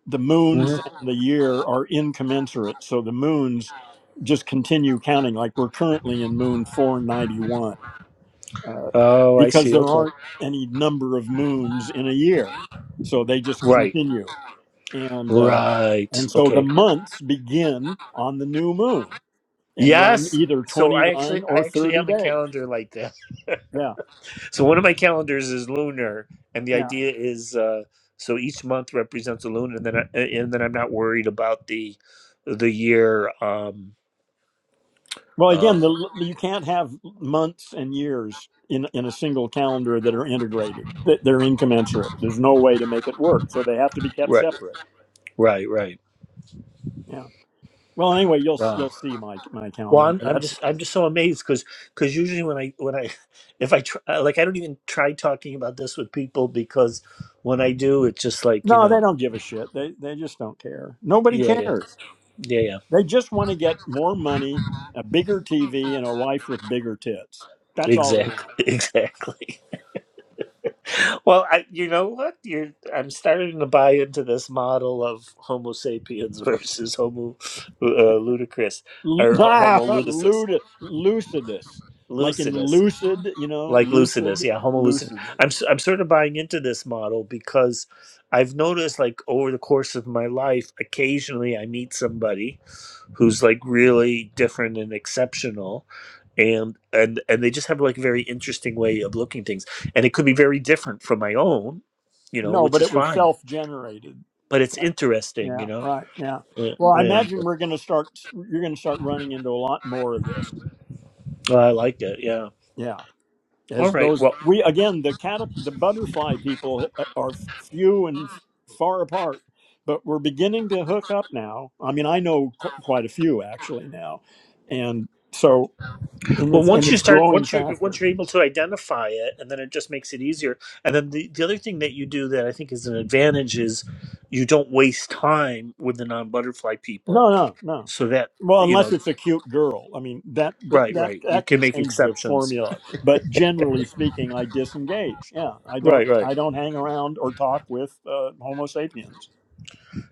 Speaker 1: The
Speaker 3: hmm
Speaker 1: moons and the year are incommensurate, so the moons just continue counting. Like we're currently in moon 491 uh,
Speaker 3: Oh, I
Speaker 1: because
Speaker 3: see.
Speaker 1: there
Speaker 3: Okay.
Speaker 1: aren't any number of moons in a year. So they just
Speaker 3: Right.
Speaker 1: continue. And, uh,
Speaker 3: Right.
Speaker 1: and so the
Speaker 3: Okay.
Speaker 1: months begin on the new moon and run
Speaker 3: Yes.
Speaker 1: either
Speaker 3: So I actually
Speaker 1: 29
Speaker 3: I
Speaker 1: or
Speaker 3: actually
Speaker 1: 30
Speaker 3: have a
Speaker 1: days.
Speaker 3: calendar like that.
Speaker 1: Yeah.
Speaker 3: So one of my calendars is lunar, and the
Speaker 1: Yeah.
Speaker 3: idea is uh, so each month represents a lunar, and then I, and then I'm not worried about the the year. Um,
Speaker 1: Well,
Speaker 3: uh,
Speaker 1: again, the, you can't have months and years in, in a single calendar that are integrated. Th- They're incommensurate. There's no way to make it work. So they have to be kept
Speaker 3: right,
Speaker 1: separate.
Speaker 3: right, right.
Speaker 1: Yeah. Well, anyway, you'll
Speaker 3: Wow.
Speaker 1: you'll see my my
Speaker 3: Well,
Speaker 1: calendar.
Speaker 3: I'm, I'm
Speaker 1: That's
Speaker 3: just I'm just so amazed because usually when I when I if I try, like I don't even try talking about this with people because when I do it's just like you
Speaker 1: No, they
Speaker 3: know
Speaker 1: don't give a shit. They they just don't care. Nobody
Speaker 3: yeah yeah
Speaker 1: cares.
Speaker 3: yeah yeah
Speaker 1: They just want to get more money, a bigger TV, and a wife with bigger tits. That's all they
Speaker 3: exactly
Speaker 1: want.
Speaker 3: exactly Well, I, you know what? You're I'm starting to buy into this model of Homo sapiens versus Homo uh, ludicrous
Speaker 1: L-
Speaker 3: or
Speaker 1: Nah,
Speaker 3: Homo lucidus,
Speaker 1: lud- lucidus, like in
Speaker 3: lucidus,
Speaker 1: lucid, you know,
Speaker 3: like lucidus.
Speaker 1: lucid,
Speaker 3: Yeah, Homo lucidus.
Speaker 1: lucidus.
Speaker 3: I'm s- I'm sort of buying into this model because I've noticed, like over the course of my life, occasionally I meet somebody who's like really different and exceptional, and and and they just have like a very interesting way of looking things and it could be very different from my own you know
Speaker 1: No,
Speaker 3: which
Speaker 1: but
Speaker 3: is
Speaker 1: it was
Speaker 3: fine
Speaker 1: self-generated.
Speaker 3: but it's
Speaker 1: That-
Speaker 3: interesting
Speaker 1: Yeah,
Speaker 3: you know
Speaker 1: right. Yeah.
Speaker 3: Uh,
Speaker 1: Well, I
Speaker 3: and
Speaker 1: imagine we're going to start. You're going to start running into a lot more of this.
Speaker 3: uh, i like it yeah
Speaker 1: Yeah.
Speaker 3: all
Speaker 1: as
Speaker 3: right
Speaker 1: those
Speaker 3: well
Speaker 1: we again the cat the butterfly people uh, are few and far apart but we're beginning to hook up now i mean i know qu- quite a few actually now and so and
Speaker 3: well
Speaker 1: it's and
Speaker 3: once you
Speaker 1: it's
Speaker 3: start
Speaker 1: growing
Speaker 3: once you once
Speaker 1: faster
Speaker 3: you're able to identify it and then it just makes it easier and then the, the other thing that you do that i think is an advantage is you don't waste time with the non-butterfly people
Speaker 1: no no no
Speaker 3: so that
Speaker 1: well
Speaker 3: you
Speaker 1: unless
Speaker 3: know
Speaker 1: it's a cute girl i mean that that
Speaker 3: right
Speaker 1: that,
Speaker 3: right you
Speaker 1: that can
Speaker 3: can make
Speaker 1: change the
Speaker 3: exceptions
Speaker 1: formula but generally speaking i disengage yeah i don't
Speaker 3: Right. Right.
Speaker 1: i don't hang around or talk with uh, homo sapiens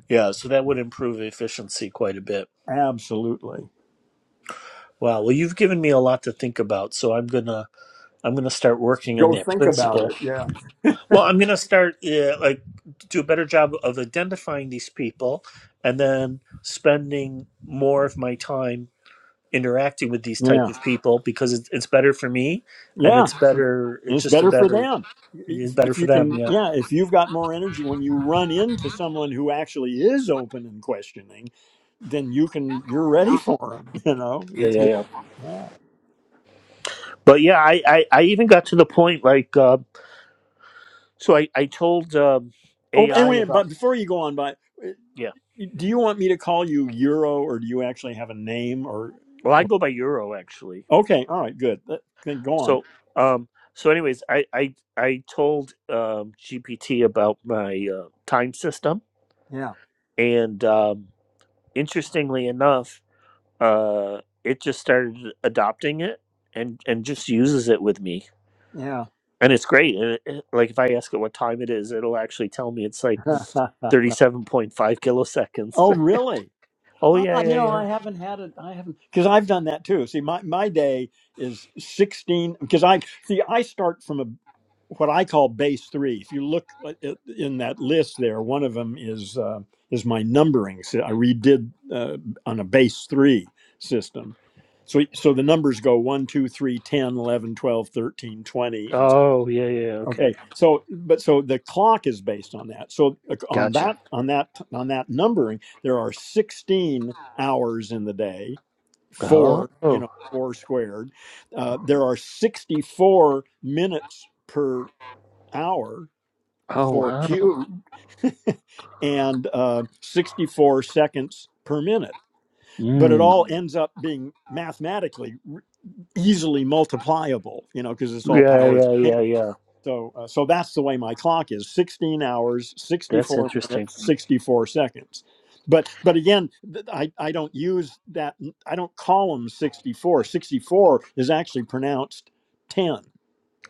Speaker 3: Yeah, so that would improve efficiency quite a bit.
Speaker 1: absolutely
Speaker 3: Wow. Well, you've given me a lot to think about, so I'm gonna I'm gonna start working on
Speaker 1: go
Speaker 3: that
Speaker 1: think about
Speaker 3: principle.
Speaker 1: it Yeah.
Speaker 3: Well, I'm gonna start uh, like do a better job of identifying these people, and then spending more of my time interacting with these type
Speaker 1: Yeah.
Speaker 3: of people because it's, it's better for me, and
Speaker 1: Yeah.
Speaker 3: it's better.
Speaker 1: And
Speaker 3: It's
Speaker 1: it's
Speaker 3: just a
Speaker 1: better for
Speaker 3: better.
Speaker 1: them.
Speaker 3: It's
Speaker 1: If,
Speaker 3: better
Speaker 1: if
Speaker 3: for
Speaker 1: you
Speaker 3: them.
Speaker 1: can,
Speaker 3: Yeah
Speaker 1: yeah, if you've got more energy when you run into someone who actually is open and questioning, then you can, you're ready for them, you know?
Speaker 3: Yeah,
Speaker 1: It's,
Speaker 3: yeah,
Speaker 1: it,
Speaker 3: yeah.
Speaker 1: yeah.
Speaker 3: but yeah i i, I even got to the point like uh, so i i told um
Speaker 1: Oh, and
Speaker 3: ai
Speaker 1: wait,
Speaker 3: about
Speaker 1: but before you go on, by
Speaker 3: yeah
Speaker 1: do you want me to call you Euro or do you actually have a name or?
Speaker 3: Well, I go by euro actually.
Speaker 1: Okay. All right. Good. Th- Then go on.
Speaker 3: So, um, so anyways, I I I told um, GPT about my uh, time system,
Speaker 1: Yeah.
Speaker 3: and um, interestingly enough, uh, it just started adopting it and and just uses it with me,
Speaker 1: Yeah.
Speaker 3: and it's great. And it, it- like if I ask it what time it is, it'll actually tell me it's like thirty-seven point five kiloseconds.
Speaker 1: oh, really?
Speaker 3: oh yeah,
Speaker 1: Ah, you
Speaker 3: yeah,
Speaker 1: know,
Speaker 3: yeah.
Speaker 1: I haven't had it. I haven't because I've done that too. See, my my day is sixteen because I see I start from a what I call base three. If you look at- at- in that list, there one of them is uh, is my numbering. So I redid uh, on a base three system. So, so the numbers go one, two, three, ten, eleven, twelve, thirteen, twenty, 2,
Speaker 3: Oh yeah, yeah. Okay,
Speaker 1: Okay, so but so the clock is based on that. So uh, on
Speaker 3: gotcha.
Speaker 1: that on that on that numbering, there are 16 hours in the day,
Speaker 3: Oh,
Speaker 1: four you
Speaker 3: oh
Speaker 1: know four squared. Uh, there are 64 minutes per hour for
Speaker 3: wow.
Speaker 1: cube and uh, 64 seconds per minute. But
Speaker 3: Hmm.
Speaker 1: it all Mm-hmm. ends up being mathematically r- easily multipliable, you know, because it's all
Speaker 3: Yeah,
Speaker 1: powers
Speaker 3: yeah,
Speaker 1: of 10.
Speaker 3: yeah, yeah.
Speaker 1: So, uh, so that's the way my clock is: sixteen hours,
Speaker 3: That's
Speaker 1: sixty-four
Speaker 3: interesting.
Speaker 1: minutes, sixty-four seconds. But, but again, th- I, I don't use that. I don't call them sixty-four. Sixty-four is actually pronounced ten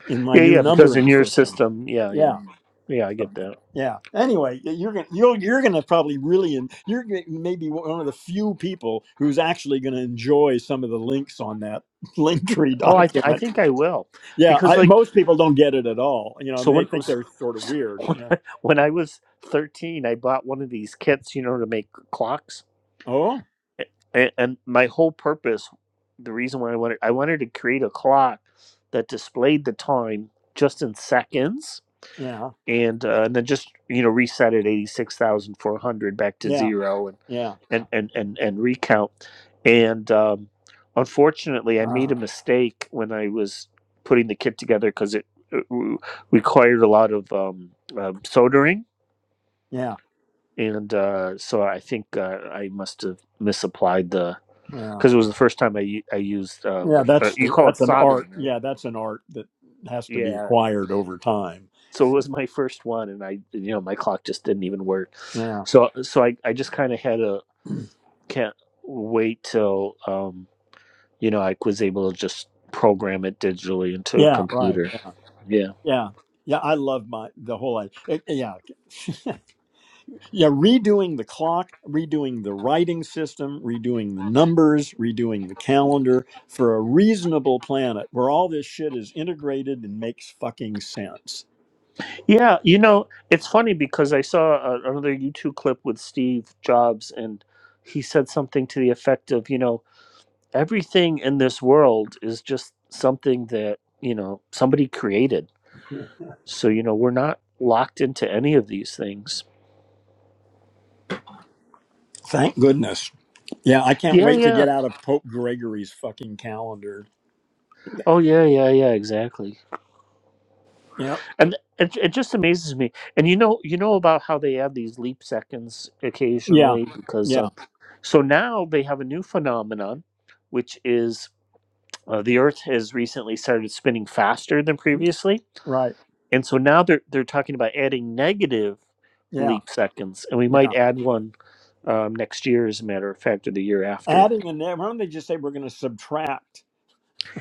Speaker 1: in my
Speaker 3: Yeah,
Speaker 1: new
Speaker 3: yeah, because in
Speaker 1: numbering
Speaker 3: your
Speaker 1: system.
Speaker 3: system, yeah, yeah,
Speaker 1: Yeah,
Speaker 3: yeah, I get that.
Speaker 1: yeah. Anyway, y- you're gonna you're you're gonna probably really and you're gonna- maybe one of the few people who's actually gonna enjoy some of the links on that Linktree
Speaker 3: Oh, I, th- I
Speaker 1: document.
Speaker 3: think I will,
Speaker 1: Yeah,
Speaker 3: because
Speaker 1: I,
Speaker 3: like,
Speaker 1: most people don't get it at all. You know, I
Speaker 3: so
Speaker 1: mean,
Speaker 3: when
Speaker 1: they
Speaker 3: it
Speaker 1: think
Speaker 3: was,
Speaker 1: they're sort of weird.
Speaker 3: when
Speaker 1: Yeah.
Speaker 3: I, when I was thirteen, I bought one of these kits, you know, to make clocks,
Speaker 1: Oh,
Speaker 3: and, and my whole purpose, the reason why I wanted, I wanted to create a clock that displayed the time just in seconds,
Speaker 1: yeah,
Speaker 3: and uh, and then just you know reset at eighty six thousand four hundred back to
Speaker 1: yeah,
Speaker 3: zero,
Speaker 1: yeah,
Speaker 3: and and and, and recount. And um, unfortunately, I made
Speaker 1: uh,
Speaker 3: a mistake when I was putting the kit together because it, it re- required a lot of um, um, soldering.
Speaker 1: yeah,
Speaker 3: And uh, so I think uh, I must have misapplied the
Speaker 1: yeah,
Speaker 3: because it was the first time I u- I used uh,
Speaker 1: yeah.
Speaker 3: uh,
Speaker 1: That's
Speaker 3: you call it
Speaker 1: that's an art.
Speaker 3: soldering, right?
Speaker 1: Yeah, that's an art that has to be
Speaker 3: Yeah.
Speaker 1: acquired over time.
Speaker 3: So it was my first one, and I you know my clock just didn't even work.
Speaker 1: Yeah,
Speaker 3: So so I I just kind of had a can't wait till um you know, I was able to just program it digitally into a
Speaker 1: yeah, right.
Speaker 3: computer.
Speaker 1: Yeah,
Speaker 3: Yeah.
Speaker 1: yeah, yeah. I love my the whole. i- yeah, Yeah, redoing the clock, redoing the writing system, redoing the numbers, redoing the calendar for a reasonable planet where all this shit is integrated and makes fucking sense.
Speaker 3: Yeah. You know, it's funny because I saw a, another YouTube clip with Steve Jobs and he said something to the effect of, you know, everything in this world is just something that, you know, somebody created. So, you know, we're not locked into any of these things.
Speaker 1: Thank goodness. Yeah, I can't
Speaker 3: Yeah.
Speaker 1: wait to
Speaker 3: Yeah.
Speaker 1: get out of Pope Gregory's fucking calendar.
Speaker 3: Oh, yeah. Yeah. Yeah. Exactly.
Speaker 1: Yep.
Speaker 3: and it, it just amazes me and you know you know about how they add these leap seconds
Speaker 1: Yeah.
Speaker 3: occasionally because
Speaker 1: Yeah.
Speaker 3: um, so now they have a new phenomenon which is uh, the earth has recently started spinning faster than previously
Speaker 1: Right.
Speaker 3: and so now they're they're talking about adding negative
Speaker 1: Yeah.
Speaker 3: leap seconds and we
Speaker 1: Yeah.
Speaker 3: might add one um, next year as a matter of fact or the year after
Speaker 1: Adding a negative, why don't they just say we're going to subtract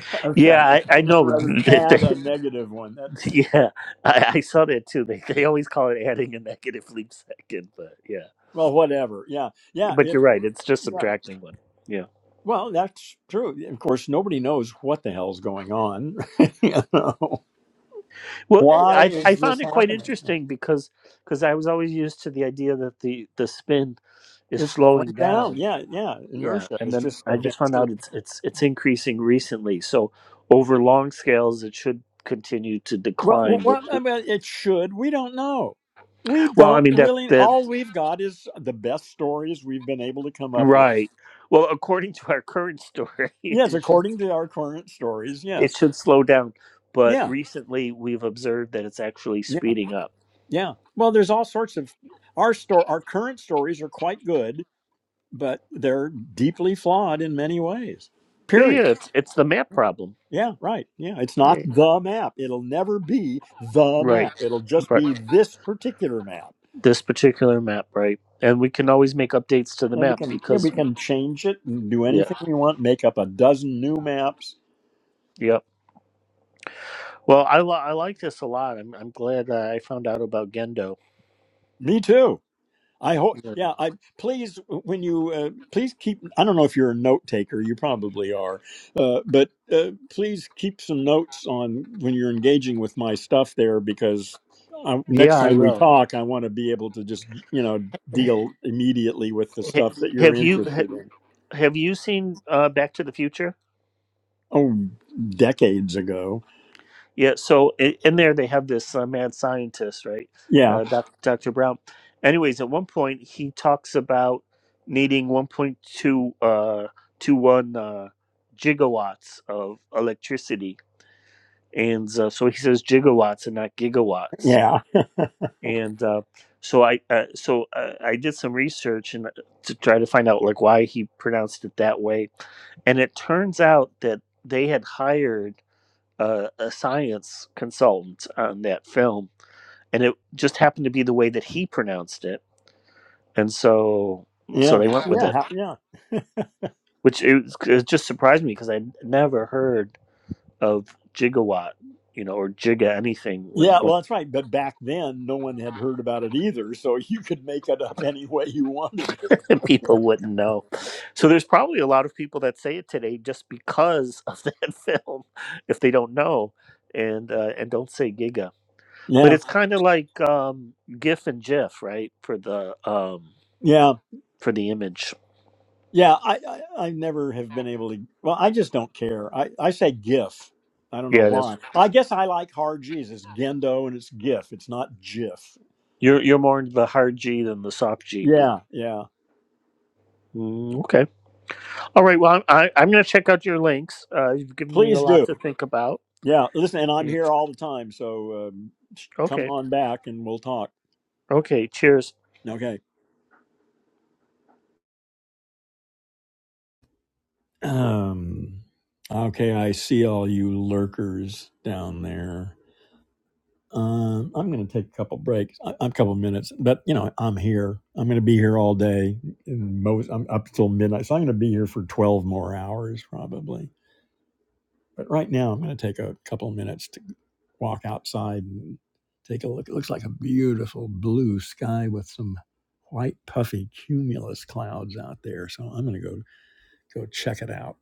Speaker 3: yeah i, I know
Speaker 1: rather than
Speaker 3: that
Speaker 1: add a
Speaker 3: they,
Speaker 1: negative one? That's just
Speaker 3: yeah I, I saw that too they, they always call it adding a negative leap second but yeah
Speaker 1: Well, whatever. Yeah. Yeah.
Speaker 3: but
Speaker 1: If
Speaker 3: you're right it's just
Speaker 1: yeah.
Speaker 3: subtracting one yeah
Speaker 1: Well, that's true. Of course, nobody knows what the hell's going on. you know,
Speaker 3: well
Speaker 1: why
Speaker 3: i i
Speaker 1: is
Speaker 3: found
Speaker 1: this
Speaker 3: it quite
Speaker 1: happening?
Speaker 3: interesting because because i was always used to the idea that the the spin is
Speaker 1: It's slowing
Speaker 3: slowing
Speaker 1: down.
Speaker 3: down
Speaker 1: Yeah, yeah.
Speaker 3: yeah
Speaker 1: Inertia
Speaker 3: and
Speaker 1: is
Speaker 3: then
Speaker 1: just
Speaker 3: i just found
Speaker 1: eventually.
Speaker 3: out it's it's it's increasing recently so over long scales it should continue to
Speaker 1: Well, well,
Speaker 3: decline but
Speaker 1: well, I mean, it should. We don't know. We
Speaker 3: well i
Speaker 1: don't
Speaker 3: mean that
Speaker 1: really.
Speaker 3: that
Speaker 1: All we've got is the best stories we've been able to come up with.
Speaker 3: right well according to our current story
Speaker 1: Yes,
Speaker 3: it should
Speaker 1: according to our current stories.
Speaker 3: it
Speaker 1: Yes.
Speaker 3: should slow down but
Speaker 1: Yeah.
Speaker 3: recently we've observed that it's actually
Speaker 1: Yeah.
Speaker 3: speeding up
Speaker 1: Yeah. Well, there's all sorts of our store. Our current stories are quite good but they're deeply flawed in many ways.
Speaker 3: yeah
Speaker 1: Period.
Speaker 3: yeah it's it's the map problem
Speaker 1: Yeah, right. Yeah, it's
Speaker 3: Yeah.
Speaker 1: not the map. It'll never be the
Speaker 3: Right,
Speaker 1: map. It'll just
Speaker 3: right.
Speaker 1: be this particular map.
Speaker 3: This particular map, right? And we can always make updates to the
Speaker 1: And we
Speaker 3: map
Speaker 1: can yeah, we
Speaker 3: because,
Speaker 1: can change it and do
Speaker 3: yeah,
Speaker 1: anything we want, make up a dozen new maps.
Speaker 3: yep. Well, I li- I like this a lot. I'm I'm glad that I found out about Gendo.
Speaker 1: Me too. I hope,
Speaker 3: Yeah,
Speaker 1: yeah. I please when you uh, please keep. I don't know if you're a note taker. You probably are, uh, but uh, please keep some notes on when you're engaging with my stuff there because I, next
Speaker 3: Yeah, I
Speaker 1: time we
Speaker 3: will.
Speaker 1: talk, I want to be able to just you know deal immediately with the
Speaker 3: H-
Speaker 1: stuff that you're
Speaker 3: Have you
Speaker 1: interested
Speaker 3: ha-
Speaker 1: in.
Speaker 3: have you seen uh, Back to the Future?
Speaker 1: Oh, decades ago.
Speaker 3: Yeah. So i- in there they have this uh, mad scientist, right?
Speaker 1: Yeah,
Speaker 3: Uh, doc, Dr. Brown. Anyways, at one point he talks about needing 1.2 uh, 21 uh, gigawatts of electricity and uh, so he says gigawatts and not gigawatts
Speaker 1: yeah,
Speaker 3: and uh, so i uh, so uh, i did some research and uh, to try to find out like why he pronounced it that way and it turns out that they had hired uh, a science consultant on that film and it just happened to be the way that he pronounced it and so so
Speaker 1: yeah,
Speaker 3: they went with
Speaker 1: yeah,
Speaker 3: it
Speaker 1: ha- yeah.
Speaker 3: which it, was- it just surprised me because i never heard of gigawatt you know or giga anything when
Speaker 1: Yeah, well, that's right. But back then, no one had heard about it either, so you could make it up any way you wanted to.
Speaker 3: and people wouldn't know. So there's probably a lot of people that say it today just because of that film, if they don't know, and uh, and don't say Giga. But
Speaker 1: Yeah.
Speaker 3: it's kind of like um, GIF and GIF, right? For the um,
Speaker 1: Yeah,
Speaker 3: for the image.
Speaker 1: yeah. I, I I never have been able to. Well, I just don't care. I I say GIF. I don't know
Speaker 3: Yeah, that's
Speaker 1: why. I guess I like hard G's. It's Gendo and it's GIF. It's not GIF.
Speaker 3: you're you're more into the hard G than the soft G.
Speaker 1: Yeah, yeah.
Speaker 3: Mm, okay. All right. Well, I, I, I'm going to check out your links. Uh, you've given me a
Speaker 1: Please
Speaker 3: lot
Speaker 1: do.
Speaker 3: to think about.
Speaker 1: Yeah. Listen, and I'm
Speaker 3: Mm,
Speaker 1: here all the time, so um, come
Speaker 3: Okay.
Speaker 1: on back and we'll talk.
Speaker 3: Okay. Cheers.
Speaker 1: Okay. Um. Okay, I see all you lurkers down there. Um, I'm going to take a couple breaks, a, a couple minutes, but you know, I'm here. I'm going to be here all day. And most, I'm up till midnight, so I'm going to be here for 12 more hours probably. But right now, I'm going to take a couple minutes to walk outside and take a look. It looks like a beautiful blue sky with some white puffy cumulus clouds out there. So I'm going to go. Go check it out.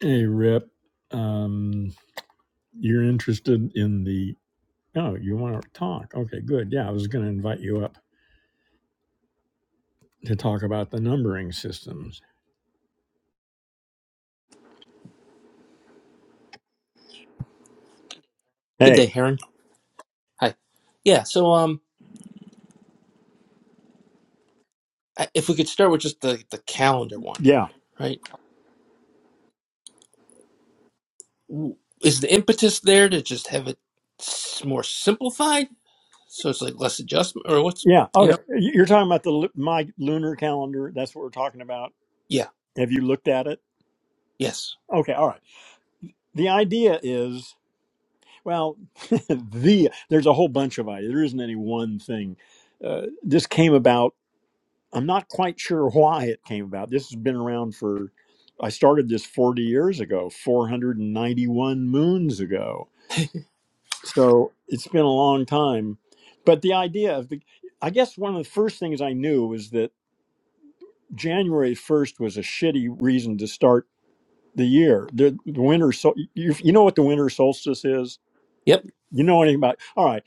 Speaker 1: Hey, Rip, um, you're interested in the. Oh, you want to talk? Okay, good. Yeah, I was going to invite you up to talk about the numbering systems.
Speaker 4: Good day,
Speaker 1: Hey,
Speaker 4: Heron. Hi. Yeah, so um, I- if we could start with just the the calendar one,
Speaker 1: yeah,
Speaker 4: right? W- Is the impetus there to just have it s- more simplified, so it's like less adjustment, or what's
Speaker 1: yeah.
Speaker 4: you know?
Speaker 1: Okay, You- you're talking about the lu- my lunar calendar. That's what we're talking about.
Speaker 4: Yeah.
Speaker 1: Have you looked at it?
Speaker 4: Yes.
Speaker 1: Okay, all right. The idea is well, the there's a whole bunch of ideas. There isn't any one thing. Uh, this came about. I'm not quite sure why it came about. This has been around for. I started this 40 years ago, 491 moons ago. So it's been a long time. But the idea of the, I guess one of the first things I knew was that January 1st was a shitty reason to start the year the, the winter so you, you know what the winter solstice is
Speaker 4: Yep.
Speaker 1: you know anything about all right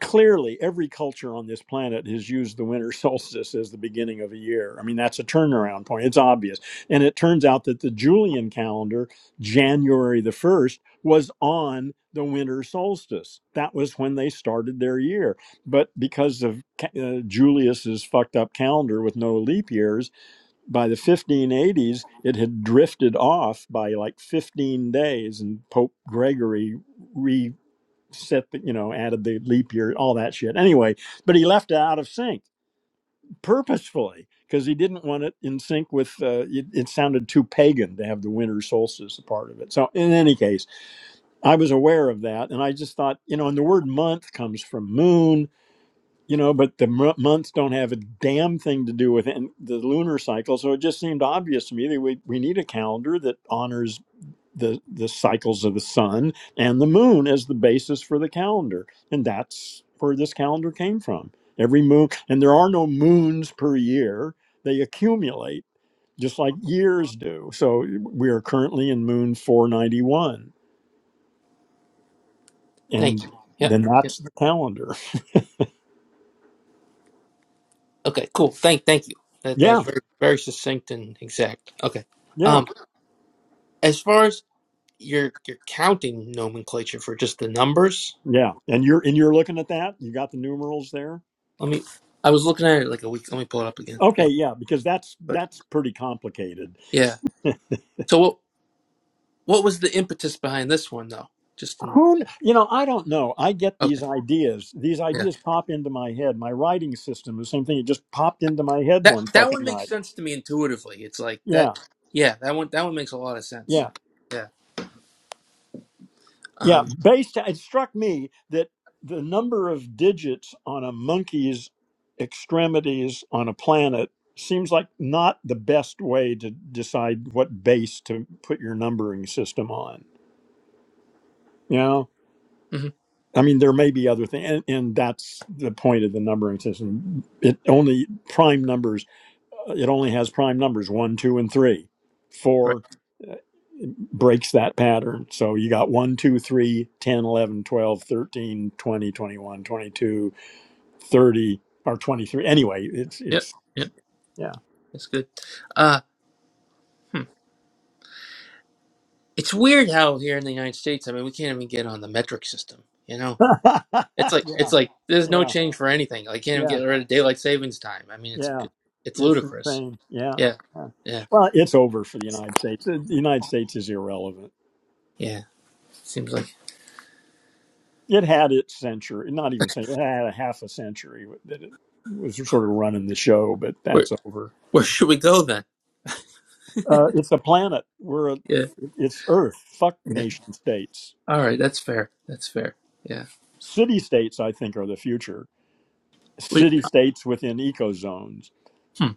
Speaker 1: clearly every culture on this planet has used the winter solstice as the beginning of a year i mean that's a turnaround point it's obvious and it turns out that the julian calendar january the 1st was on the winter solstice that was when they started their year but because of uh, julius's fucked up calendar with no leap years by the 1580s, it had drifted off by like 15 days, and Pope Gregory reset the, you know, added the leap year, all that shit. Anyway, but he left it out of sync purposefully because he didn't want it in sync with, uh, it, it sounded too pagan to have the winter solstice a part of it. So, in any case, I was aware of that, and I just thought, you know, and the word month comes from moon you know but the m- months don't have a damn thing to do with in- the lunar cycle so it just seemed obvious to me that we, we need a calendar that honors the the cycles of the sun and the moon as the basis for the calendar and that's where this calendar came from every moon and there are no moons per year they accumulate just like years do so we are currently in moon 491
Speaker 4: Thank
Speaker 1: and
Speaker 4: you. Yep.
Speaker 1: then
Speaker 4: Yep.
Speaker 1: that's the calendar
Speaker 4: Okay. Cool. Thank. Thank you. That that was
Speaker 1: yeah
Speaker 4: very very succinct and exact. Okay.
Speaker 1: yeah
Speaker 4: Um, as far as your your counting nomenclature for just the numbers,
Speaker 1: Yeah, and you're and you're looking at that. You got the numerals there.
Speaker 4: let me. I was looking at it like a week. Let me pull it up again. Yeah.
Speaker 1: Okay, yeah, because that's
Speaker 4: But
Speaker 1: that's pretty complicated.
Speaker 4: yeah. So what? What was the impetus behind this one, though? Just in
Speaker 1: Who kn- you know, I don't know. I get these
Speaker 4: okay,
Speaker 1: ideas. These
Speaker 4: yeah.
Speaker 1: ideas pop into my head. My writing system, the same thing. It just popped into my head
Speaker 4: That
Speaker 1: one
Speaker 4: that one
Speaker 1: fucking
Speaker 4: makes
Speaker 1: night.
Speaker 4: sense to me intuitively. It's like that.
Speaker 1: Yeah,
Speaker 4: Yeah, that one that one makes a lot of sense.
Speaker 1: yeah,
Speaker 4: Yeah.
Speaker 1: yeah.
Speaker 4: Um.
Speaker 1: Based, it struck me that the number of digits on a monkey's extremities on a planet seems like not the best way to decide what base to put your numbering system on. Yeah.
Speaker 4: mhm,
Speaker 1: I mean, there may be other things, and, and that's the point of the numbering system. It only prime numbers. uh, It only has prime numbers one, two, and three.
Speaker 4: Right.
Speaker 1: Four uh, breaks that pattern. So you got one, 2, 3, 10, 11, 12, 13, 20, 21, 22, 30, or 23. Anyway, it's,
Speaker 4: Yep.
Speaker 1: it's,
Speaker 4: Yep.
Speaker 1: yeah.
Speaker 4: That's good. Uh. Hmm. It's weird how here in the United States, I mean, we can't even get on the metric system. You know, it's like it's
Speaker 1: yeah,
Speaker 4: like there's no
Speaker 1: yeah,
Speaker 4: change for anything. Like can't even
Speaker 1: yeah,
Speaker 4: get rid of daylight savings time. I mean, it's
Speaker 1: yeah.
Speaker 4: it's
Speaker 1: It's
Speaker 4: ludicrous.
Speaker 1: insane. Yeah.
Speaker 4: Yeah.
Speaker 1: yeah.
Speaker 4: Yeah.
Speaker 1: Well, it's over for the United States. The the United States is irrelevant.
Speaker 4: Yeah. Seems like
Speaker 1: it had its century, not even century, it had a half a century that it was sort of running the show, but
Speaker 4: where
Speaker 1: that's over.
Speaker 4: where should we go then?
Speaker 1: Uh, it's a planet. We're a,
Speaker 4: Yeah.
Speaker 1: it's Earth. Fuck
Speaker 4: yeah.
Speaker 1: nation states.
Speaker 4: All right, that's fair. That's fair. Yeah.
Speaker 1: City states, I think, are the future.
Speaker 4: We,
Speaker 1: City states within eco zones.
Speaker 4: hmm.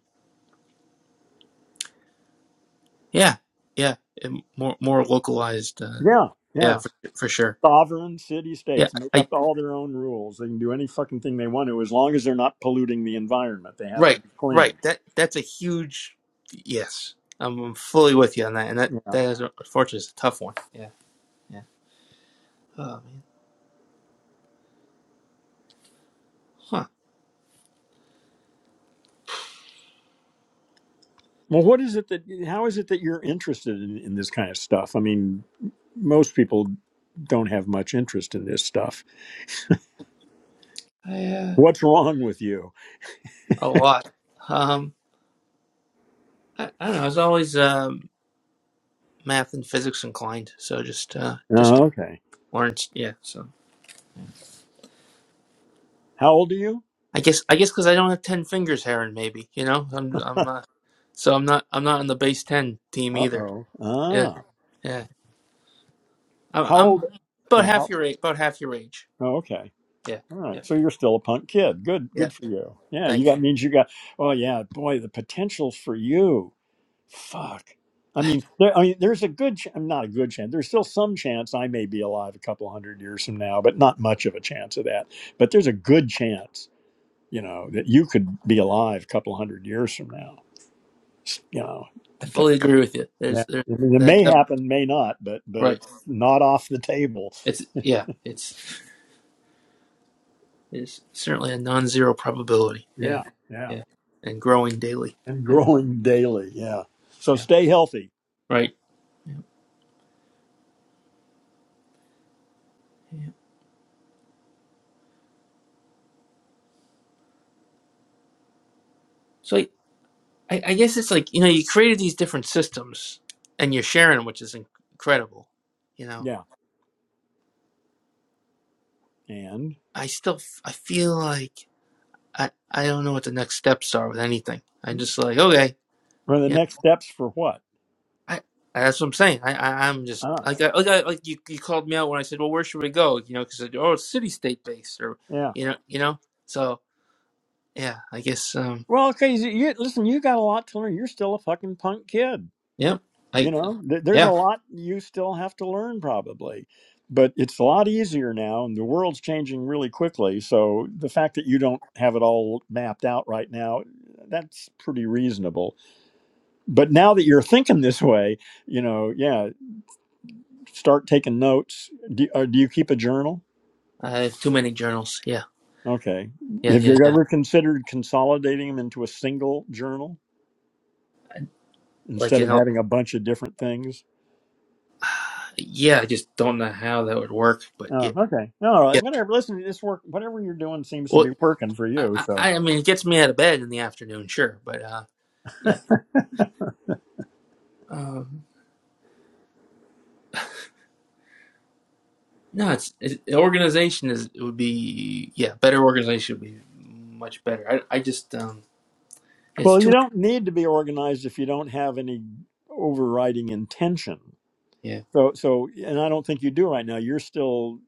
Speaker 4: Yeah. Yeah. And more more localized. Uh,
Speaker 1: Yeah,
Speaker 4: yeah,
Speaker 1: yeah.
Speaker 4: for for sure.
Speaker 1: Sovereign city
Speaker 4: Yeah.
Speaker 1: states make
Speaker 4: I
Speaker 1: up all their own rules. They can do any fucking thing they want to, as long as they're not polluting the environment. They have to
Speaker 4: right
Speaker 1: be
Speaker 4: right.
Speaker 1: clean.
Speaker 4: That that's a huge yes. I'm I'm fully with you on that, and that
Speaker 1: Yeah.
Speaker 4: that is unfortunately is a tough one. Yeah. Yeah. Oh man. Huh.
Speaker 1: Well, what is it that? How is it that you're interested in, in this kind of stuff? I mean, most people don't have much interest in this stuff.
Speaker 4: I, uh,
Speaker 1: What's wrong with you?
Speaker 4: a lot. Um. I, I don't know. I was always um math and physics inclined, so just uh just
Speaker 1: Oh, okay.
Speaker 4: learned. Yeah. So.
Speaker 1: How old are you?
Speaker 4: I guess I guess because I don't have ten fingers, Heron. Maybe you know I'm I'm not, so I'm not I'm not on the base ten team
Speaker 1: Uh
Speaker 4: either.
Speaker 1: oh.
Speaker 4: Yeah,
Speaker 1: Ah.
Speaker 4: yeah. I'm,
Speaker 1: How
Speaker 4: I'm
Speaker 1: old?
Speaker 4: about
Speaker 1: Yeah.
Speaker 4: half
Speaker 1: How,
Speaker 4: your age. About half your age.
Speaker 1: oh, okay.
Speaker 4: Yeah,
Speaker 1: All
Speaker 4: yeah,
Speaker 1: right. So you're still a punk kid. Good.
Speaker 4: yeah.
Speaker 1: Good for you. Yeah. You
Speaker 4: Thanks.
Speaker 1: got means you got. Oh yeah. Boy, the potential for you. Fuck. I mean, there, I mean, there's a good, ch- not a good chance. There's still some chance I may be alive a couple hundred years from now, but not much of a chance of that. But there's a good chance you know that you could be alive a couple hundred years from now you know
Speaker 4: I
Speaker 1: that,
Speaker 4: fully agree with you.
Speaker 1: yeah.
Speaker 4: There's there's
Speaker 1: I mean, it may
Speaker 4: that, that
Speaker 1: happen may not but but
Speaker 4: right.
Speaker 1: it's not off the table
Speaker 4: It's yeah. It's it's certainly a non-zero probability. Yeah,
Speaker 1: yeah yeah
Speaker 4: yeah. And growing daily.
Speaker 1: and
Speaker 4: Yeah,
Speaker 1: growing daily yeah so
Speaker 4: yeah.
Speaker 1: stay healthy
Speaker 4: Right. Yeah, yeah. So I, I I guess it's like you know you created these different systems and you're sharing, which is inc- incredible. You know
Speaker 1: yeah and
Speaker 4: I still f- I feel like I I don't know what the next steps are with anything. I'm just like okay,
Speaker 1: for the
Speaker 4: you know,
Speaker 1: next steps for what
Speaker 4: I that's what I'm saying. I, I I'm just
Speaker 1: ah
Speaker 4: like I, like I, like you you called me out when I said, well, where should we go? You know, because oh, it's city state based or
Speaker 1: yeah
Speaker 4: you know you know. So yeah, I guess um
Speaker 1: well okay you, you- listen you got a lot to learn you're still a fucking punk kid
Speaker 4: yeah I
Speaker 1: you know th- there's a
Speaker 4: yeah
Speaker 1: lot you still have to learn probably but it's a lot easier now and the world's changing really quickly so the fact that you don't have it all mapped out right now that's pretty reasonable but now that you're thinking this way you know yeah start taking notes do, uh, do you keep a journal
Speaker 4: I have too many journals. Yeah
Speaker 1: okay
Speaker 4: yeah
Speaker 1: have
Speaker 4: yeah
Speaker 1: you
Speaker 4: yeah.
Speaker 1: ever considered consolidating them into a single journal
Speaker 4: Like
Speaker 1: instead
Speaker 4: you
Speaker 1: of
Speaker 4: know
Speaker 1: having a bunch of different things
Speaker 4: yeah I just don't know how that would work, but yeah
Speaker 1: Oh, okay. No, All right.
Speaker 4: yeah.
Speaker 1: Whatever. Listen, this work. Whatever you're doing seems to
Speaker 4: Well
Speaker 1: be working for
Speaker 4: I
Speaker 1: you. So,
Speaker 4: I, I mean it gets me out of bed in the afternoon, sure, but uh yeah. um. No, it's, it, the organization is it would be yeah better organization would be much better. I I just um it's
Speaker 1: well, you
Speaker 4: too
Speaker 1: don't need to be organized if you don't have any overriding intention.
Speaker 4: yeah
Speaker 1: So, so, and I don't think you do right now. You're still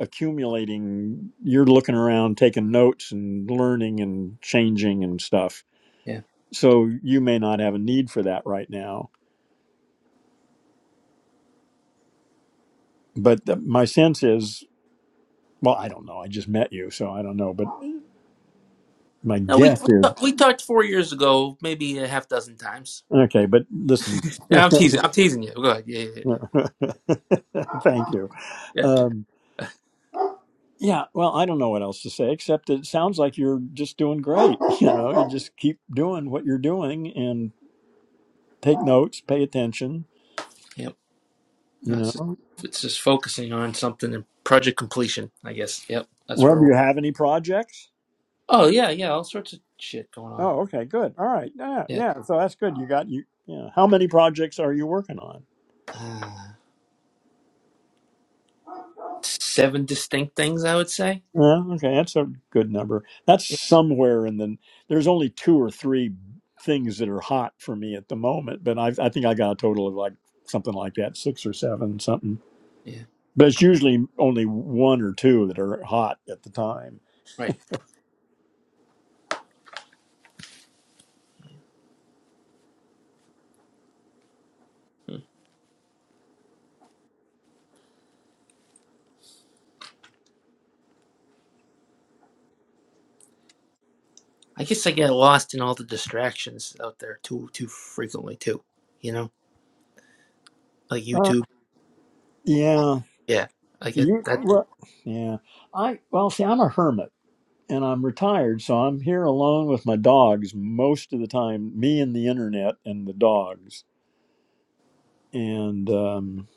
Speaker 1: accumulating. You're looking around, taking notes, and learning and changing and stuff.
Speaker 4: yeah.
Speaker 1: So, you may not have a need for that right now. But the, my sense is, well, I don't know. I just met you, so I don't know. But my
Speaker 4: No, we
Speaker 1: guess
Speaker 4: we, ta-
Speaker 1: is
Speaker 4: we talked four years ago, maybe a half dozen times.
Speaker 1: okay. But listen.
Speaker 4: Yeah, I'm teasing. I'm teasing you. Go ahead. Yeah, yeah, yeah, yeah.
Speaker 1: Thank you.
Speaker 4: yeah.
Speaker 1: Um, yeah, well, I don't know what else to say except that it sounds like you're just doing great. You know, you just keep doing what you're doing and take notes, pay attention.
Speaker 4: Yep.
Speaker 1: You
Speaker 4: No, it's just,
Speaker 1: know,
Speaker 4: it's just focusing on something and project completion. I guess. Yep. That's
Speaker 1: well,
Speaker 4: where.
Speaker 1: do
Speaker 4: We're...
Speaker 1: you have any projects?
Speaker 4: Oh yeah, yeah. All sorts of shit going on.
Speaker 1: Oh, okay, good. All right, yeah,
Speaker 4: Yeah.
Speaker 1: yeah. So that's good. You got you. Yeah. How many projects are you working on?
Speaker 4: Uh, seven distinct things, I would say.
Speaker 1: Yeah, okay, that's a good number. That's
Speaker 4: Yeah.
Speaker 1: somewhere in the. There's only two or three things that are hot for me at the moment, but I, I think I got a total of like something like that, six or seven, something.
Speaker 4: yeah.
Speaker 1: But it's usually only one or two that are hot at the time.
Speaker 4: Right. I guess I get lost in all the distractions out there too too frequently too. You know, like
Speaker 1: Uh,
Speaker 4: YouTube.
Speaker 1: yeah,
Speaker 4: Yeah, I get
Speaker 1: you.
Speaker 4: that.
Speaker 1: Well, yeah, I. Well, see, I'm a hermit and I'm retired, so I'm here alone with my dogs most of the time. Me and the internet and the dogs, and um,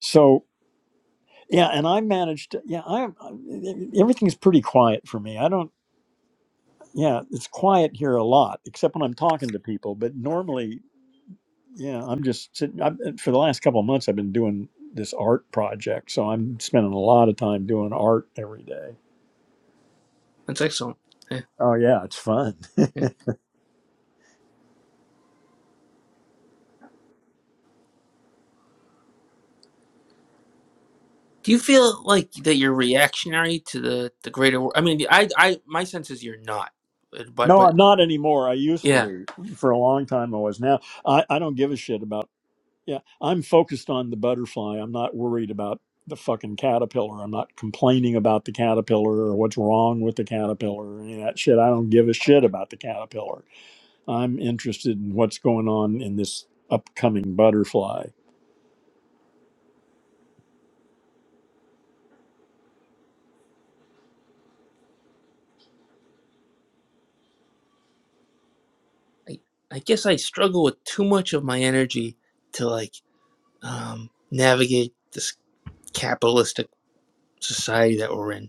Speaker 1: so yeah and i managed yeah i am everything's pretty quiet for me i don't yeah it's quiet here a lot except when i'm talking to people but normally yeah i'm just sitting I've, for the last couple of months i've been doing this art project so i'm spending a lot of time doing art every day
Speaker 4: That's excellent. Yeah,
Speaker 1: oh yeah it's fun
Speaker 4: yeah. Do you feel like that you're reactionary to the the greater? world? I mean, I I my sense is you're not, but but
Speaker 1: no
Speaker 4: but
Speaker 1: i'm not anymore i used to
Speaker 4: yeah,
Speaker 1: be for a long time i was now i, I don't give a shit about Yeah, I'm focused on the butterfly. I'm not worried about the fucking caterpillar. I'm not complaining about the caterpillar or what's wrong with the caterpillar or any of that shit. I don't give a shit about the caterpillar. I'm interested in what's going on in this upcoming butterfly.
Speaker 4: I I guess I struggle with too much of my energy to like um navigate this capitalistic society that we're in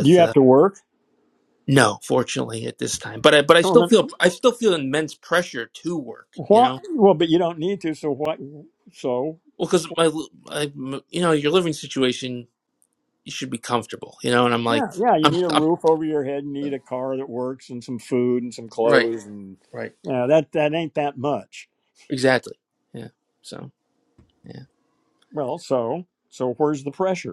Speaker 1: Do you
Speaker 4: uh,
Speaker 1: have to work?
Speaker 4: No, fortunately, at this time. But I, but I
Speaker 1: Well,
Speaker 4: still
Speaker 1: then,
Speaker 4: feel, I still feel immense pressure to work. You
Speaker 1: why?
Speaker 4: know,
Speaker 1: well but you don't need to. So what? So
Speaker 4: well, because my, I, you know, your living situation, you should be comfortable. You know, and I'm like,
Speaker 1: yeah, yeah. You
Speaker 4: I'm,
Speaker 1: need a
Speaker 4: I'm
Speaker 1: roof over your head. You need a car that works and some food and some
Speaker 4: right,
Speaker 1: clothes and
Speaker 4: right,
Speaker 1: yeah. That that ain't that much.
Speaker 4: exactly. Yeah. So yeah,
Speaker 1: Well, so so where's the pressure?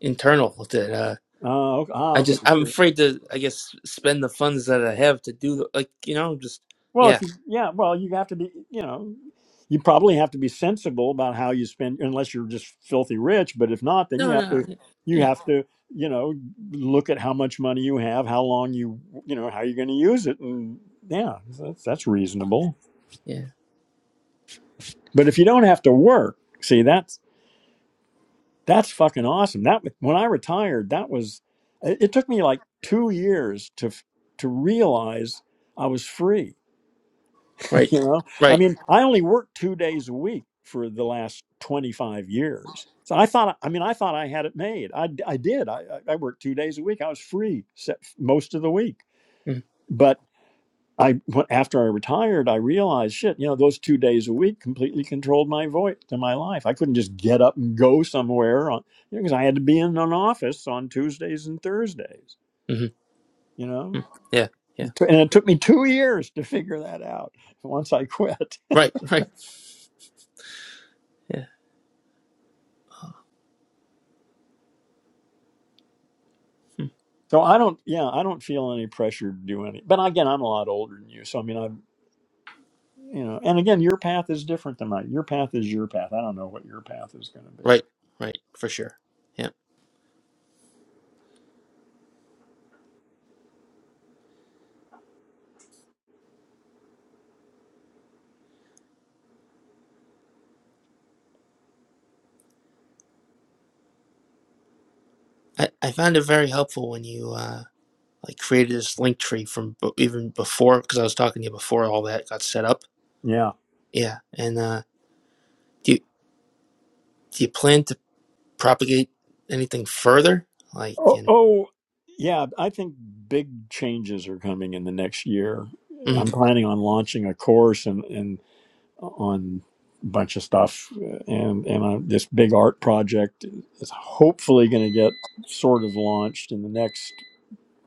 Speaker 4: internal that uh,
Speaker 1: Oh, ok- ah,
Speaker 4: I
Speaker 1: okay.
Speaker 4: just, I'm
Speaker 1: Sure.
Speaker 4: afraid to, I guess, spend the funds that I have to do, the, like, you know, just
Speaker 1: Well, if
Speaker 4: yeah,
Speaker 1: you, yeah, well, you have to be, you know, you probably have to be sensible about how you spend, unless you're just filthy rich. But if not, then you
Speaker 4: no,
Speaker 1: have
Speaker 4: no,
Speaker 1: to,
Speaker 4: no.
Speaker 1: you
Speaker 4: yeah,
Speaker 1: have to, you know, look at how much money you have, how long you, you know, how you're going to use it, and yeah, that's that's reasonable.
Speaker 4: yeah,
Speaker 1: But if you don't have to work, see, that's that's fucking awesome. That when I retired, that was, it it took me like two years to f- to realize I was free
Speaker 4: right,
Speaker 1: you know i
Speaker 4: right,
Speaker 1: mean i only worked two days a week for the last 25 years so i thought i mean i thought i had it made I I did I, I I worked two days a week i was free se- most of the week
Speaker 4: mm,
Speaker 1: but i wh- after i retired i realized shit you know those two days a week completely controlled my voice and my life i couldn't just get up and go somewhere on you know, because i had to be in an office on tuesdays and thursdays
Speaker 4: mm-hmm.
Speaker 1: you know
Speaker 4: mm, yeah, yeah,
Speaker 1: It t- and it took me two years to figure that out once i quit
Speaker 4: right, right, yeah, mm,
Speaker 1: So I don't, yeah, I don't feel any pressure to do any. But again, I'm a lot older than you, so I mean, I, you know, and again, your path is different than mine. Your path is your path. I don't know what your path is going to be.
Speaker 4: right, right, for sure. yeah. I, I found it very helpful when you uh, like created this link tree from b- even before because I was talking to you before all that got set up.
Speaker 1: Yeah.
Speaker 4: Yeah, and uh, do you, do you plan to propagate anything further? Like,
Speaker 1: Oh,
Speaker 4: and
Speaker 1: oh, yeah. I think big changes are coming in the next year. I'm
Speaker 4: mm,
Speaker 1: planning on launching a course and and on a bunch of stuff, and and I, this big art project is hopefully going to get sort of launched in the next.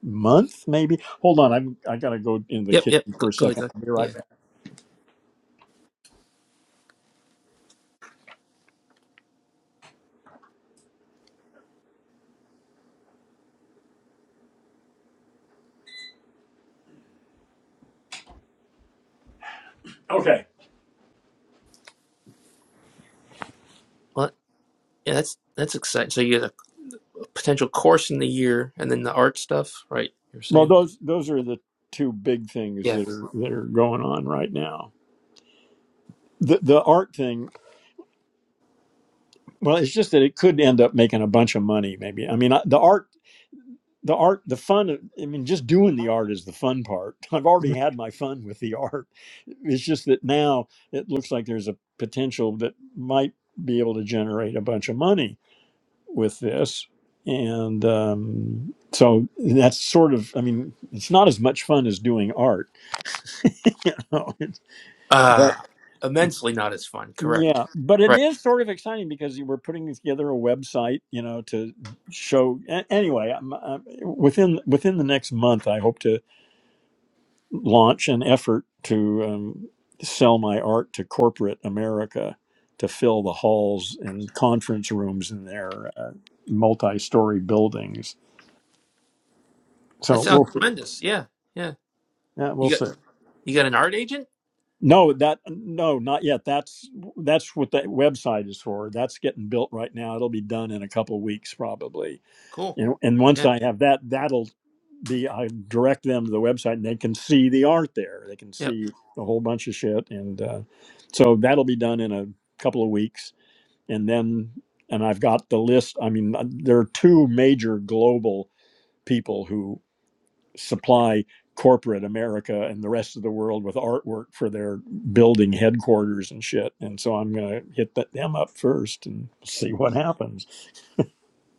Speaker 1: month, maybe. Hold on, I'm I gotta go in the
Speaker 4: yep, yep.
Speaker 1: kitchen
Speaker 4: Go,
Speaker 1: for a
Speaker 4: go ahead, go
Speaker 1: second.
Speaker 4: ahead.
Speaker 1: I'll be
Speaker 4: Yeah.
Speaker 1: right back. Okay.
Speaker 4: Well, yeah, that's that's exciting. So you have a potential course in the year, and then the art stuff, right? You're
Speaker 1: Well,
Speaker 4: saying,
Speaker 1: those those are the two big things
Speaker 4: yeah.
Speaker 1: that are that are going on right now. The the art thing, well, it's just that it could end up making a bunch of money. Maybe I mean I, the art. The art, the fun. of- I mean, just doing the art is the fun part. I've already had my fun with the art. It's just that now it looks like there's a potential that might be able to generate a bunch of money with this. And um, so that's sort of, I mean, it's not as much fun as doing art. You know? It's- But
Speaker 4: Uh, immensely not as fun. Correct.
Speaker 1: yeah, but it
Speaker 4: Right.
Speaker 1: is sort of exciting because you we're putting together a website, you know, to show. a- Anyway, I'm, i within within the next month, I hope to launch an effort to um, sell my art to corporate America to fill the halls and conference rooms in their uh, multi-story buildings.
Speaker 4: That
Speaker 1: So
Speaker 4: sounds
Speaker 1: we'll
Speaker 4: tremendous. Yeah, yeah.
Speaker 1: Yeah, we'll
Speaker 4: You got
Speaker 1: see.
Speaker 4: you got an art agent?
Speaker 1: No, that no, not yet. That's that's what that website is for. That's getting built right now. It'll be done in a couple of weeks probably.
Speaker 4: Cool.
Speaker 1: And and once
Speaker 4: Yeah.
Speaker 1: I have that, that'll be I direct them to the website and they can see the art there. They can
Speaker 4: Yep.
Speaker 1: see a whole bunch of shit and uh, so that'll be done in a couple of weeks and then and I've got the list. I mean, uh, there are two major global people who. supply corporate America and the rest of the world with artwork for their building headquarters and shit. And so I'm going to hit that, them up first and see what happens.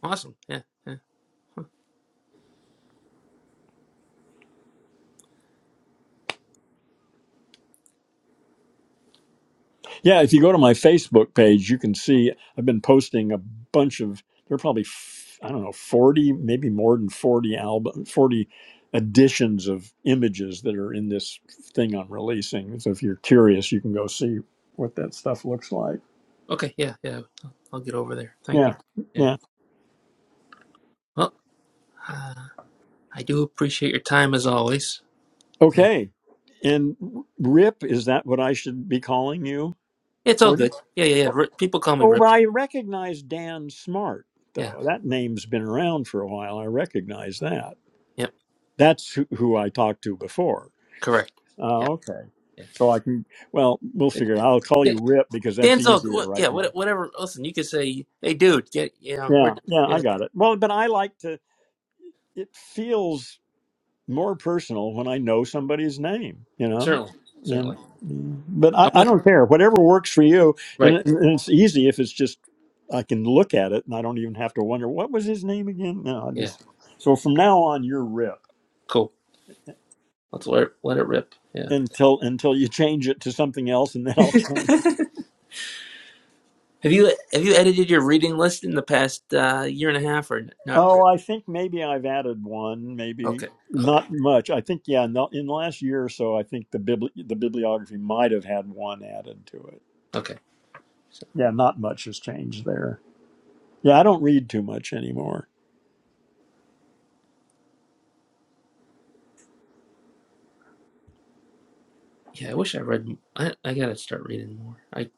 Speaker 4: Awesome. Yeah. Yeah.
Speaker 1: Yeah, if you go to my Facebook page, you can see I've been posting a bunch of, there are probably, f- I don't know, 40, maybe more than 40 album, 40 editions of images that are in this thing I'm releasing. So if you're curious, you can go see what that stuff looks like.
Speaker 4: Okay. Yeah. Yeah. I'll I'll get over there. Thank
Speaker 1: Yeah.
Speaker 4: you.
Speaker 1: Yeah.
Speaker 4: Yeah. Well, uh, I do appreciate your time as always. And
Speaker 1: Okay. And Rip, is that what I should be calling you?
Speaker 4: it's all
Speaker 1: Or
Speaker 4: good. Yeah. Yeah. Yeah. Rip, people call me
Speaker 1: oh, but
Speaker 4: Rip.
Speaker 1: I recognize Dan Smart
Speaker 4: Yeah.
Speaker 1: though. That name's been around for a while. I recognize that.
Speaker 4: Yep.
Speaker 1: That's who, who I talked to before.
Speaker 4: Correct. Yeah.
Speaker 1: Oh, okay.
Speaker 4: Yeah.
Speaker 1: So I can. Well, we'll
Speaker 4: It-
Speaker 1: figure it. out. I'll call
Speaker 4: Dan-
Speaker 1: you Rip because that's
Speaker 4: Dan's all. wha-
Speaker 1: easier right
Speaker 4: Yeah.
Speaker 1: now.
Speaker 4: what- Whatever. Listen, you could say, "Hey, dude, get you know we're
Speaker 1: Yeah, yeah, I
Speaker 4: yeah
Speaker 1: got it. Well, but I like to. It feels more personal when I know somebody's name, you know?
Speaker 4: certainly
Speaker 1: And
Speaker 4: certainly
Speaker 1: but I,
Speaker 4: I'm
Speaker 1: I
Speaker 4: with
Speaker 1: don't care. Whatever works for you, and,
Speaker 4: right
Speaker 1: it- and it's easy if it's just I can look at it and I don't even have to wonder what was his name again. No, I
Speaker 4: yeah
Speaker 1: just so from now on you're Rip
Speaker 4: cool let's let it, let it rip yeah."
Speaker 1: until until you change it to something else, and then I'll change.
Speaker 4: Have you have you edited your reading list in the past uh, year and a half or n- not
Speaker 1: Oh,
Speaker 4: really?
Speaker 1: I think maybe I've added one, maybe
Speaker 4: Okay, okay,
Speaker 1: not much. I think yeah, in the, in the last year or so, I think the bibli- the bibliography might have had one added to it.
Speaker 4: okay. So
Speaker 1: Yeah, not much has changed there. Yeah, I don't read too much anymore.
Speaker 4: yeah, I wish I read. m- I I gotta start reading more. I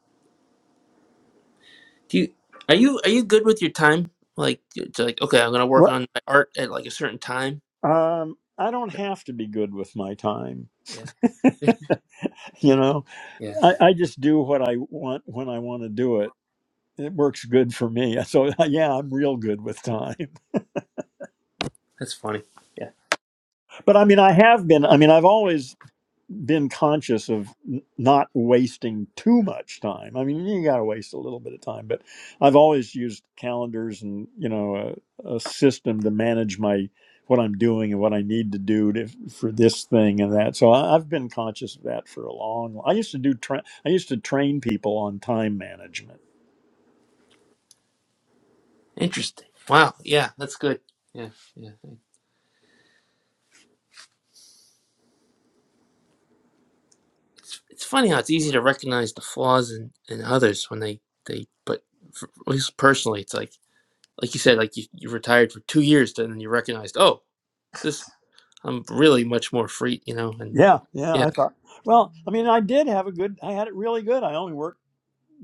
Speaker 4: do. You, are you are you good with your time? Like it's like okay, I'm gonna work
Speaker 1: What?
Speaker 4: on my art at like a certain time.
Speaker 1: Um, I don't have to be good with my time.
Speaker 4: Yeah,
Speaker 1: You know,
Speaker 4: yeah,
Speaker 1: I, I just do what I want when I want to do it. It works good for me. So yeah, I'm real good with time.
Speaker 4: that's funny. Yeah,
Speaker 1: But I mean, I have been. I mean, I've always been conscious of n- not wasting too much time. I mean, you got to waste a little bit of time, but I've always used calendars and you know a, a system to manage my what I'm doing and what I need to do to, for this thing and that. So I, I've been conscious of that for a long. I used to do. Tra- I used to train people on time management.
Speaker 4: interesting. Wow. Yeah, that's good. Yeah, yeah. It's it's funny how it's easy to recognize the flaws in in others when they they but for, at least personally, it's like like you said, like you you retired for two years, and then you recognized oh this I'm really much more free, you know, and
Speaker 1: Yeah, yeah.
Speaker 4: yeah,
Speaker 1: I thought. Well, I mean, I did have a good. I had it really good. I only worked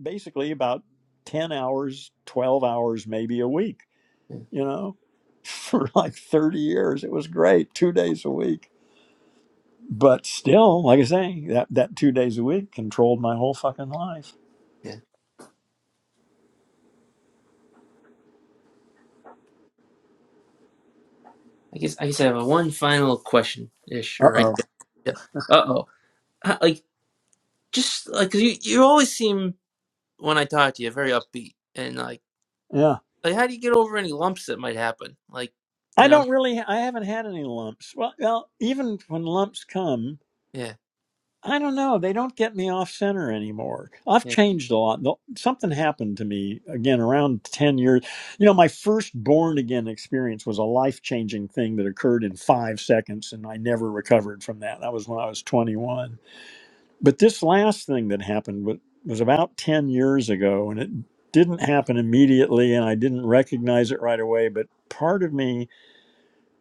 Speaker 1: basically about ten hours, twelve hours, maybe a week you know, for like 30 years. It was great, two days a week. But still, like I say, that, that two days a week controlled my whole fucking life.
Speaker 4: yeah. I guess I guess I have a one final question ish
Speaker 1: Uh
Speaker 4: or
Speaker 1: oh.
Speaker 4: idea. Uh oh, like just like 'cause you you always seem when I talk to you very upbeat and like
Speaker 1: Yeah.
Speaker 4: like how do you get over any lumps that might happen? Like
Speaker 1: I
Speaker 4: you know
Speaker 1: don't really, I haven't had any lumps. Well, well, even when lumps come,
Speaker 4: yeah
Speaker 1: I don't know. They don't get me off center anymore. I've
Speaker 4: yeah
Speaker 1: changed a lot. No- Something happened to me again around 10 years. You know, my first born again experience was a life changing thing that occurred in five seconds, and I never recovered from that. That was when I was 21 But this last thing that happened wa- was about 10 years ago, and it didn't happen immediately, and I didn't recognize it right away. But part of me,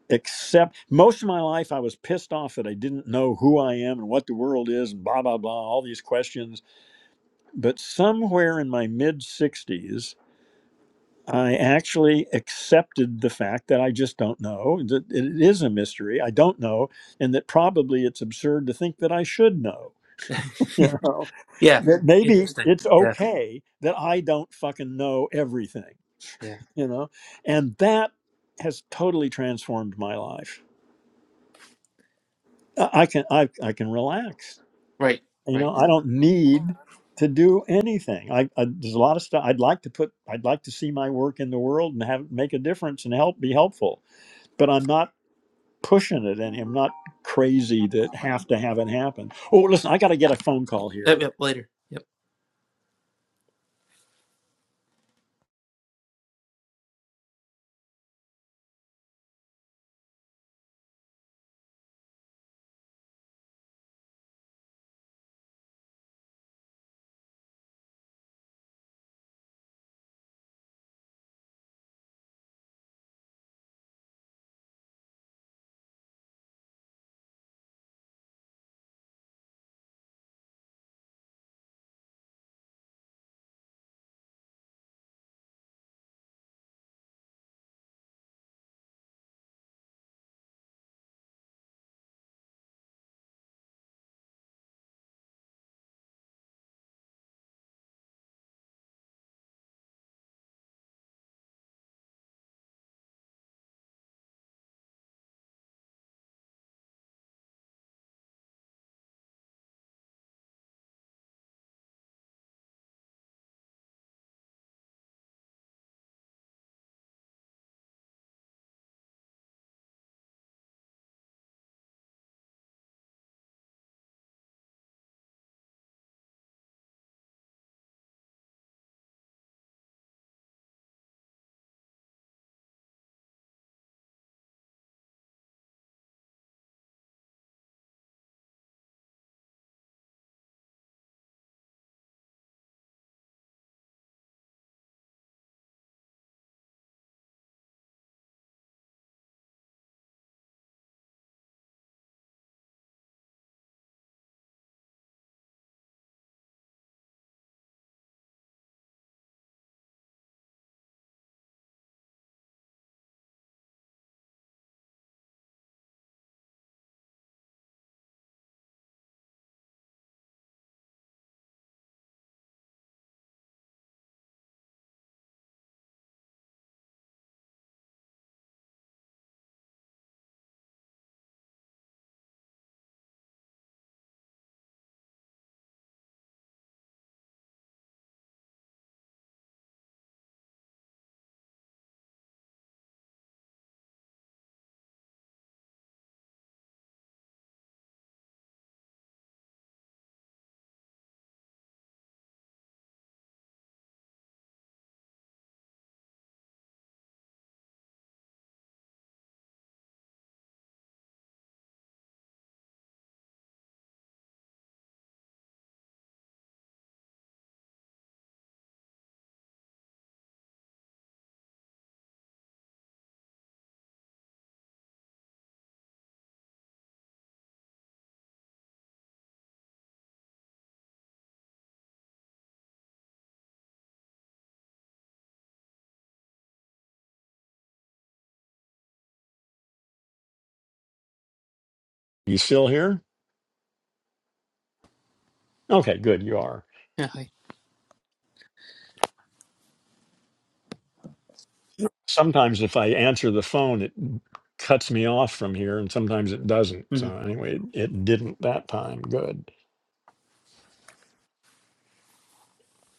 Speaker 1: except most of my life, I was pissed off that I didn't know who I am and what the world is, and blah, blah, blah, all these questions. But somewhere in my mid 60s, I actually accepted the fact that I just don't know, that it is a mystery. I don't know, and that probably it's absurd to think that I should know you know
Speaker 4: yeah
Speaker 1: that maybe
Speaker 4: interesting
Speaker 1: it's
Speaker 4: yeah
Speaker 1: okay that I don't fucking know everything,
Speaker 4: yeah
Speaker 1: you know, and that has totally transformed my life. I I can I, I can relax,
Speaker 4: right
Speaker 1: you
Speaker 4: right
Speaker 1: know. I don't need to do anything. I, I there's a lot of stuff I'd like to put. I'd like to see my work in the world and have make a difference and help be helpful, but I'm not pushing it any. I'm not crazy that have to have it happen. Oh, listen, I got to get a phone call here.
Speaker 4: yep, yep later yep
Speaker 1: You still here? Okay, good. You are.
Speaker 4: yeah hi
Speaker 1: sometimes if I answer the phone, it cuts me off from here, and sometimes it doesn't. So
Speaker 4: Mhm.
Speaker 1: anyway, it, it didn't that time. Good.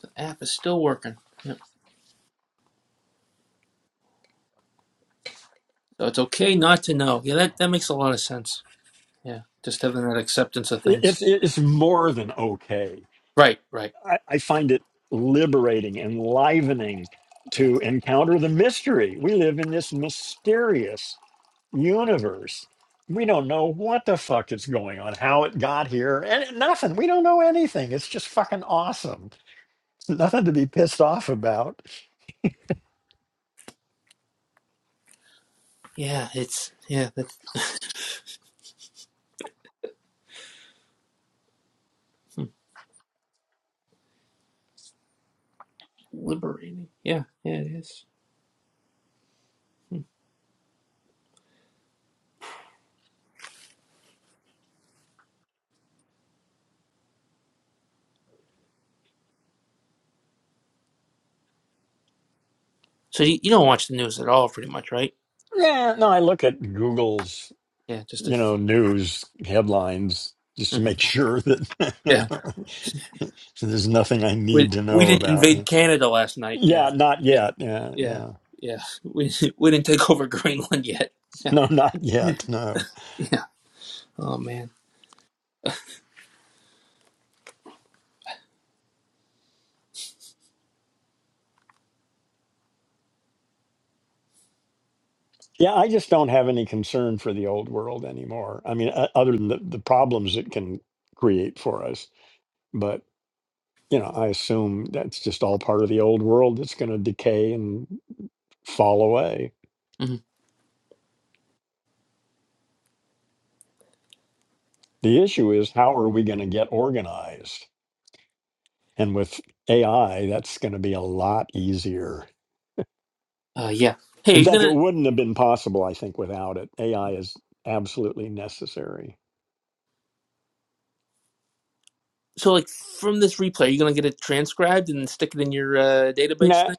Speaker 4: the app is still working yep. so it's okay not to know yeah that that makes a lot of sense yeah just having that acceptance of
Speaker 1: It,
Speaker 4: things
Speaker 1: it's it's more than okay.
Speaker 4: right right
Speaker 1: I, I find it liberating, enlivening
Speaker 4: yeah
Speaker 1: to encounter the mystery. We live in this mysterious universe. We don't know what the fuck is going on, how it got here, and nothing. We don't know anything. It's just fucking awesome. Nothing to be pissed off about.
Speaker 4: yeah it's yeah that's Liberating. Yeah, yeah, it is. So you, you don't watch the news at all, pretty much, right?
Speaker 1: Yeah, no, I look at Google's
Speaker 4: Yeah, just a.
Speaker 1: you know, news headlines just to
Speaker 4: Mhm.
Speaker 1: make sure that
Speaker 4: Yeah,
Speaker 1: there's nothing I
Speaker 4: we
Speaker 1: need to
Speaker 4: we
Speaker 1: know
Speaker 4: didn't
Speaker 1: about.
Speaker 4: invade Canada last night.
Speaker 1: Yeah,
Speaker 4: Yeah,
Speaker 1: not
Speaker 4: yeah,
Speaker 1: yet. Yeah,
Speaker 4: yeah,
Speaker 1: yeah.
Speaker 4: yeah. We we didn't take over Greenland yet. Yeah,
Speaker 1: No, not
Speaker 4: yeah.
Speaker 1: yet. No.
Speaker 4: yeah. Oh man.
Speaker 1: Yeah, I just don't have any concern for the old world anymore. I mean, o- other than the, the problems it can create for us. But, you know, I assume that's just all part of the old world that's going to decay and fall away.
Speaker 4: hmm
Speaker 1: The issue is, how are we going to get organized? And with AI, that's going to be a lot easier.
Speaker 4: Uh, yeah. Hey, are
Speaker 1: In
Speaker 4: you
Speaker 1: fact, it
Speaker 4: gonna?
Speaker 1: wouldn't have been possible, I think, without it. AI is absolutely necessary.
Speaker 4: So like from this replay, are you gonna get it transcribed and stick it in your uh, database
Speaker 1: Nah,
Speaker 4: thing?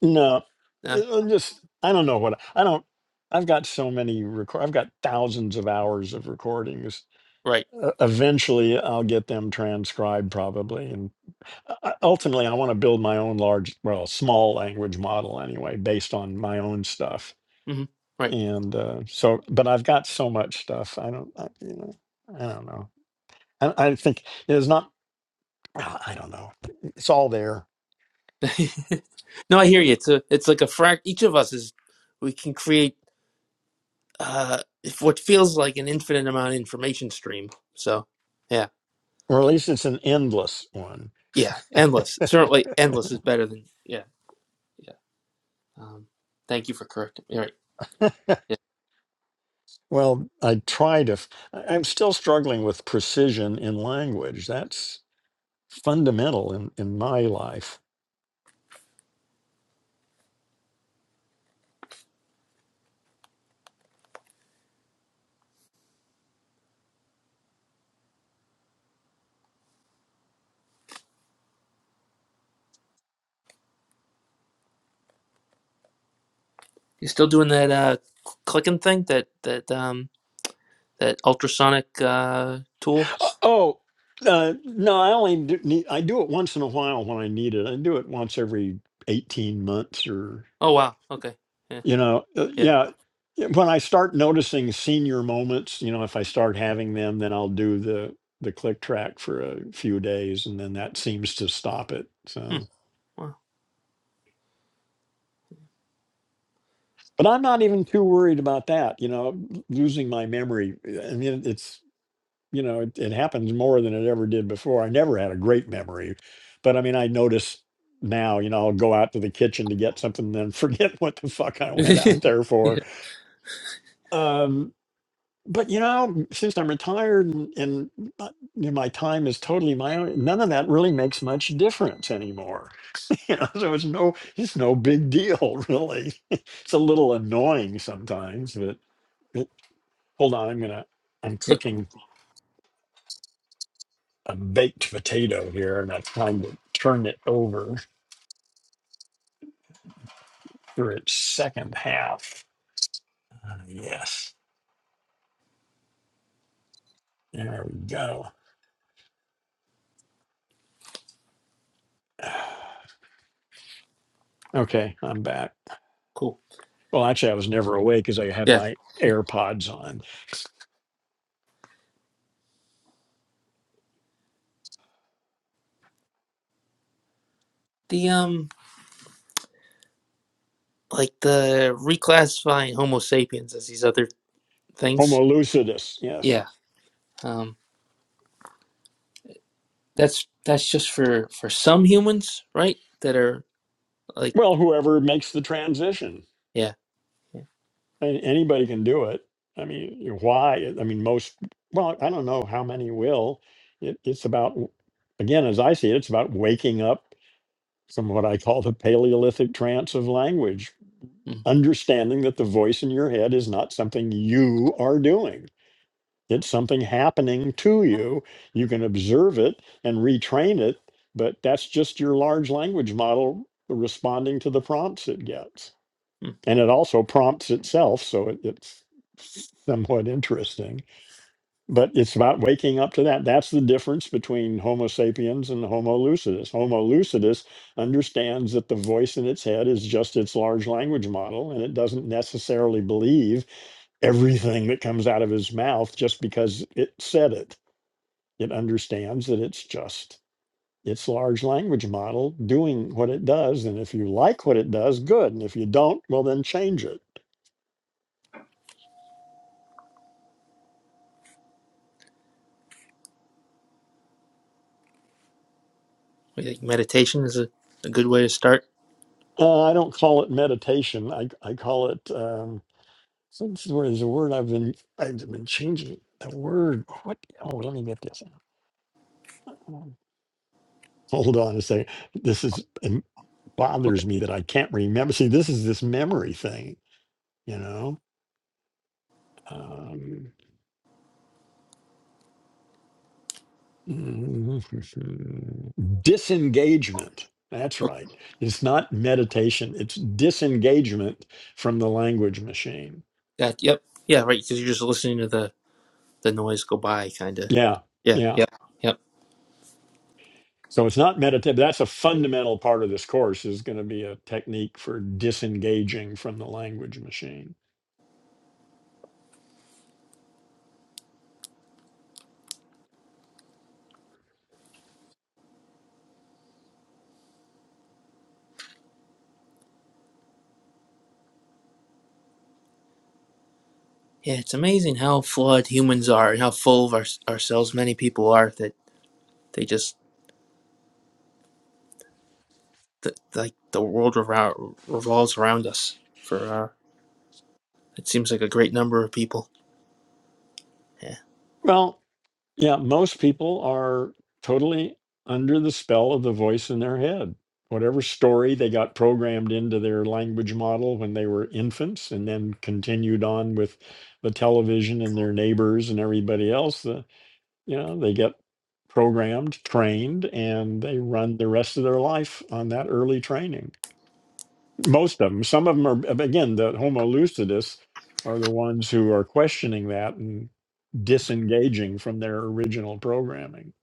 Speaker 1: no,
Speaker 4: Yeah,
Speaker 1: Uh, just I don't know what I don't. I've got so many record. I've got thousands of hours of recordings.
Speaker 4: Right.
Speaker 1: Uh, eventually, I'll get them transcribed probably, and uh, uh, ultimately, I want to build my own large, well, small language model anyway, based on my own stuff
Speaker 4: hmm Right.
Speaker 1: and uh, so but i've got so much stuff i don't I, you know i don't know i, I think it's not ah, i don't know it's all there
Speaker 4: no, I hear you. It's a. It's like a frac. Each of us is. We can create uh, what feels like an infinite amount of information stream. So, yeah,
Speaker 1: or at least it's an endless one
Speaker 4: yeah, endless. Certainly, endless is better than yeah, yeah. Um, thank you for correcting. me. All right, yeah.
Speaker 1: well i try to f- I- i'm still struggling with precision in language that's fundamental in in my life
Speaker 4: You still doing that uh, cl- clicking thing? That that um that ultrasonic uh tool?
Speaker 1: Uh, oh uh, no i only do, need, i do it once in a while when i need it i do it once every 18 months or.
Speaker 4: Oh wow. Okay. Yeah.
Speaker 1: You know, uh,
Speaker 4: Yeah.
Speaker 1: yeah. yeah, When I start noticing senior moments, you know, if I start having them, then I'll do the the click track for a few days, and then that seems to stop it.
Speaker 4: Hmm.
Speaker 1: So,
Speaker 4: Wow.
Speaker 1: but I'm not even too worried about that. You know, l- losing my memory. I mean, it's you know, it, it happens more than it ever did before. I never had a great memory, but I mean, I notice now. You know, I'll go out to the kitchen to get something, then forget what the fuck I went
Speaker 4: yeah.
Speaker 1: out there for.
Speaker 4: Yeah.
Speaker 1: Um, but you know, since I'm retired and, and uh, you know, my time is totally my own, none of that really makes much difference anymore. You know, so it's no, it's no big deal, really. it's a little annoying sometimes, but it, hold on, I'm gonna, I'm cooking a baked potato here, and I'm trying to turn it over for its second half. Ah, yes, there we go. Okay, I'm back.
Speaker 4: Cool.
Speaker 1: Well, actually, I was never awake because I had
Speaker 4: Yeah.
Speaker 1: my AirPods on.
Speaker 4: The um like the reclassifying Homo sapiens as these other things.
Speaker 1: Homo lucidus, yes.
Speaker 4: Yeah. Um. That's that's just for for some humans, right? That are like,
Speaker 1: Well, whoever makes the transition,
Speaker 4: yeah, yeah.
Speaker 1: and anybody can do it. I mean, why? I mean, most. Well, I don't know how many will. It, it's about, again, as I see it, it's about waking up from what I call the Paleolithic trance of language,
Speaker 4: Mm,
Speaker 1: understanding that the voice in your head is not something you are doing It's something happening to you. You can observe it and retrain it, but that's just your large language model responding to the prompts it gets.
Speaker 4: mm.
Speaker 1: And it also prompts itself, so it, it's somewhat interesting. But it's about waking up to that. That's the difference between Homo sapiens and Homo lucidus. Homo lucidus understands that the voice in its head is just its large language model, and it doesn't necessarily believe everything that comes out of his mouth just because it said it. It understands that it's just its large language model doing what it does. And if you like what it does, good. And if you don't, well, then change it.
Speaker 4: We think meditation is a, a good way to start.
Speaker 1: Uh, I don't call it meditation. I, I call it. Um, So this is where there's a word I've been I've been changing the word. What? Oh, let me get this. Um, Hold on a second. This is it
Speaker 4: Okay.
Speaker 1: bothers me that I can't remember. See, this is this memory thing, you know. Um, disengagement. That's
Speaker 4: Okay.
Speaker 1: right. It's not meditation. It's disengagement from the language machine.
Speaker 4: That, yep. Yeah. Right. Because you're just listening to the the noise go by, kind of.
Speaker 1: Yeah,
Speaker 4: Yeah.
Speaker 1: yeah.
Speaker 4: Yep. Yep.
Speaker 1: So it's not meditative. That's a fundamental part of this course is going to be a technique for disengaging from the language machine.
Speaker 4: Yeah. It's amazing how flawed humans are and how full of our, ourselves many people are that they just that, like the world around, revolves around us. For uh, it seems like a great number of people. Yeah.
Speaker 1: Well, yeah, most people are totally under the spell of the voice in their head. Whatever story they got programmed into their language model when they were infants and then continued on with the television and their neighbors and everybody else, the, you know, they get programmed, trained, and they run the rest of their life on that early training. most of them some of them are again the homo lucidus are the ones who are questioning that and disengaging from their original programming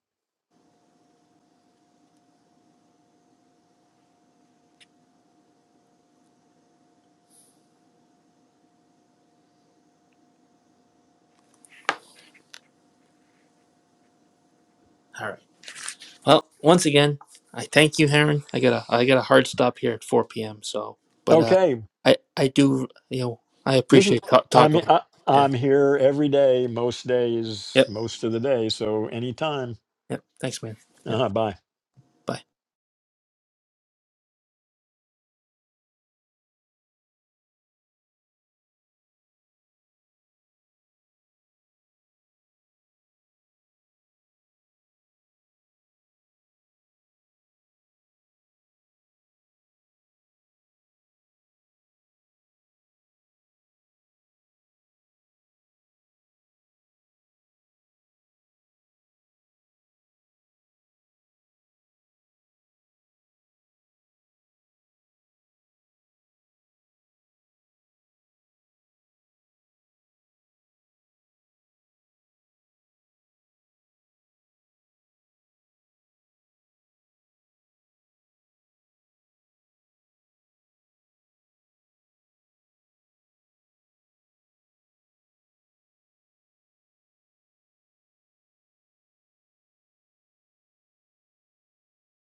Speaker 4: All right. Well, once again, I thank you, Heron. I got a I got a hard stop here at 4 p.m. So, but uh,
Speaker 1: okay
Speaker 4: I I do you know I
Speaker 1: listen
Speaker 4: appreciate ta-
Speaker 1: i'm
Speaker 4: talking.
Speaker 1: I,
Speaker 4: Yeah.
Speaker 1: i'm here every day most days
Speaker 4: Yep.
Speaker 1: most of the day so anytime
Speaker 4: Yep. Thanks, man. Yep.
Speaker 1: uh bye
Speaker 4: Bye.